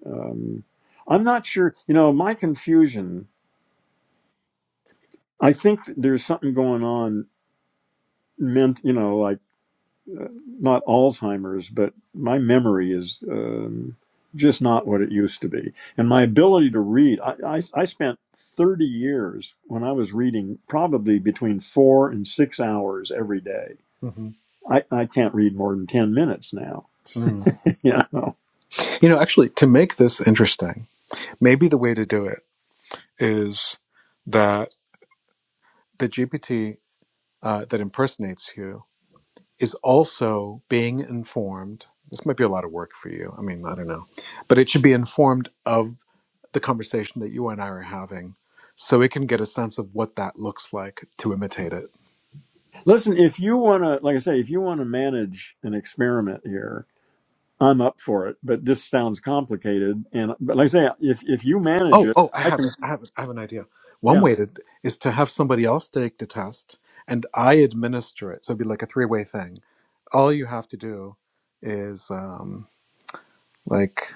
Um, I'm not sure. You know, my confusion. I think there's something going on meant, you know, like not Alzheimer's, but my memory is um, just not what it used to be. And my ability to read, I, I, I spent 30 years when I was reading probably between four and six hours every day. hmm I, I can't read more than 10 minutes now. You [LAUGHS] you know? know, actually, to make this interesting, maybe the way to do it is that the GPT uh, that impersonates you is also being informed. This might be a lot of work for you. I mean, I don't know. But it should be informed of the conversation that you and I are having so it can get a sense of what that looks like to imitate it. Listen, if you want to, like I say, if you want to manage an experiment here, I'm up for it, but this sounds complicated. And but like I say, if if you manage Oh, it, oh, I I can have a, I have, a, I have an idea. One Yeah. way to, is to have somebody else take the test and I administer it. So it'd be like a three way thing. All you have to do is, um, like,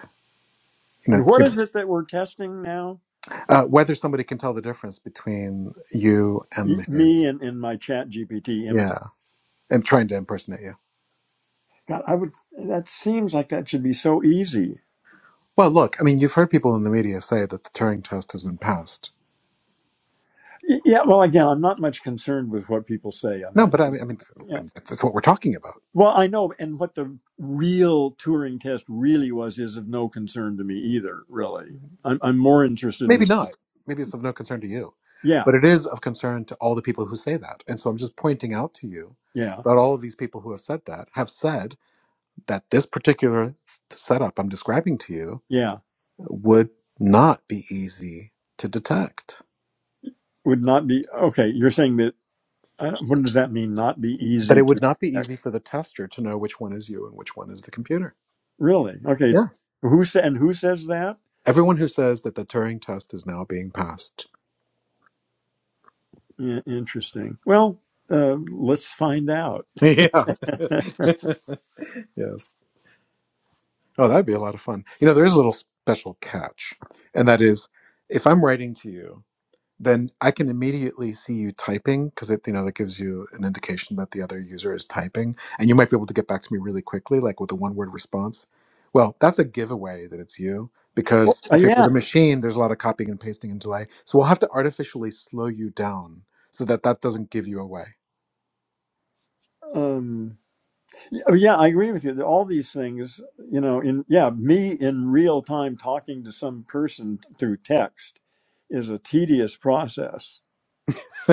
you know, And what is give, it that we're testing now? uh, whether somebody can tell the difference between you and the Y- machine. Me and, and my chat GPT imitate. Yeah. And trying to impersonate you. God, I would, that seems like that should be so easy. Well, look, I mean, you've heard people in the media say that the Turing test has been passed. Y- Yeah. Well, again, I'm not much concerned with what people say on No, that. but I mean, I mean, I Yeah. mean that's, that's what we're talking about. Well, I know. And what the real Turing test really was is of no concern to me either, really. I'm, I'm more interested in Maybe this. not. Maybe it's of no concern to you, Yeah. but it is of concern to all the people who say that. And so I'm just pointing out to you Yeah. that all of these people who have said that have said that this particular setup I'm describing to you Yeah. would not be easy to detect. Would not be, okay. You're saying that, I don't, what does that mean? Not be That easy it would to not be detect? easy for the tester to know which one is you and which one is the computer. Really? Okay. It's, Yeah. who sa- and who says that? Everyone who says that the Turing test is now being passed. I- interesting. Well, uh, let's find out. [LAUGHS] yeah. [LAUGHS] yes. Oh, that'd be a lot of fun. You know, there is a little special catch, and that is if I'm writing to you, then I can immediately see you typing because it, you know, that gives you an indication that the other user is typing, and you might be able to get back to me really quickly, like with a one word response. Well, that's a giveaway that it's you Well, because Uh, if it were yeah. the machine, there's a lot of copying and pasting and delay. So we'll have to artificially slow you down so that that doesn't give you away. Um, y- oh, yeah, I agree with you. All these things, you know, in yeah, me in real time talking to some person through text is a tedious process. [LAUGHS]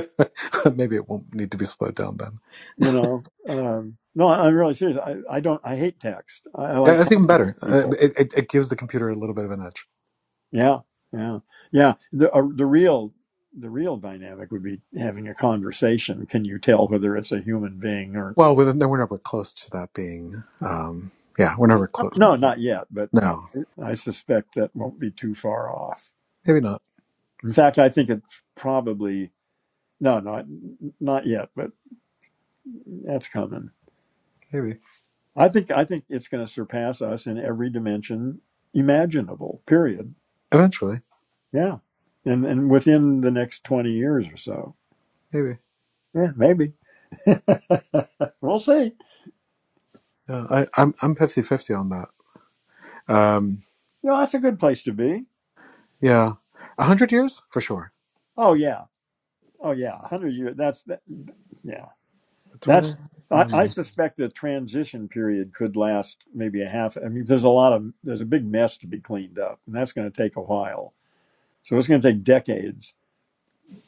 Maybe it won't need to be slowed down then. You know, um, no, I- I'm really serious. I, I don't. I hate text. I, I Uh, like That's even talking better. with Uh, people. It, it, it gives the computer a little bit of an edge. Yeah, yeah, yeah. The uh, the real the real dynamic would be having a conversation. Can you tell whether it's a human being or Well, we're, no, we're never close to that being. Um, yeah, we're never close. No, not yet, but uh, No, I suspect that won't be too far off. maybe not. In fact, I think it's probably no, not not yet, but that's coming. Maybe I think I think it's going to surpass us in every dimension imaginable. Period. eventually. Yeah, and and within the next twenty years or so. Maybe. Yeah, maybe. [LAUGHS] we'll see. Yeah, I, I'm I'm fifty fifty on that. Um, You know, that's a good place to be. yeah, a hundred years for sure. Oh yeah. Oh yeah. Hundred years. That's that. Yeah. Twenty. That's I I, I don't suspect the transition period could last maybe a half. I mean, there's a lot of there's a big mess to be cleaned up, and that's going to take a while. So it's going to take decades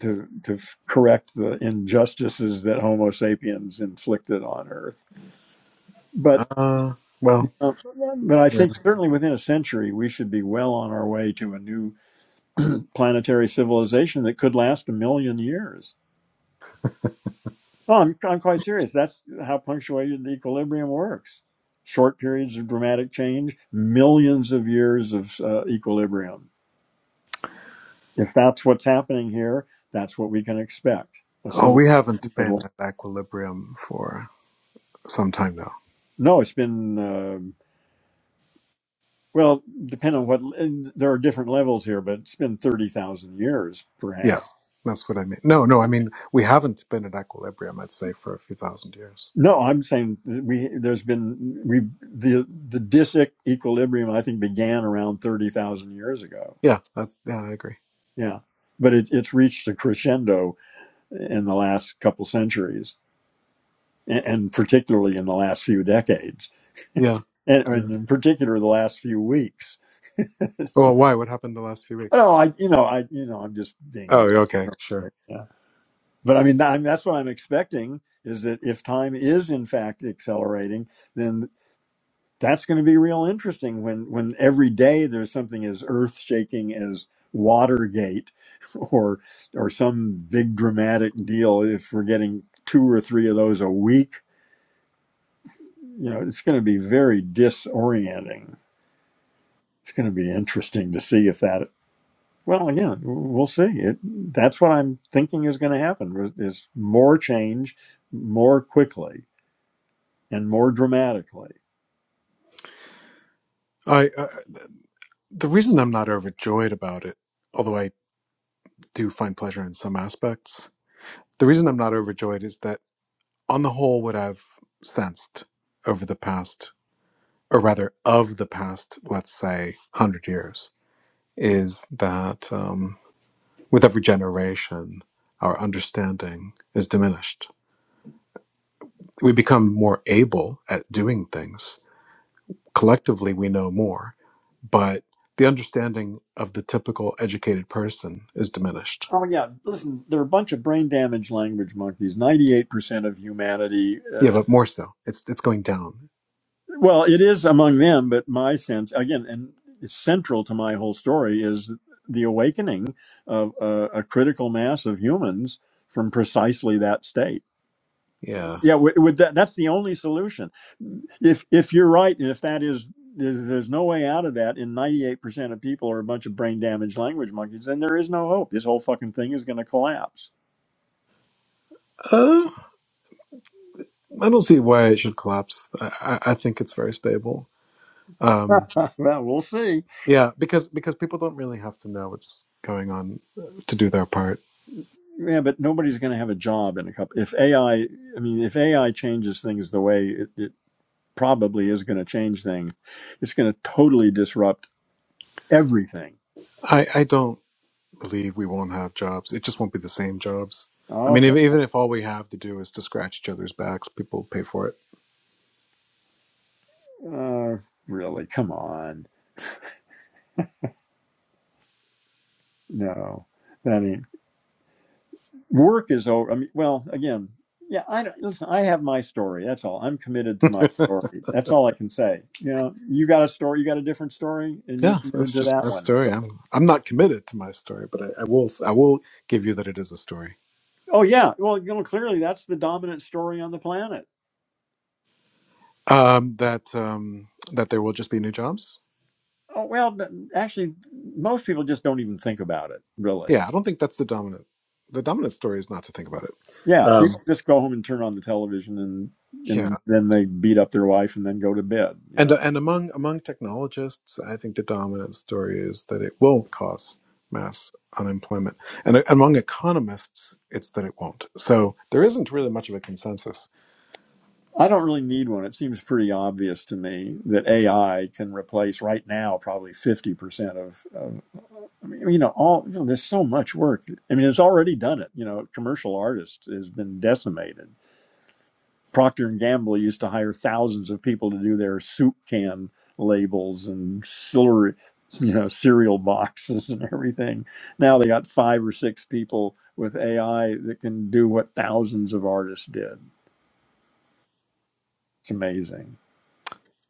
to to f- correct the injustices that Homo sapiens inflicted on Earth. know. But Uh, well. uh, but I Yeah. think certainly within a century we should be well on our way to a new planetary civilization that could last a million years. Well, I'm, I'm quite serious. That's how punctuated equilibrium works. Short periods of dramatic change, millions of years of uh, equilibrium. If that's what's happening here, that's what we can expect. A Oh, we haven't civilization been that'll. at equilibrium for some time now. No, it's been, uh, well, depending on what, and there are different levels here, but it's been 30,000 years, Yeah, perhaps. that's what I mean. No, no, I mean we haven't been at equilibrium. I'd say for a few thousand years. No, I'm saying that we, there's been, we, the, the disic equilibrium, I think, began around 30,000 years ago Yeah, that's yeah, I agree. Yeah, but it's it's reached a crescendo in the last couple centuries, and, and particularly in the last few decades, Yeah. and, yeah. and in particular the last few weeks. [LAUGHS] Well, so, why? What happened the last few weeks? no, I you know I you know I'm just being Oh, yeah, okay, sure. yeah. But I mean, I mean that's what I'm expecting is that if time is in fact accelerating, then. that's going to be real interesting when when every day there's something as earth shaking as Watergate [LAUGHS] or or some big dramatic deal if we're getting two or three of those a week you know it's going to be very disorienting it's going to be interesting to see if that well again we'll see it that's what i'm thinking is going to happen is more change more quickly and more dramatically I uh, the reason I'm not overjoyed about it, although I do find pleasure in some aspects, the reason I'm not overjoyed is that on the whole, what I've sensed over the past, or rather of the past, let's say, hundred years, is that um, with every generation, our understanding is diminished. We become more able at doing things, collectively we know more, but the understanding of the typical educated person is diminished. Oh yeah, listen, they're a bunch of brain damaged language monkeys. Ninety-eight percent of humanity. Yeah, Uh, but more so, it's it's going down. well, it is among them, but my sense again, and it's central to my whole story is the awakening of uh, a critical mass of humans from precisely that state. Yeah, Yeah, with, with that, that's the only solution. If if you're right, and if that is. There's, there's no way out of that. And 98% of people are a bunch of brain damaged language monkeys. Then there is no hope. This whole fucking thing is going to collapse. uh, I don't see why it should collapse. I, I I think it's very stable. [LAUGHS] Um, well, we'll see. yeah, because because people don't really have to know what's going on uh, to do their part. Yeah, but nobody's going to have a job in a couple. If AI, I I mean, if AI changes things the way it, it probably is going to change things, it's going to totally disrupt everything. I I don't believe we won't have jobs. It just won't be the same jobs. I mean, Okay. if, even if all we have to do is to scratch each other's backs, people will pay for it. Uh, really? Come on. No. I mean, work is over. I mean, well, again, yeah. I don't, listen. I have my story. That's all. I'm committed to my story. That's all I can say. You know, you got a story. You got a different story, and you're Yeah, committed that's to just that my one. So, story. I'm I'm not committed to my story, but I, I will I will give you that it is a story. Oh yeah. Well, you know, clearly that's the dominant story on the planet. Um, that um, that there will just be new jobs. Oh, well, th- actually, most people just don't even think about it, really. Yeah, I don't think that's the dominant. The dominant story is not to think about it. Yeah, Um, people just go home and turn on the television and yeah, and then they beat up their wife and then go to bed, you and know. uh, and among among technologists, I think the dominant story is that it will cause mass unemployment, and uh, among economists, it's that it won't. So there isn't really much of a consensus I don't really need one. It seems pretty obvious to me that AI can replace right now probably 50% of, of I mean, you know, all you know, there's so much work. I mean, it's already done it. You know, commercial artists has been decimated Procter and Gamble used to hire thousands of people to do their soup can labels and celery, you know, cereal boxes and everything. Now they got five or six people with AI that can do what thousands of artists did. It's amazing.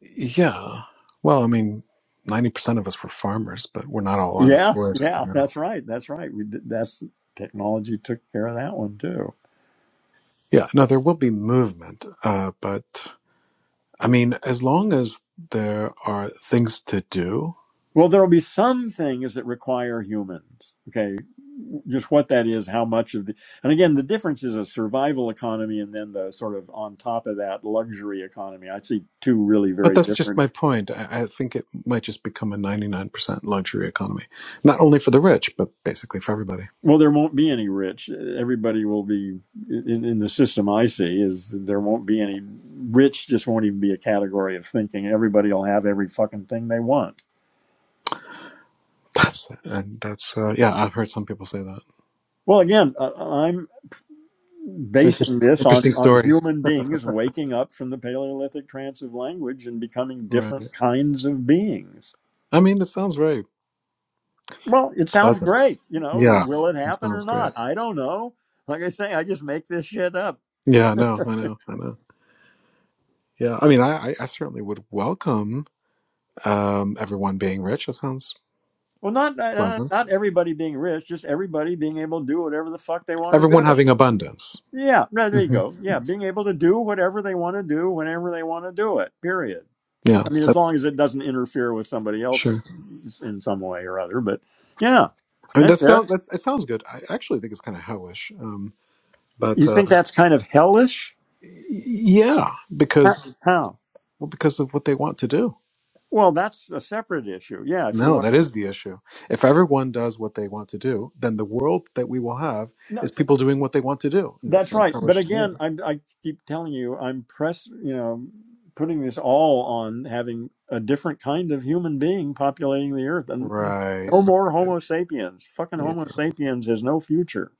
Yeah. Well, I mean, 90% of us were farmers, but we're not all Yeah, unemployed, yeah, you know. that's right. That's right. We did, that's technology took care of that one too. Yeah, no, there will be movement, uh, but I mean, as long as there are things to do, Well, there will be some things that require humans. Okay, just what that is, how much of the, and again, the difference is a survival economy and then the sort of on top of that luxury economy. I see two really but very that's just my different. point. I, I think it might just become a 99% luxury economy, not only for the rich, but basically for everybody. Well, there won't be any rich. Everybody will be in, in the system I see is that there won't be any rich. Just won't even be a category of thinking. Everybody will have every fucking thing they want. [LAUGHS] That's it. And that's, uh, yeah, I've heard some people say that. Well, again, I, I'm Interest, basing this on, interesting on story. human beings waking up from the Paleolithic trance of language and becoming Right. different kinds of beings. I mean, it sounds very Well, it sounds pleasant. great. You know, Yeah, will it it happen or sounds great. not? I don't know. Like I say, I just make this shit up. Yeah, I know, I know, I know. Yeah, I mean, I, I I certainly would welcome um, everyone being rich. That sounds Well, not not, pleasant. not everybody being rich, just everybody being able to do whatever the fuck they want Everyone to do. having abundance. Yeah, no, there you hmm go. Yeah, being able to do whatever they want to do whenever they want to do it. Period. Yeah, I mean, as that's long as it doesn't interfere with somebody else sure. in some way or other. But yeah, I mean, that's that it. sounds that's it sounds good. I actually think it's kind of hellish, um, but You think um, that's kind of hellish? y- yeah, How? because how? well, because of what they want to do. Well, that's a separate issue. Yeah, if you No, want. that is the issue. If everyone does what they want to do, then the world that we will have No, is people doing what they want to do, and that that's sounds right. But hellish to me. again, i I keep telling you, I'm press. You know, putting this all on having a different kind of human being populating the earth, and Right. no more right. Homo sapiens. Fucking Yeah. Homo sapiens has no future.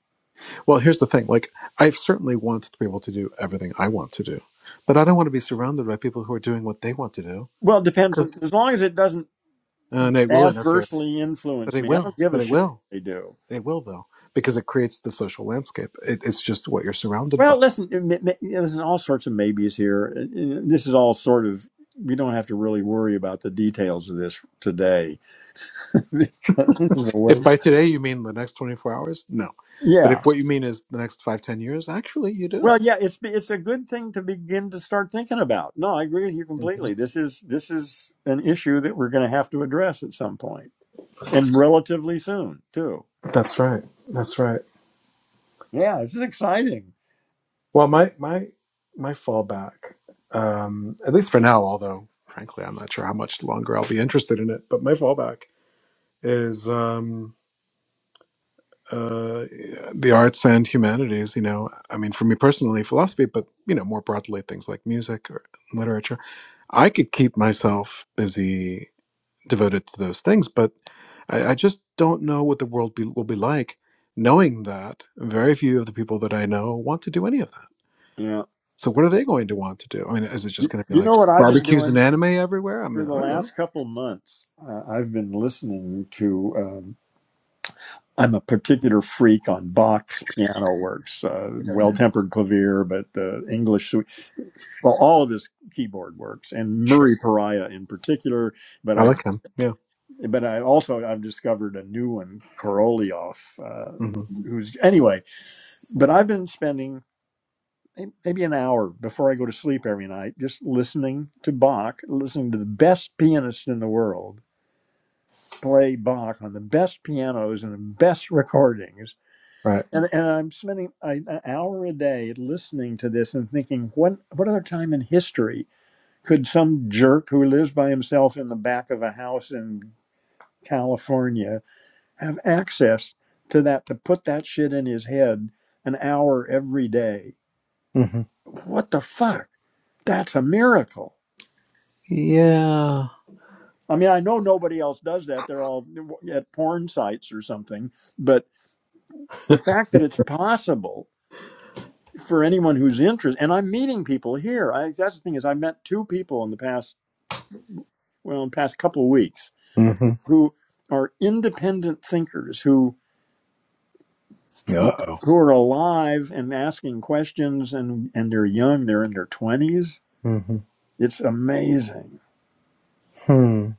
Well, here's the thing. Like, I certainly want to be able to do everything I want to do, but I don't want to be surrounded by people who are doing what they want to do Well, it depends. On, because as long as it doesn't and it will interfere. adversely But influence it me, I will. don't give But a it shit will. what they do. It will though because it creates the social landscape. It, it's just what you're surrounded by. Well, listen, There's all sorts of maybes here. And- This is all sort of, we don't have to really worry about the details of this today [LAUGHS] because this is a If waste. by today you mean the next 24 hours, no. But Yeah. if what you mean is the next five, ten years, actually, you do. Well, yeah, it's it's a good thing to begin to start thinking about. No, I agree with you hmm completely. This is this is an issue that we're going to have to address at some point and relatively soon, too. That's right. That's right. Yeah, this is exciting. Well, my my my fallback, um, at least for now, although frankly I'm not sure how much longer I'll be interested in it, but my fallback is um, uh, the arts and humanities. You know, I mean, for me personally, philosophy, but you know, more broadly, things like music or literature. I could keep myself busy, devoted to those things, but I, I just don't know what the world be, will be like. Knowing that very few of the people that I know want to do any of that Yeah. So what are they going to want to do? I mean, is it just going to be You like know what I've been barbecues and doing anime everywhere? I mean, for I the don't know. last couple months? Uh, I've been listening to. um, I'm a particular freak on Bach's piano works, uh, Okay, Well Tempered Clavier, but the English suite, well, all of his keyboard works, and sure. Murray Pariah in particular. But I I've, like him. Yeah. but I also I've discovered a new one, Korolev, uh, hmm who's anyway. But I've been spending maybe an hour before I go to sleep every night just listening to Bach, listening to the best pianist in the world play Bach on the best pianos and the best recordings Right. And, and I'm spending a, an hour a day listening to this and thinking, what what other time in history could some jerk who lives by himself in the back of a house in California have access to that to put that shit in his head an hour every day? hmm What the fuck? That's a miracle. Yeah. I mean, I know nobody else does that. They're all at porn sites or something. But the fact that it's possible for anyone who's interested, and I'm meeting people here. I, that's the thing is, I met two people in the past, well, in the past couple of weeks hmm who are independent thinkers who Uh who, oh. who are alive and asking questions, and and they're young. They're in their twenties. hmm It's amazing. Hmm.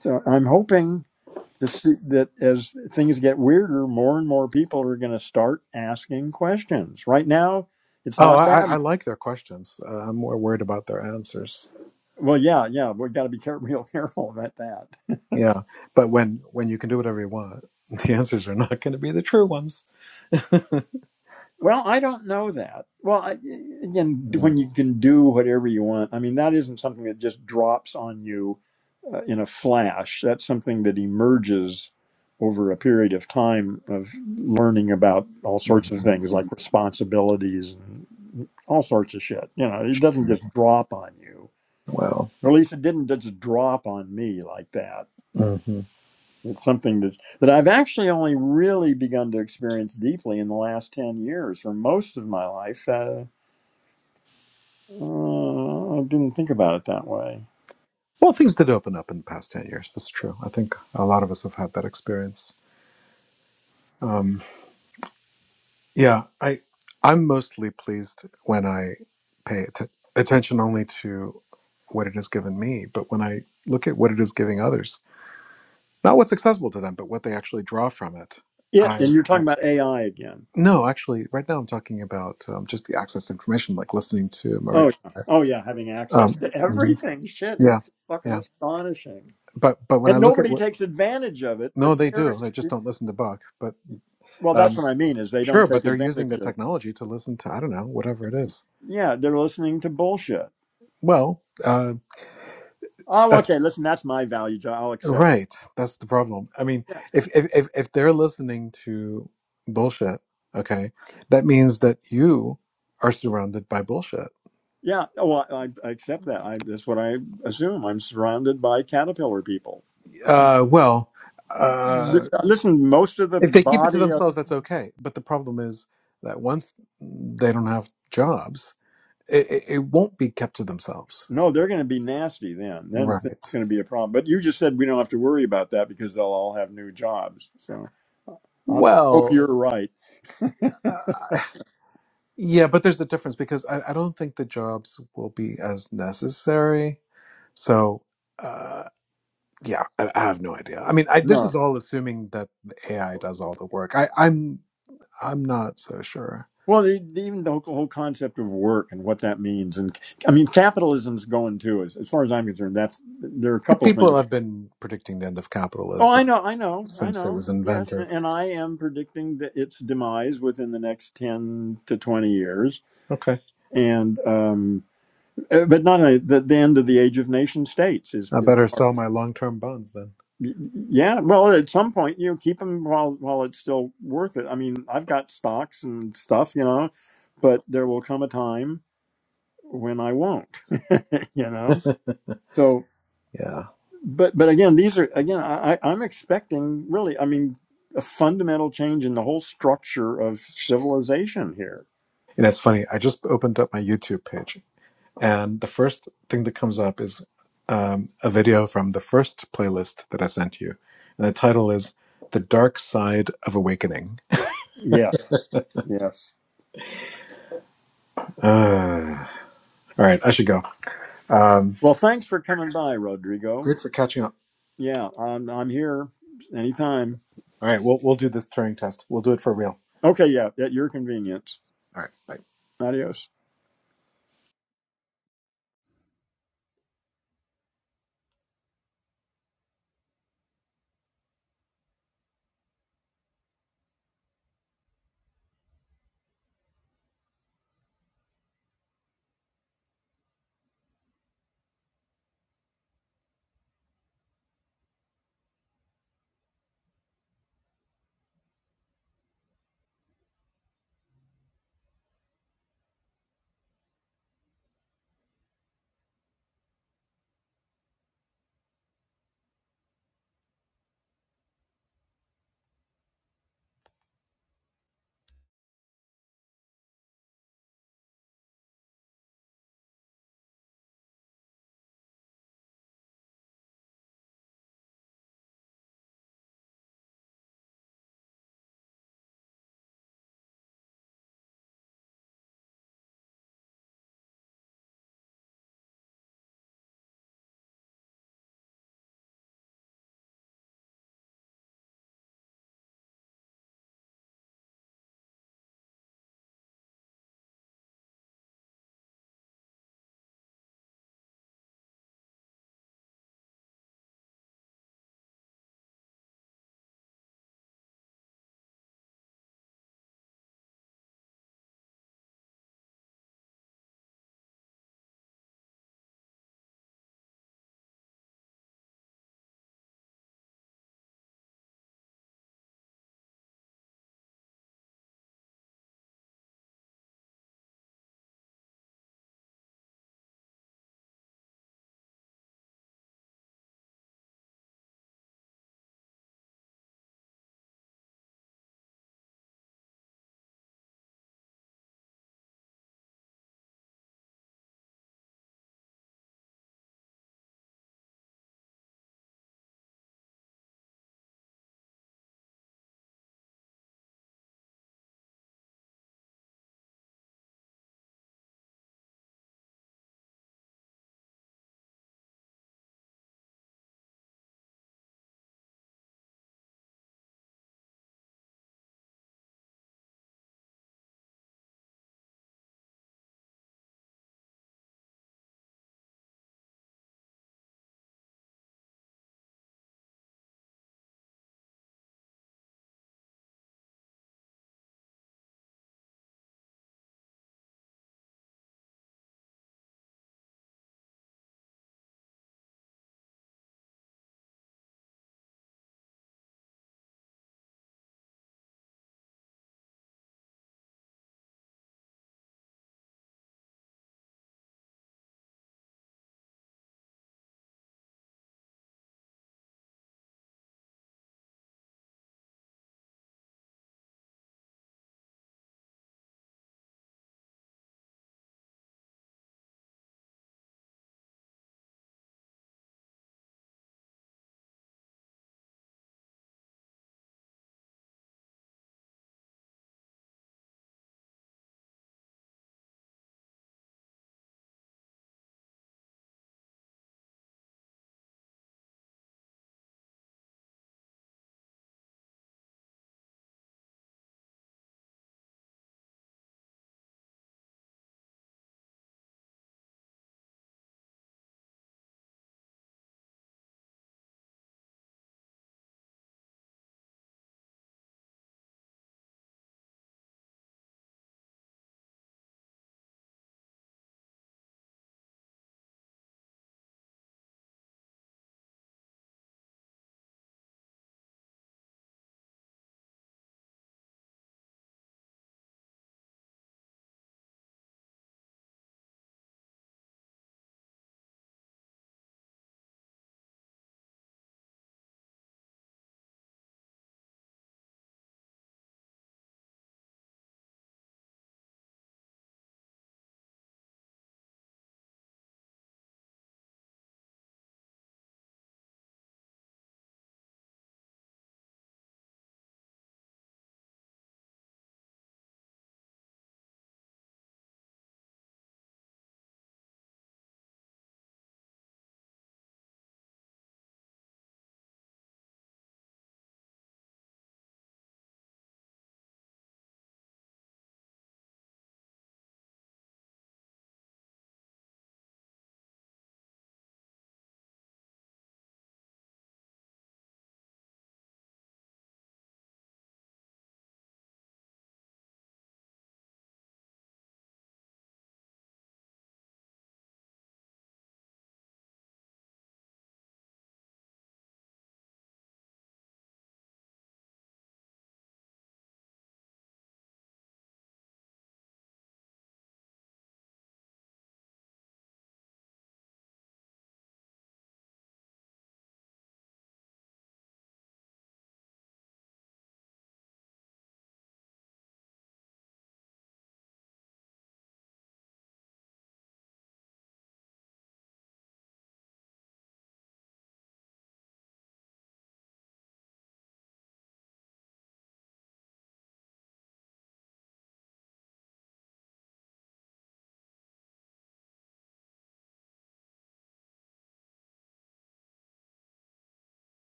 So I'm hoping to see that as things get weirder, more and more people are going to start asking questions. Right now, it's Oh, not I, I I bad. like their questions. Uh, I'm more worried about their answers. Well, yeah, yeah, we've got to be care- [LAUGHS] real careful about that. Yeah, but when when you can do whatever you want, [LAUGHS] the answers are not going to be the true ones. Well, I don't know that. Well, I, again, Mhm. when you can do whatever you want, I mean, that isn't something that just drops on you uh, in a flash. That's something that emerges over a period of time of learning about all sorts of things like responsibilities and all sorts of shit. You know, it doesn't just drop on you. Well, Or at least it didn't just drop on me like that. hmm It's something that's that I've actually only really begun to experience deeply in the last ten years. For most of my life, uh, Uh, I didn't think about it that way. well, things did open up in the past ten years. That's true. I think a lot of us have had that experience. Um, Yeah, I I'm mostly pleased when I pay att- attention only to what it has given me, but when I look at what it is giving others, not what's accessible to them, but what they actually draw from it. Yeah, and I, you're talking I about AI again. no, actually, right now I'm talking about um, just the access to information, like listening to Murray. Oh yeah, oh yeah, having access Um, to mhm. everything. Shit, it's Yeah, just fucking yeah, astonishing, but but when I and look at nobody what takes advantage of it. But no, they they're do. They just it, don't listen to Buck. But well, that's um, what I mean is they don't sure, but take they're using the advantage of. technology to listen to I don't know whatever it is. Yeah, they're listening to bullshit. Well, uh, Oh, that's okay, listen, that's my value. Jo- I'll accept. Right. That's the problem. I mean, Yeah, if if if, if they're listening to bullshit, okay, that means that you are surrounded by bullshit. yeah. Oh, well, I, I accept that. I, that's what I assume. I'm surrounded by caterpillar people. Uh, well, Th- uh, Listen, most of the if they keep it to body themselves, that's okay. But the problem is that once they don't have jobs, it, it, it won't be kept to themselves. No, they're going to be nasty then. Then it's it's Right. going to be a problem. But you just said we don't have to worry about that because they'll all have new jobs. So I hope Well, you're right. uh, yeah, but there's a difference because I, I don't think the jobs will be as necessary. So. uh, yeah I, I have no idea i mean I, this No. is all assuming that ai does all the work I, i'm i'm not so sure Well, e- even the whole concept of work and what that means, and I mean, capitalism's going too. As, as far as I'm concerned, that's there are a couple people things. have been predicting the end of Oh, I capitalism know, I know, I since it know. was Yes, and, invented and I am predicting that its demise within the next ten to twenty years, okay and um, uh, but not only the, the end of the age of nation states is i is. better sell my long-term bonds then Y- Yeah, well, at some point, you know, keep them while while it's still worth it. I mean, I've got stocks and stuff, you know, but there will come a time when I won't, [LAUGHS] you know. [LAUGHS] So, yeah but but again, these are again, I, I- I'm expecting really, I mean, a fundamental change in the whole structure of civilization here. and it's funny i just opened up my youtube page and the first thing that comes up is um, a video from the first playlist that i sent you and the title is the dark side of awakening Yes, yes. uh, all right i should go um, Well, thanks for coming by, Rodrigo. Great for catching up. Yeah, I'm I'm here anytime. All right, we'll we'll do this Turing test. We'll do it for real. Okay, yeah, at your convenience. All right, bye. Adios.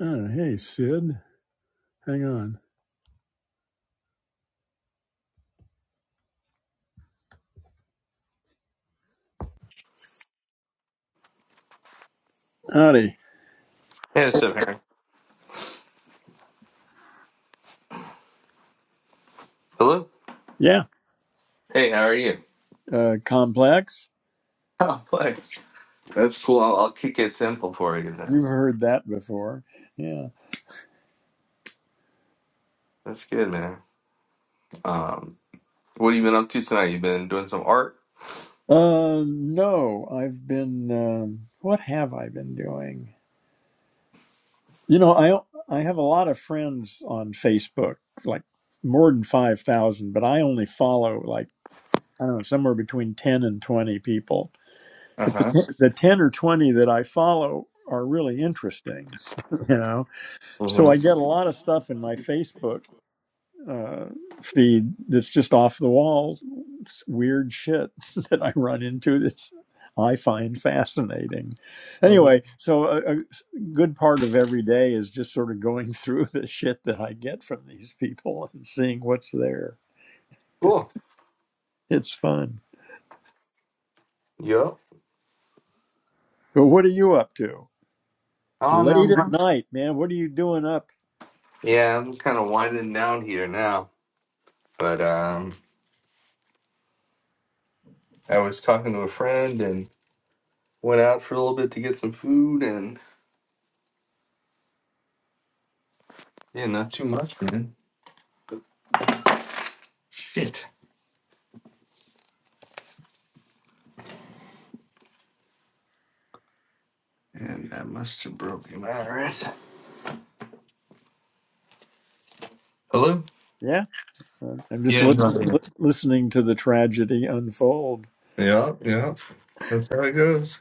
Oh, hey, Sid. Hang on. Howdy. Hey, what's up, Harry? Hello. Yeah. Hey, how are you? Uh, complex. Oh, thanks. That's cool. I'll, I'll keep it simple for you then. You've heard that before. Yeah. That's good, man. Um, what have you been up to tonight? You been doing some art? Uh, no, I've been, um, what have I been doing? You know, I, I have a lot of friends on Facebook, like more than 5,000, but I only follow like, I don't know, somewhere between 10 and 20 people. Uh But the, huh. t- the 10 or 20 that I follow are really interesting, [LAUGHS] you know? So I Mm-hmm. get a lot of stuff in my Facebook uh, feed that's just off the wall, weird shit [LAUGHS] that I run into that's I find fascinating. hmm Anyway, so a a good part of every day is just sort of going [LAUGHS] through the shit that I get from these people [LAUGHS] and seeing what's there. Cool. It's fun. Yup. So what are you up to? It's Oh no. late I'm at not- night, man. What are you doing up? Yeah, I'm kind of winding down here now. But um, I was talking to a friend and went out for a little bit to get some food and yeah, not too much, man. Shit. And I must have broken my wrist. Hello. Yeah, I'm I'm just Yeah. no, listen, yeah. li- listening to the tragedy unfold. Yeah, yeah. That's how it goes.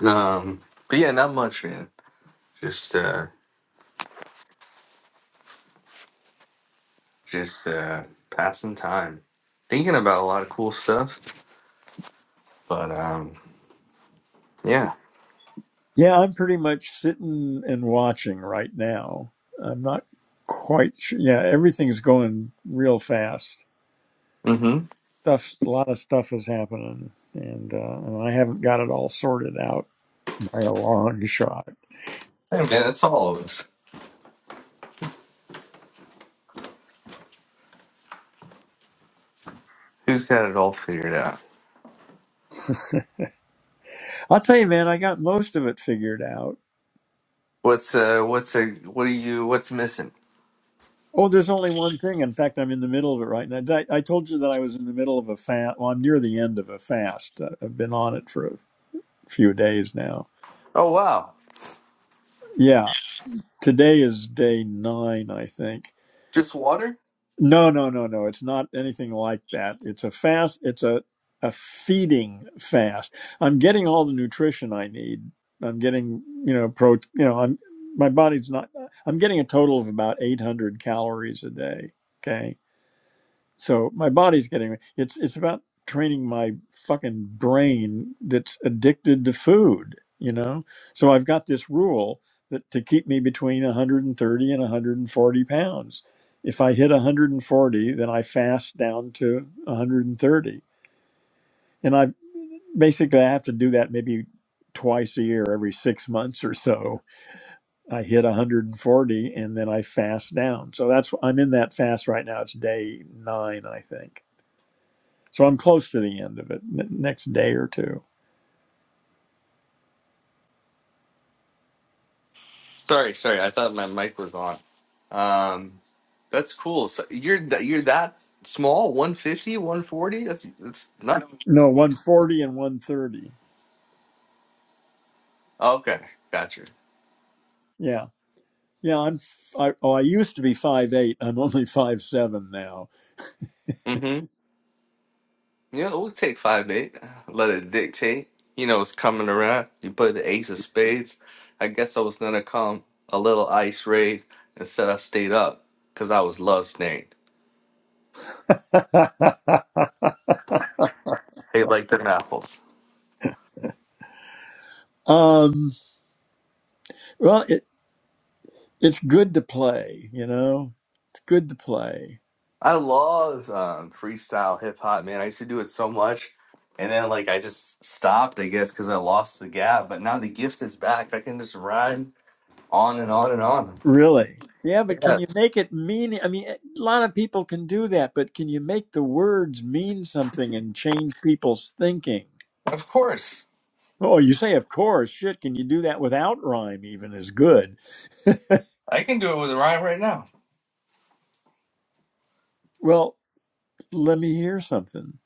Um, but yeah, not much, man. Just uh, just uh, passing time, thinking about a lot of cool stuff. But um, yeah, Yeah, I'm pretty much sitting and watching right now. I'm not quite sure. Yeah, everything's going real fast. mm-hmm. Stuff, a lot of stuff is happening, and uh, and I haven't got it all sorted out by a long [LAUGHS] shot. Hey, man, that's all of us. Who's got it all figured out? I'll tell you, man, I got most of it figured out. What's uh, what's a, what are you? What's missing? Oh, there's only one thing. In fact, I'm in the middle of it right now. I, I told you that I was in the middle of a fast. Well, I'm near the end of a fast. I- I've been on it for a few days now. Oh wow, Yeah, today is day nine, I think just water. No, no, no, no. It's not anything like that. It's a fast. It's a a feeding fast. I'm getting all the nutrition I need. I'm getting, you know, pro. You know, I'm my body's not. I'm getting a total of about 800 calories a day. Okay so my body's getting it's it's about training my fucking brain that's addicted to food, you know? So I've got this rule that to keep me between 130 and 140 pounds. If I hit 140, then I fast down to 130. And I basically I have to do that maybe twice a year, every six months or so. I hit 140 and then I fast down. So that's I'm in that fast right now. It's day nine, I think so I'm close to the end of it. N- next day or two. Sorry, sorry. I thought my mic was on. Um, that's cool. So you're th- you're that small, one fifty, one forty. That's that's not No, 140 and 130. okay. Gotcha. Yeah. Yeah, I'm f- I, oh, I used to be five eight. I'm only five seven now. Mm-hmm. Yeah, we'll take five eight. Let it dictate. You know, it's coming around. You put the ace of spades. I guess I was gonna come a little ice raid instead. I stayed up because I was love snagged. [LAUGHS] Hey, like them apples. um, well, it it's good to play, you know. It's good to play. I love um, freestyle hip hop, man. I used to do it so much, and then like I just stopped, I guess, because I lost the gap. But now the gift is back. I can just ride on and on and on. Really. Yeah, but Yeah, can you make it mean I mean a lot of people can do that, but can you make the words mean something and change people's thinking? of course. Oh, you say of course. Shit, can you do that without rhyme even is good. I can do it with a rhyme right now. Well, let me hear something.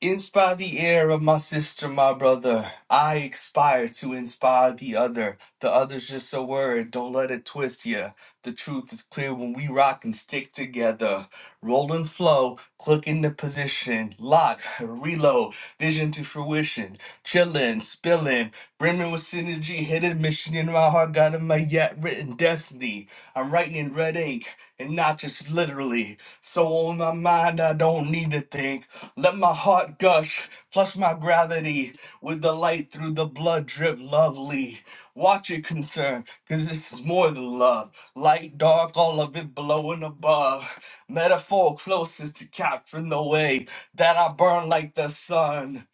Inspire the air of my sister, my brother. I expire to inspire the other. The other's just a word, don't let it twist ya. The truth is clear when we rock and stick together. Roll and flow, click into position, lock, [LAUGHS] reload, vision to fruition. Chillin', spillin', brimming with synergy, hidden mission in my heart, got in my yet written destiny. I'm writing in red ink, and not just literally. So on my mind, I don't need to think. Let my heart gush, plus my gravity, with the light through the blood drip lovely. Watch it concern, cause this is more than love. Light, dark, all of it below and above. Metaphor closest to capturing the way that I burn like the sun.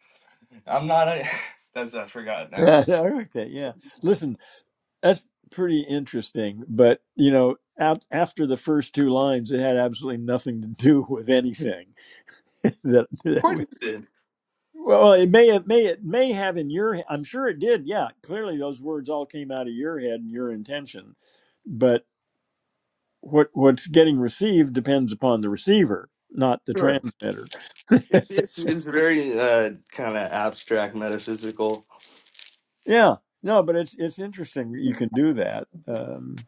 I'm not a. [SIGHS] That's, I forgot now. Yeah, [LAUGHS] I like that. Yeah. Listen, that's pretty interesting. But, you know, out, after the first two lines, it had absolutely nothing to do with anything [LAUGHS] that, Of that course we. it did. Well, it may have, may it may have in your. he- I'm sure it did. Yeah, clearly those words all came out of your head and your intention. But what what's getting received depends upon the receiver, not the Sure. transmitter. [LAUGHS] It's it's it's very uh kind of abstract metaphysical. Yeah, no, but it's it's interesting that you can do that. Um,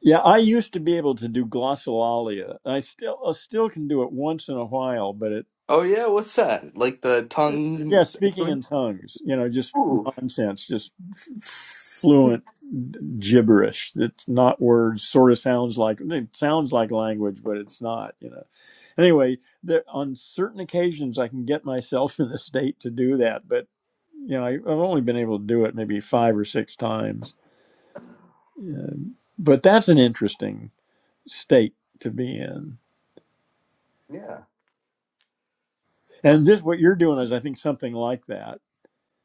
Yeah, I used to be able to do glossolalia. I still I still can do it once in a while, but it Oh, yeah, what's that? Like the er, yeah, tongue. speaking in tongues, you know, just Ooh, nonsense, just f- fluent gibberish. It's not words. Sort of sounds like it sounds like language, but it's not. You know. Anyway, there, on certain occasions, I can get myself [LAUGHS] in the state to do that, but you know, I, I've only been able to do it maybe five or six times. Yeah. But that's an interesting state to be in. yeah. And this, what you're doing is, I think, something like that.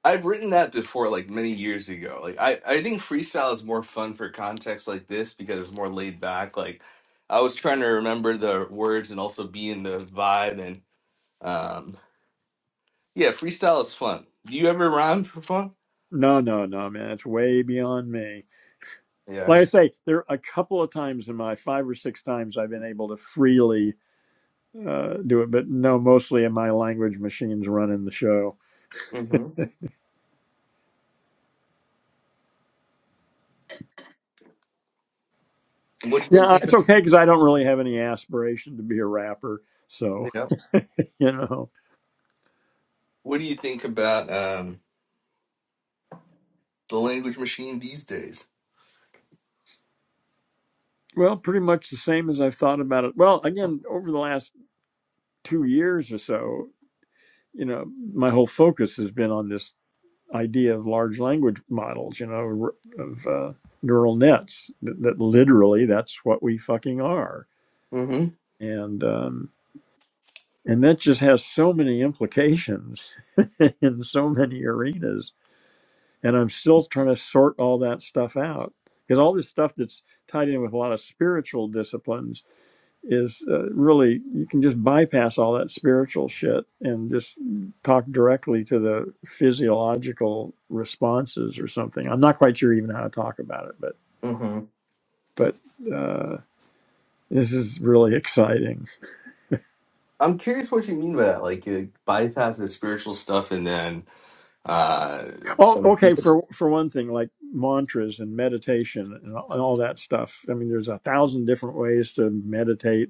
I've written that before, like many years ago. Like I, I think freestyle is more fun for context like this because it's more laid back. Like I was trying to remember the words and also be in the vibe and um yeah, freestyle is fun. Do you ever rhyme for fun? No, no, no, man. It's way beyond me. Yeah. Like I say, there are a couple of times in my five or six times I've been able to freely uh, do it, but no, mostly in my language machines running the show. hmm What do Yeah, you uh, think? it's okay because I don't really have any aspiration to be a rapper. So, Yeah. [LAUGHS] you know, What do you think about um the language machine these days? well, pretty much the same as I've thought about it. Well, again, over the last two years or so, you know, my whole focus has been on this idea of large language models, you know, of uh, neural nets that, that literally that's what we fucking are. hmm And, um, and that just has so many implications [LAUGHS] in so many arenas. And I'm still trying to sort all that stuff out because all this stuff that's tied in with a lot of spiritual disciplines is uh, really you can just bypass all that spiritual shit and just talk directly to the physiological responses or something. I'm not quite sure even how to talk about it, but hmm but uh, this is really exciting. I'm curious what you mean by that. Like you bypass the spiritual stuff and then uh Oh, some okay. music. For for one thing, like mantras and meditation and all, and all that stuff. I mean, there's a thousand different ways to meditate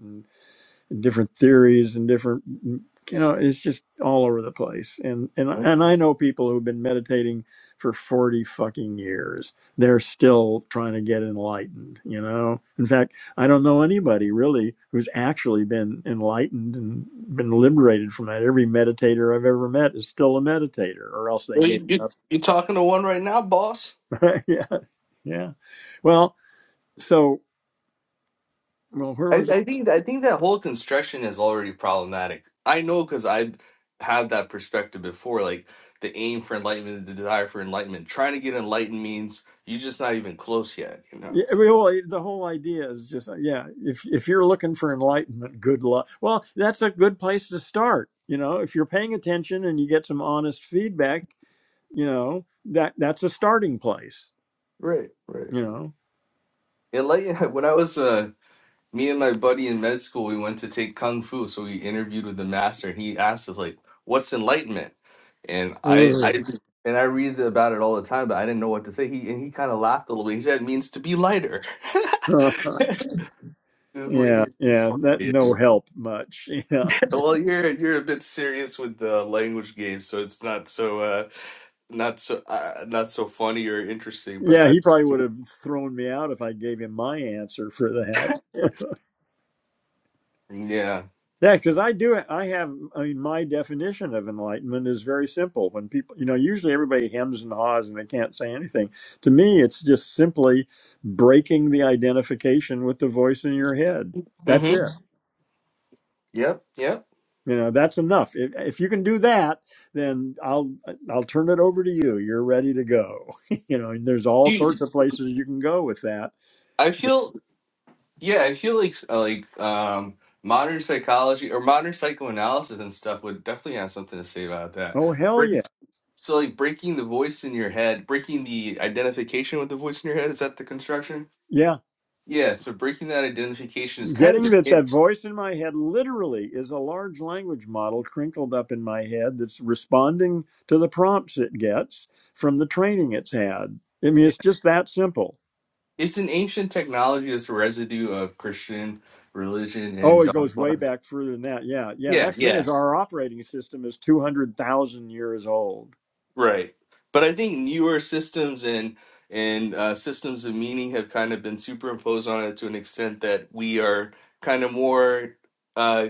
different theories and different mm, you know it's just all over the place and and and I know people who've been meditating for 40 fucking years they're still trying to get enlightened you know in fact I don't know anybody really who's actually been enlightened and been liberated from that every meditator I've ever met is still a meditator or else they Well, gave you, you up you talking to one right now, boss? [LAUGHS] yeah yeah well so well where I, was I think I think that whole construction is already problematic. I know because I have that perspective before. Like the aim for enlightenment, the desire for enlightenment. Trying to get enlightened means you're just not even close yet. You know. Yeah, well, the whole idea is just uh, yeah. If if you're looking for enlightenment, good luck. Well, that's a good place to start. You know, if you're paying attention and you get some honest feedback, you know that that's a starting place. Right, right. You Enlighten. [LAUGHS] When I was uh, me and my buddy in med school, we went to take kung fu, so we interviewed with the master, and he asked us like, "What's enlightenment?" And know. I, I, Ooh. and I read about it all the time, but I didn't know what to say. He and he kind of laughed a little bit. He said, "It means to be lighter." [LAUGHS] [LAUGHS] Just like yeah, yeah. That no help much. [LAUGHS] Yeah, well, you're you're a bit serious with the language game, so it's not so uh not so uh, not so funny or interesting. But yeah. I, He probably would have thrown me out if I gave him my answer for that. yeah, Yeah, because I do. I have. I mean, my definition of enlightenment is very simple. When people, you know, usually everybody hems and haws and they can't say anything. To me, it's just simply breaking the identification with the voice in your head. That's mm-hmm, it. yep, yep. You know, that's enough. If, if you can do that, then I'll I'll turn it over to you. You're ready to go. [LAUGHS] you know, and there's all Dude, sorts of places you can go with that. I feel Yeah, I feel like uh, like um, modern psychology or modern psychoanalysis and stuff would definitely have something to say about that. Oh hell yeah, Breaking- So like breaking the voice in your head, breaking the identification with the voice in your head, is that the construction? yeah. Yeah, so breaking that identification is kind of Getting that the that voice in my head literally is a large language model crinkled up in my head that's responding to the prompts it gets from the training it's had. I mean, yeah. it's just that simple. It's an ancient technology that's a residue of Christian religion Oh, and it goes way dogma. back further than that. Yeah, yeah. Yeah, That's the thing yeah. is our operating system is two hundred thousand years old. Right. But I think newer systems and and uh, systems of meaning have kind of been superimposed on it to an extent that we are kind of more uh,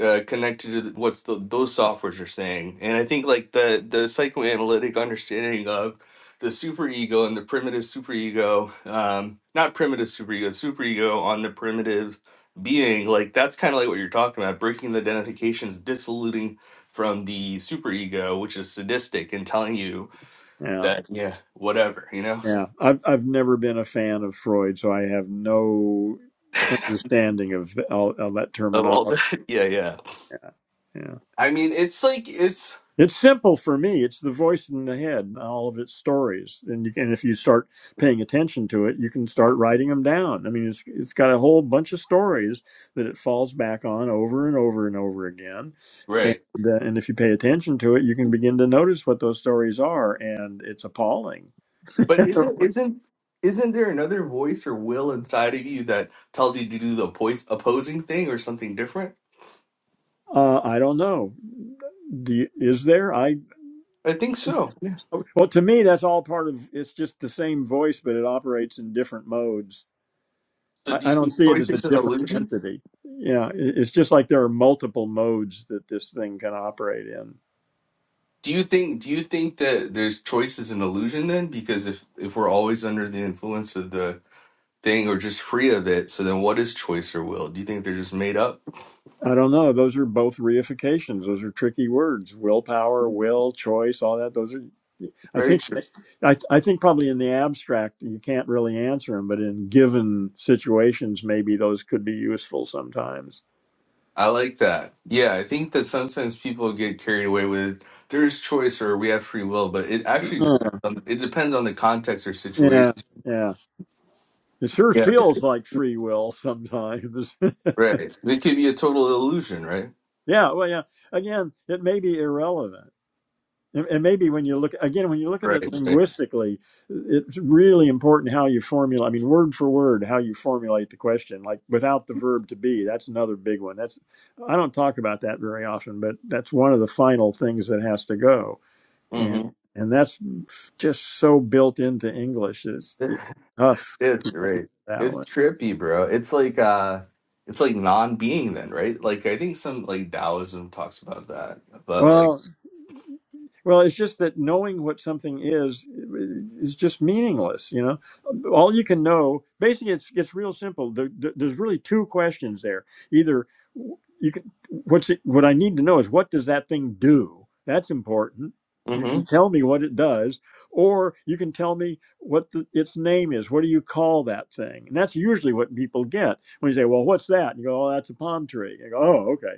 uh, connected to the, what's the, those softwares are saying. And I think like the the psychoanalytic understanding of the superego and the primitive superego, um, not primitive superego, superego on the primitive being, like that's kind of like what you're talking about, breaking the identifications, dissoluting from the superego, which is sadistic, and telling you Yeah, that yeah, whatever, you know, yeah. I've I've never been a fan of Freud, so I have no understanding of all, all that of all terminology. that, [LAUGHS] yeah, yeah. Yeah, yeah. I mean, it's like it's. It's simple for me. It's the voice in the head and all of its stories. And you can, if you start paying attention to it, you can start writing them down. I mean, it's, it's got a whole bunch of stories that it falls back on over and over and over again. right. And, uh, and if you pay attention to it, you can begin to notice what those stories are. And it's appalling. [LAUGHS] But uh, isn't isn't isn't there another voice or will inside of you that tells you to do the oppo- opposing thing or something different? I don't know. Do is there? I, I think so. Yeah. well, to me, that's all part of, it's just the same voice, but it operates in different modes So I, do you I don't think see it choice as a is an different illusion? entity. Yeah, i- it's just like there are multiple modes that this thing can operate in. Do you think do you think that there's choice is an illusion then? Because if if we're always under the influence of the thing or just free of it, so then what is choice or will? Do you think they're just made up? I don't know. Those are both reifications. Those are tricky words. Willpower, will, choice, all that. Those are. I Very think. true. I, I think probably in the abstract you can't really answer them, but in given situations, maybe those could be useful sometimes. I like that. Yeah, I think that sometimes people get carried away with there is choice or we have free will, but it actually depends Mm. on it depends on the context or Yeah, situation. yeah. It sure Yeah, feels like free will sometimes. [LAUGHS] right. It could be a total illusion, right? yeah, well, yeah. Again, it may be irrelevant And and maybe when you look again, when you look at Right, it right. linguistically, it's really important how you formulate. I mean, word for word, how you formulate the question. Like without the verb to be, that's another big one. That's I don't talk about that very often, but that's one of the final things that has to go. And Mm-hmm. and that's just so built into English. It's it's [LAUGHS] tough It's right. that It's one. trippy, bro. It's like uh it's like non-being then, right? Like I think some like Taoism talks about that, but like, Well, Well, it's just that knowing what something is is just meaningless. You know, all you can know. Basically, it's it's real simple. There, there- there's really two questions there. Either you can what's it, what I need to know is what does that thing do? That's important. You mm-hmm. can tell me what it does, or you can tell me what the, its name is. What do you call that thing? And that's usually what people get when you say, "Well, what's that?" And you go, "Oh, that's a palm tree." You go, "Oh, okay."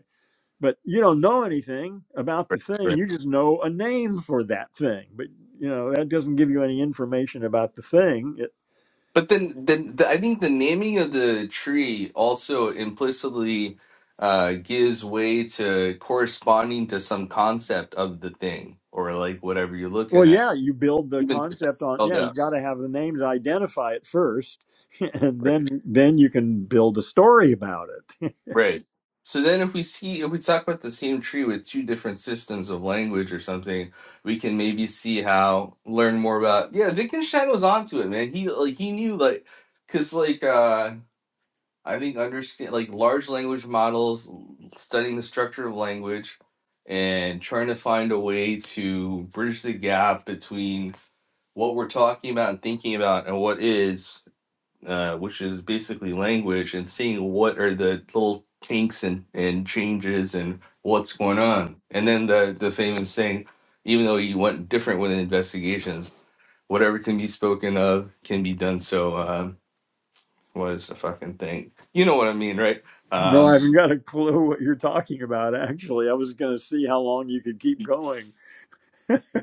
but you don't know anything about the thing you just know a name for that thing but you know that doesn't give you any information about the thing it, But then, then the, I think the naming of the tree also implicitly uh, gives way to corresponding to some concept of the thing or like whatever you're well looking at, yeah you build the even if it's not concept on spelled yeah you out. got to have the name to identify it first [LAUGHS] and then Right. then you can build a story about it Right. So then, if we see if we talk about the same tree with two different systems of language or something, we can maybe see how learn more about. Yeah, Wittgenstein was onto it, man. He like he knew like because like uh I think understand like large language models, studying the structure of language, and trying to find a way to bridge the gap between what we're talking about and thinking about and what is, uh, which is basically language, and seeing what are the little kinks and, and changes and what's going on. And then the, the famous saying, even though you went different with investigations, whatever can be spoken of can be done so. Um, was a fucking thing. You know what I mean, right? [LAUGHS] no i Um, haven't got a clue what you're talking about actually i was going to see how long you could keep going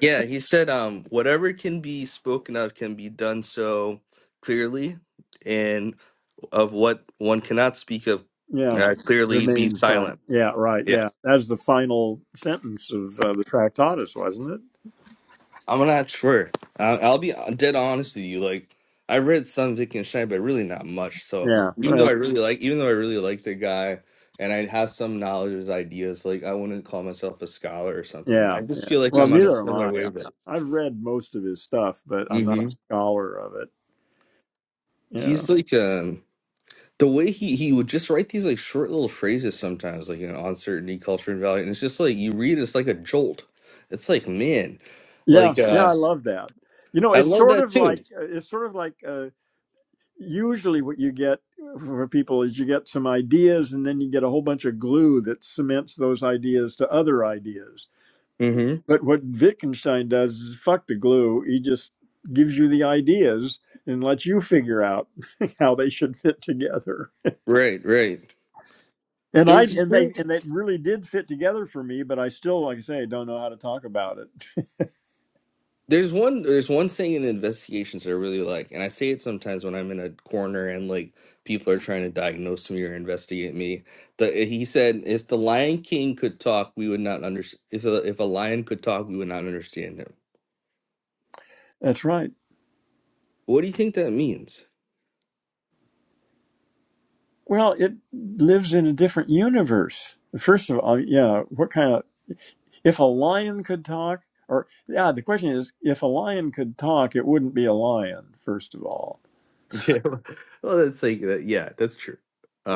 yeah, he said, um, whatever can be spoken of can be done so clearly, and of what one cannot speak of yeah uh, clearly, be remain silent silent. yeah right Yeah, yeah that's the final sentence of uh, the tractatus wasn't it I'm not sure. I- I'll be dead honest with you. Like, I read some Wittgenstein, but really not much. So, yeah even well, though I really like, even though I really like the guy, and I have some knowledge of his ideas, like I wouldn't call myself a scholar or something. Yeah, I just yeah. feel like Well, I'm on a neither am similar I. wavelength. I. I've read most of his stuff, but I'm Mm-hmm. not a scholar of it. Yeah, He's like um the way he he would just write these like short little phrases sometimes, like you know, uncertainty, culture, and value, and it's just like you read, it's like a jolt. It's like man, yeah, like yeah. uh, I love that. You know, I it's love sort that of too. like uh, it's sort of like uh, usually what you get for people is you get some ideas, and then you get a whole bunch of glue that cements those ideas to other ideas. hmm But what Wittgenstein does is fuck the glue. He just gives you the ideas and lets you figure out [LAUGHS] how they should fit together. Right, right. And I There's just and they real. and that really did fit together for me, but I still, like I say, I don't know how to talk about it. There's one. There's one thing in the investigations that I really like, and I say it sometimes when I'm in a corner and like people are trying to diagnose me or investigate me. The, he said, "If the Lion King could talk, we would not understand. If a, if a lion could talk, we would not understand him." [LAUGHS] That's right. What do you think that means? Well, it lives in a different universe. First of all, yeah, what kind of if a lion could talk, or yeah, the question is, if a lion could talk, it wouldn't be a lion. First of all, Yeah. [LAUGHS] Well, that's like that. Yeah, that's true.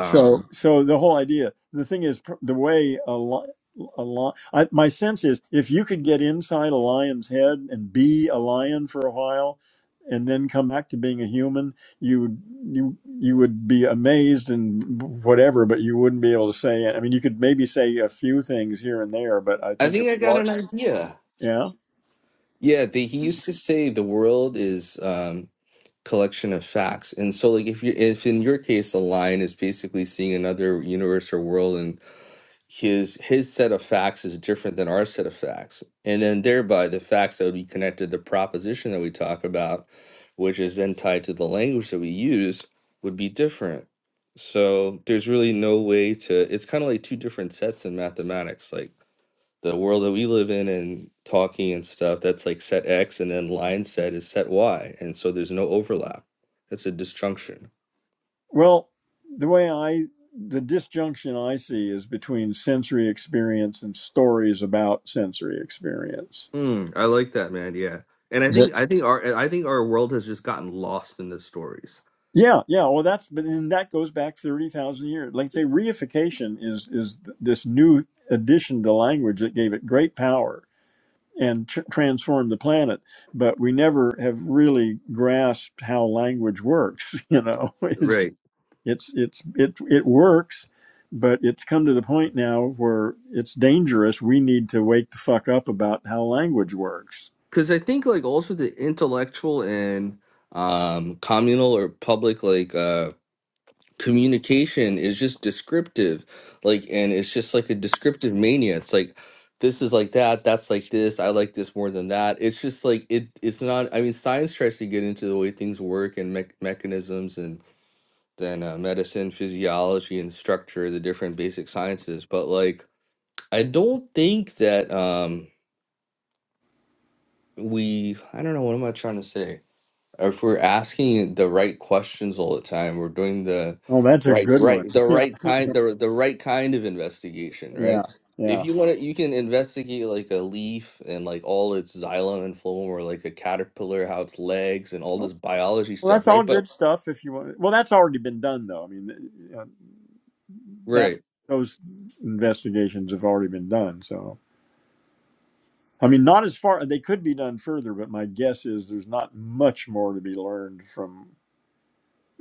so so the whole idea the thing is pr- the way a lion, a lot I, my sense is if you could get inside a lion's head and be a lion for a while and then come back to being a human you would- you you would be amazed and whatever but you wouldn't be able to say it i mean you could maybe say a few things here and there but i I think it think I got an large idea. yeah Yeah, the, he used to say the world is um collection of facts. And so like if you if in your case a line is basically seeing another universe or world and. his his set of facts is different than our set of facts and then thereby the facts that would be connected to the proposition that we talk about which is then tied to the language that we use would be different so there's really no way to it's kind of like two different sets in mathematics like the world that we live in and talking and stuff that's like set x and then line set is set y and so there's no overlap that's a disjunction well, the way I, the disjunction I see is between sensory experience and stories about sensory experience Mm, I like that, man. Yeah, and I think But- I think our I think our world has just gotten lost in the stories, yeah, yeah. Well, that's but then that goes back thirty thousand years. Like say, reification is is th- this new addition to language that gave it great power and tr- transformed the planet. But we never have really grasped how language works. [LAUGHS] You know, it's right? just, it's it's it it works, but it's come to the point now where it's dangerous. We need to wake the fuck up about how language works. Because I think like also the intellectual and um communal or public like uh communication is just descriptive, like, and it's just like a descriptive mania. It's like this is like that, that's like this. I like this more than that. It's just like it. It's not. I mean, science tries to get into the way things work and me mechanisms than uh, medicine, physiology, and structure, the different basic sciences. But like, I don't think that um, we, I don't know, what am I trying to say? If we're asking the right questions all the time, we're doing the Oh, that's a right, good one. right, the [LAUGHS] right kind, the the right kind of investigation, Yeah, right? yeah, If yeah. you want to, you can investigate like a leaf and like all its xylem and phloem, or like a caterpillar, how its legs and all this biology Well, stuff, that's all right? But good stuff. If you want, well, that's already been done, though. I mean, uh, that right, those investigations have already been done. So, I mean, not as far. They could be done further, but my guess is there's not much more to be learned from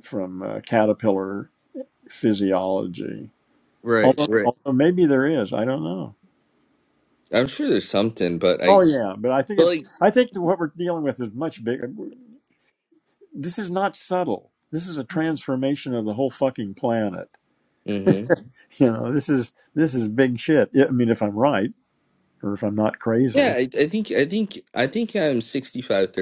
from uh, caterpillar physiology. right, Although, right. although maybe there is. I don't know. I'm sure there's something, but Oh I, yeah, but I think but it's. like I think that what we're dealing with is much bigger. This is not subtle. This is a transformation of the whole fucking planet. Mm-hmm. [LAUGHS] You know, this is this is big shit. Yeah, I mean, if I'm right or if I'm not Yeah, crazy. I, I think I think I think I'm 35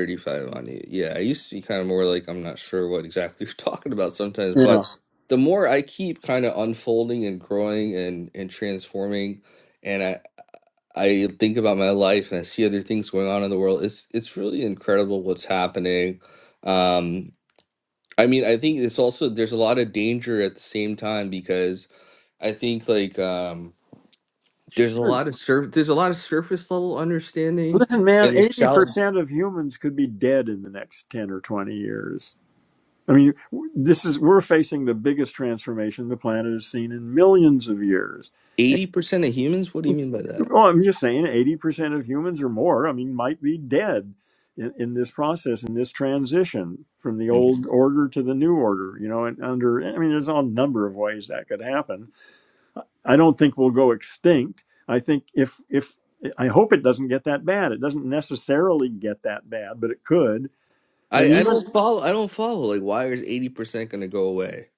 on it. Yeah, I used to be kind of more like I'm not sure what exactly you're [LAUGHS] talking about sometimes, but Yeah. the more I keep kind of unfolding and growing and and transforming and I I think about my life and I see other things going on in the world, it's it's really incredible what's happening. Um I mean, I think it's also there's a lot of danger at the same time because I think like um there's a Good. lot of sur- there's a lot of surface level understanding Listen, man, and the eighty shallow percent of humans could be dead in the next ten or twenty years. I mean, w- this is we're facing the biggest transformation the planet has seen in millions of years. And 80% of humans what do you mean by that well, I'm just saying, eighty percent of humans or more, I mean, might be dead in, in this process, in this transition from the Mhm. old order to the new order. You know, and under, I mean, there's a number of ways that could happen I don't think we'll go extinct. I think if if I hope it doesn't get that bad. It doesn't necessarily get that bad, but it could. And I, I even don't follow i don't follow like why is 80% going to go away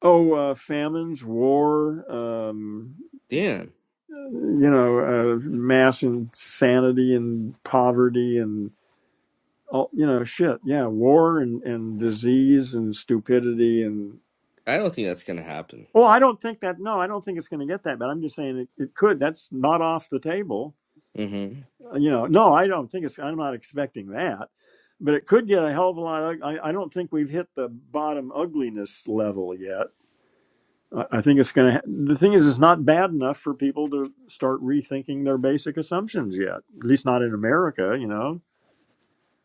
oh, uh, famines, war, um, damn you know, uh, mass insanity and poverty and all you know, shit. Yeah, war and and disease and stupidity and. i don't think that's going to happen Well, I don't think that. No, I don't think it's going to get that bad. I'm just saying it, it could. That's not off the table hmm you know, no, I don't think it's. I'm not expecting that, but it could get a hell of a lot. ug- I, I don't think we've hit the bottom ugliness level yet. I, I think it's going to. Ha- the thing is, it's not bad enough for people to start rethinking their basic assumptions yet. At least not in America, you know.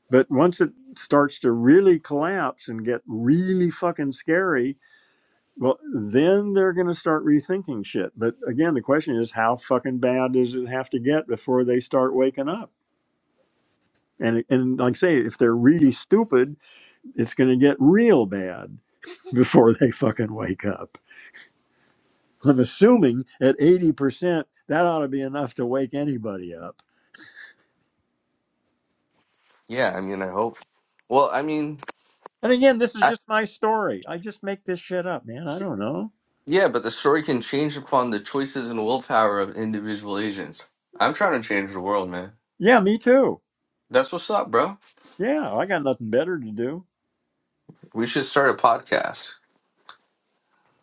But once it starts to really collapse and get really fucking scary, well, then they're going to start rethinking shit. But again, the question is, how fucking bad does it have to get before they start waking up? And and like I say, if they're really stupid, it's going to get real bad [LAUGHS] before they fucking wake up. I'm assuming at eighty percent that ought to be enough to wake anybody up. yeah i mean i hope well i mean And again, this is I, just my story. I just make this shit up, man. I don't know. yeah but the story can change upon the choices and willpower of individual agents i'm trying to change the world man Yeah, me too. that's what's up bro Yeah, I got nothing better to do. we should start a podcast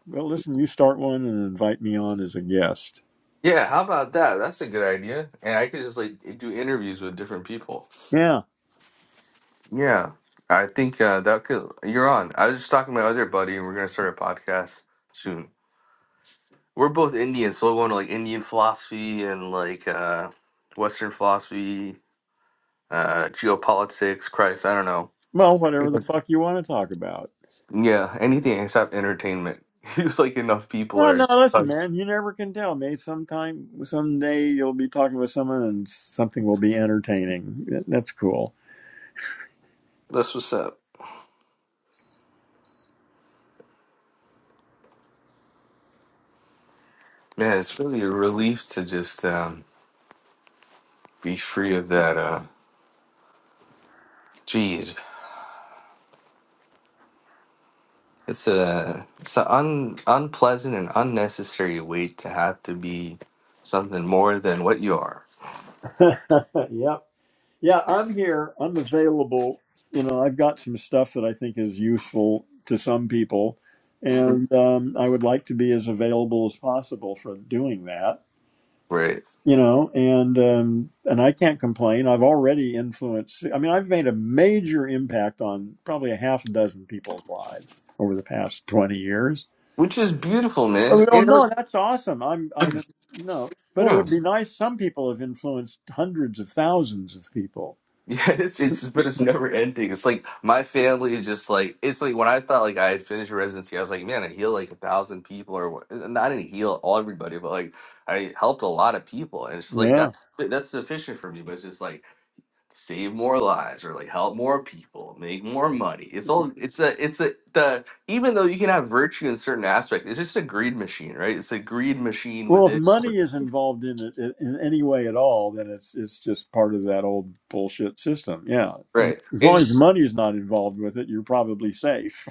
Well, listen, you start one and invite me on as a guest. Yeah, how about that? That's a good idea. And I could just like do interviews with different people. Yeah. Yeah, I think uh, that could. You're on. I was just talking to my other buddy, and we're gonna start a podcast soon. We're both Indian, so we're going to like Indian philosophy and like uh, Western philosophy, uh, geopolitics. Christ, I don't Well, whatever the know. [LAUGHS] fuck you want to talk about. Yeah, anything except entertainment. [LAUGHS] It's like enough people No, are. no, listen, That's man. You never can tell. Maybe sometime, someday, you'll be talking with someone, and something will be entertaining. That- That's cool. what's up. Man, it's really a relief to just um, be free of that. Uh, geez. It's a it's an un, unpleasant and unnecessary weight to have to be something more than what you are, [LAUGHS] yep. Yeah, I'm here. I'm available. You know, I've got some stuff that I think is useful to some people, and um, I would like to be as available as possible for doing that. right? you know and um and i can't complain i've already influenced i mean i've made a major impact on probably a half a dozen people's lives over the past 20 years Which is beautiful, oh man. no And like, no, that's awesome i'm i'm no but it yeah, would be nice some people have influenced hundreds of thousands of people [LAUGHS] yeah, it's it's but it's never ending. It's like my family is just like it's like when I thought like I had finished residency, I was like, man, I healed like a thousand people, or what- and I didn't heal all everybody, but like I helped a lot of people, and it's just like yeah that's that's sufficient for me. But it's just like. save more lives or like help more people make more money it's all it's a it's a the even though you can have virtue in certain aspect it's just a greed machine right it's a greed machine well if within money is involved in it in in any way at all then it's it's just part of that old bullshit system yeah as, right as long and as money is not involved with it you're probably safe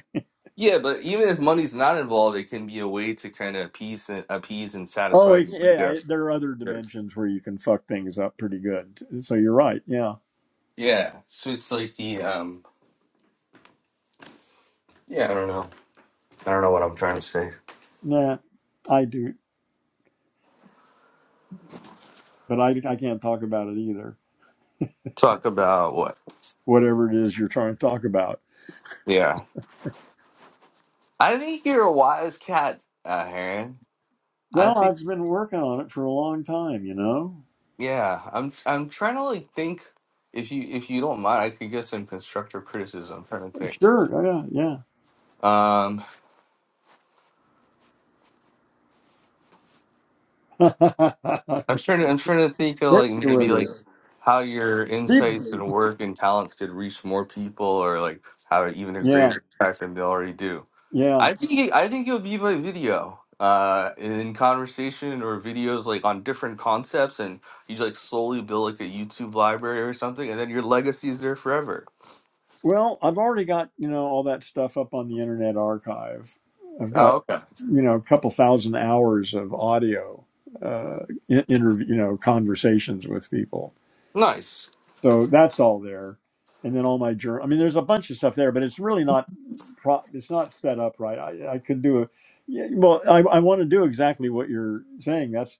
yeah but even if money's not involved it can be a way to kind of appease and appease and Oh, satisfy it, your yeah. ego. It, there are other yeah dimensions where you can fuck things up pretty good. So you're right. Yeah. yeah so it's like the um yeah i don't know i don't know what i'm trying to say Nah, I do, but I I can't talk about it either. talk about what Whatever it is you're trying to talk about. yeah i think you're a wise cat uh heron i Well, think I've been working on it for a long time. You know. Yeah, I'm I'm trying to like think if you if you don't mind, I could get some constructive criticism. I'm trying to think. Sure. Yeah. Um, Yeah. [LAUGHS] I'm trying to I'm trying to think of Hit like me maybe with like it. how your insights and Deep- work and talents could reach more people, or like have even a Yeah. greater impact than they already do. Yeah. I think I think it'll be by video, uh, in conversation or videos like on different concepts, and you like slowly build like a YouTube library or something, and then your legacy is there forever. Well, I've already got, you know, all that stuff up on the Internet Archive. I've got, Oh, okay, you know, a couple thousand hours of audio, uh, in- interview, you know, conversations with people. nice. So that's all there. And then all my journal. I mean, there's a bunch of stuff there, but it's really not, pro- it's not set up right. I, I could do a, yeah, well, I, I want to do exactly what you're saying. That's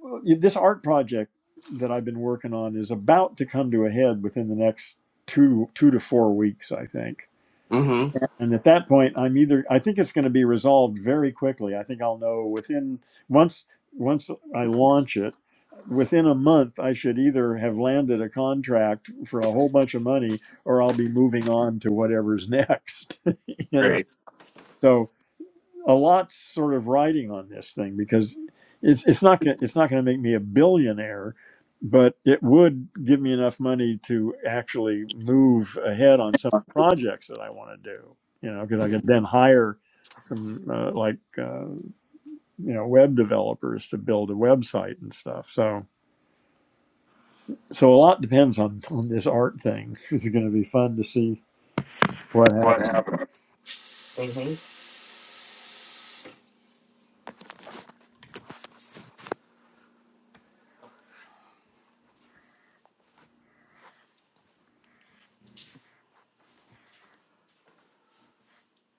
well, y- this art project that I've been working on is about to come to a head within the next two, two to four weeks, I think Mm-hmm. and at that point, I'm either I think it's going to be resolved very quickly. I think I'll know within once once I launch it, within a month I should either have landed a contract for a whole bunch of money or I'll be moving on to whatever's next. [LAUGHS] you know. Great. So a lot sort of riding on this thing because it's it's not gonna, it's not going to make me a billionaire, but it would give me enough money to actually move ahead on some projects that I want to do. You know, because I could then hire some uh, like uh, you know web developers to build a website and stuff. So so a lot depends on on this art thing. [LAUGHS] It's going to be fun to see what What happens. happened? hmm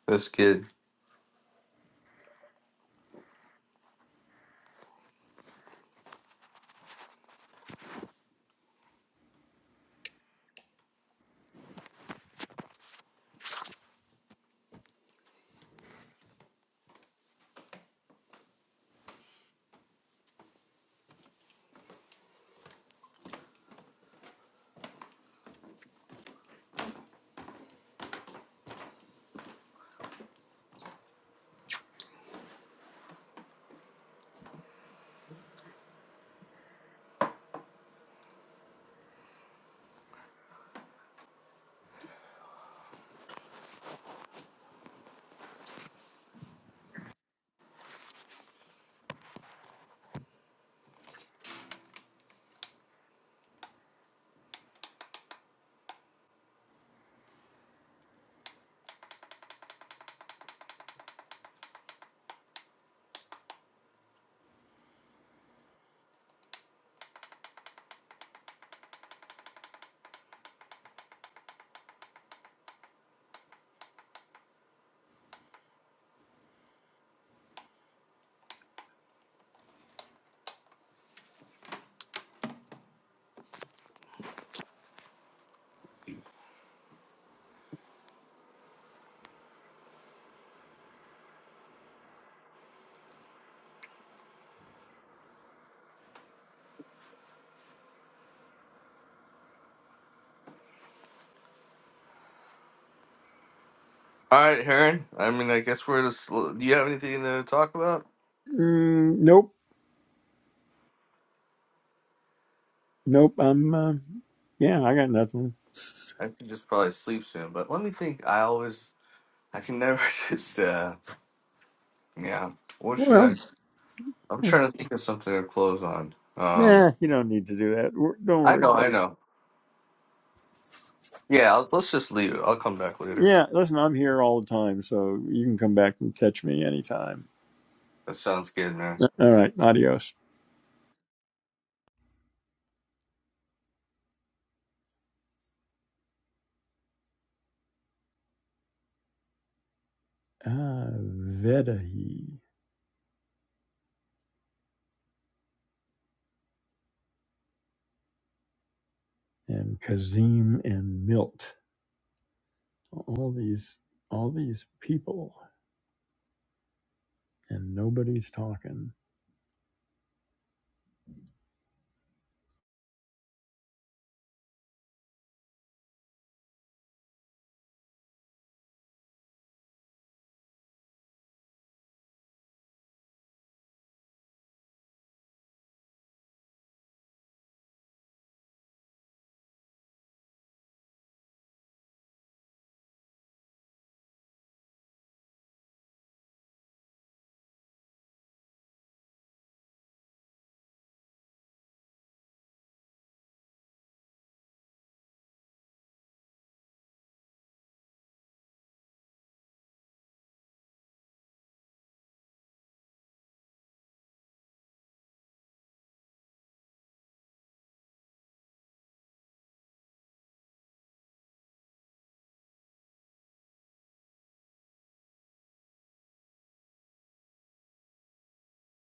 That's good. All right, Heron. I mean, I guess we're just. Do you have anything to talk about? Mm, nope, nope. I'm uh, yeah, I got nothing. I could just probably sleep soon, but let me think. I always, I can never [LAUGHS] just. uh Yeah. What should Well. I? I'm trying to think of something to close on. Um. Nah, you don't need to do that. We're- Don't I worry. know. I know. Yeah. I'll, let's just leave it. I'll come back later. Yeah, listen, I'm here all the time, so you can come back and catch me anytime. That sounds good, man. Uh, All right, adios. Ah, Vedahi and Kazim and Milt. All these, all these people, and nobody's talking.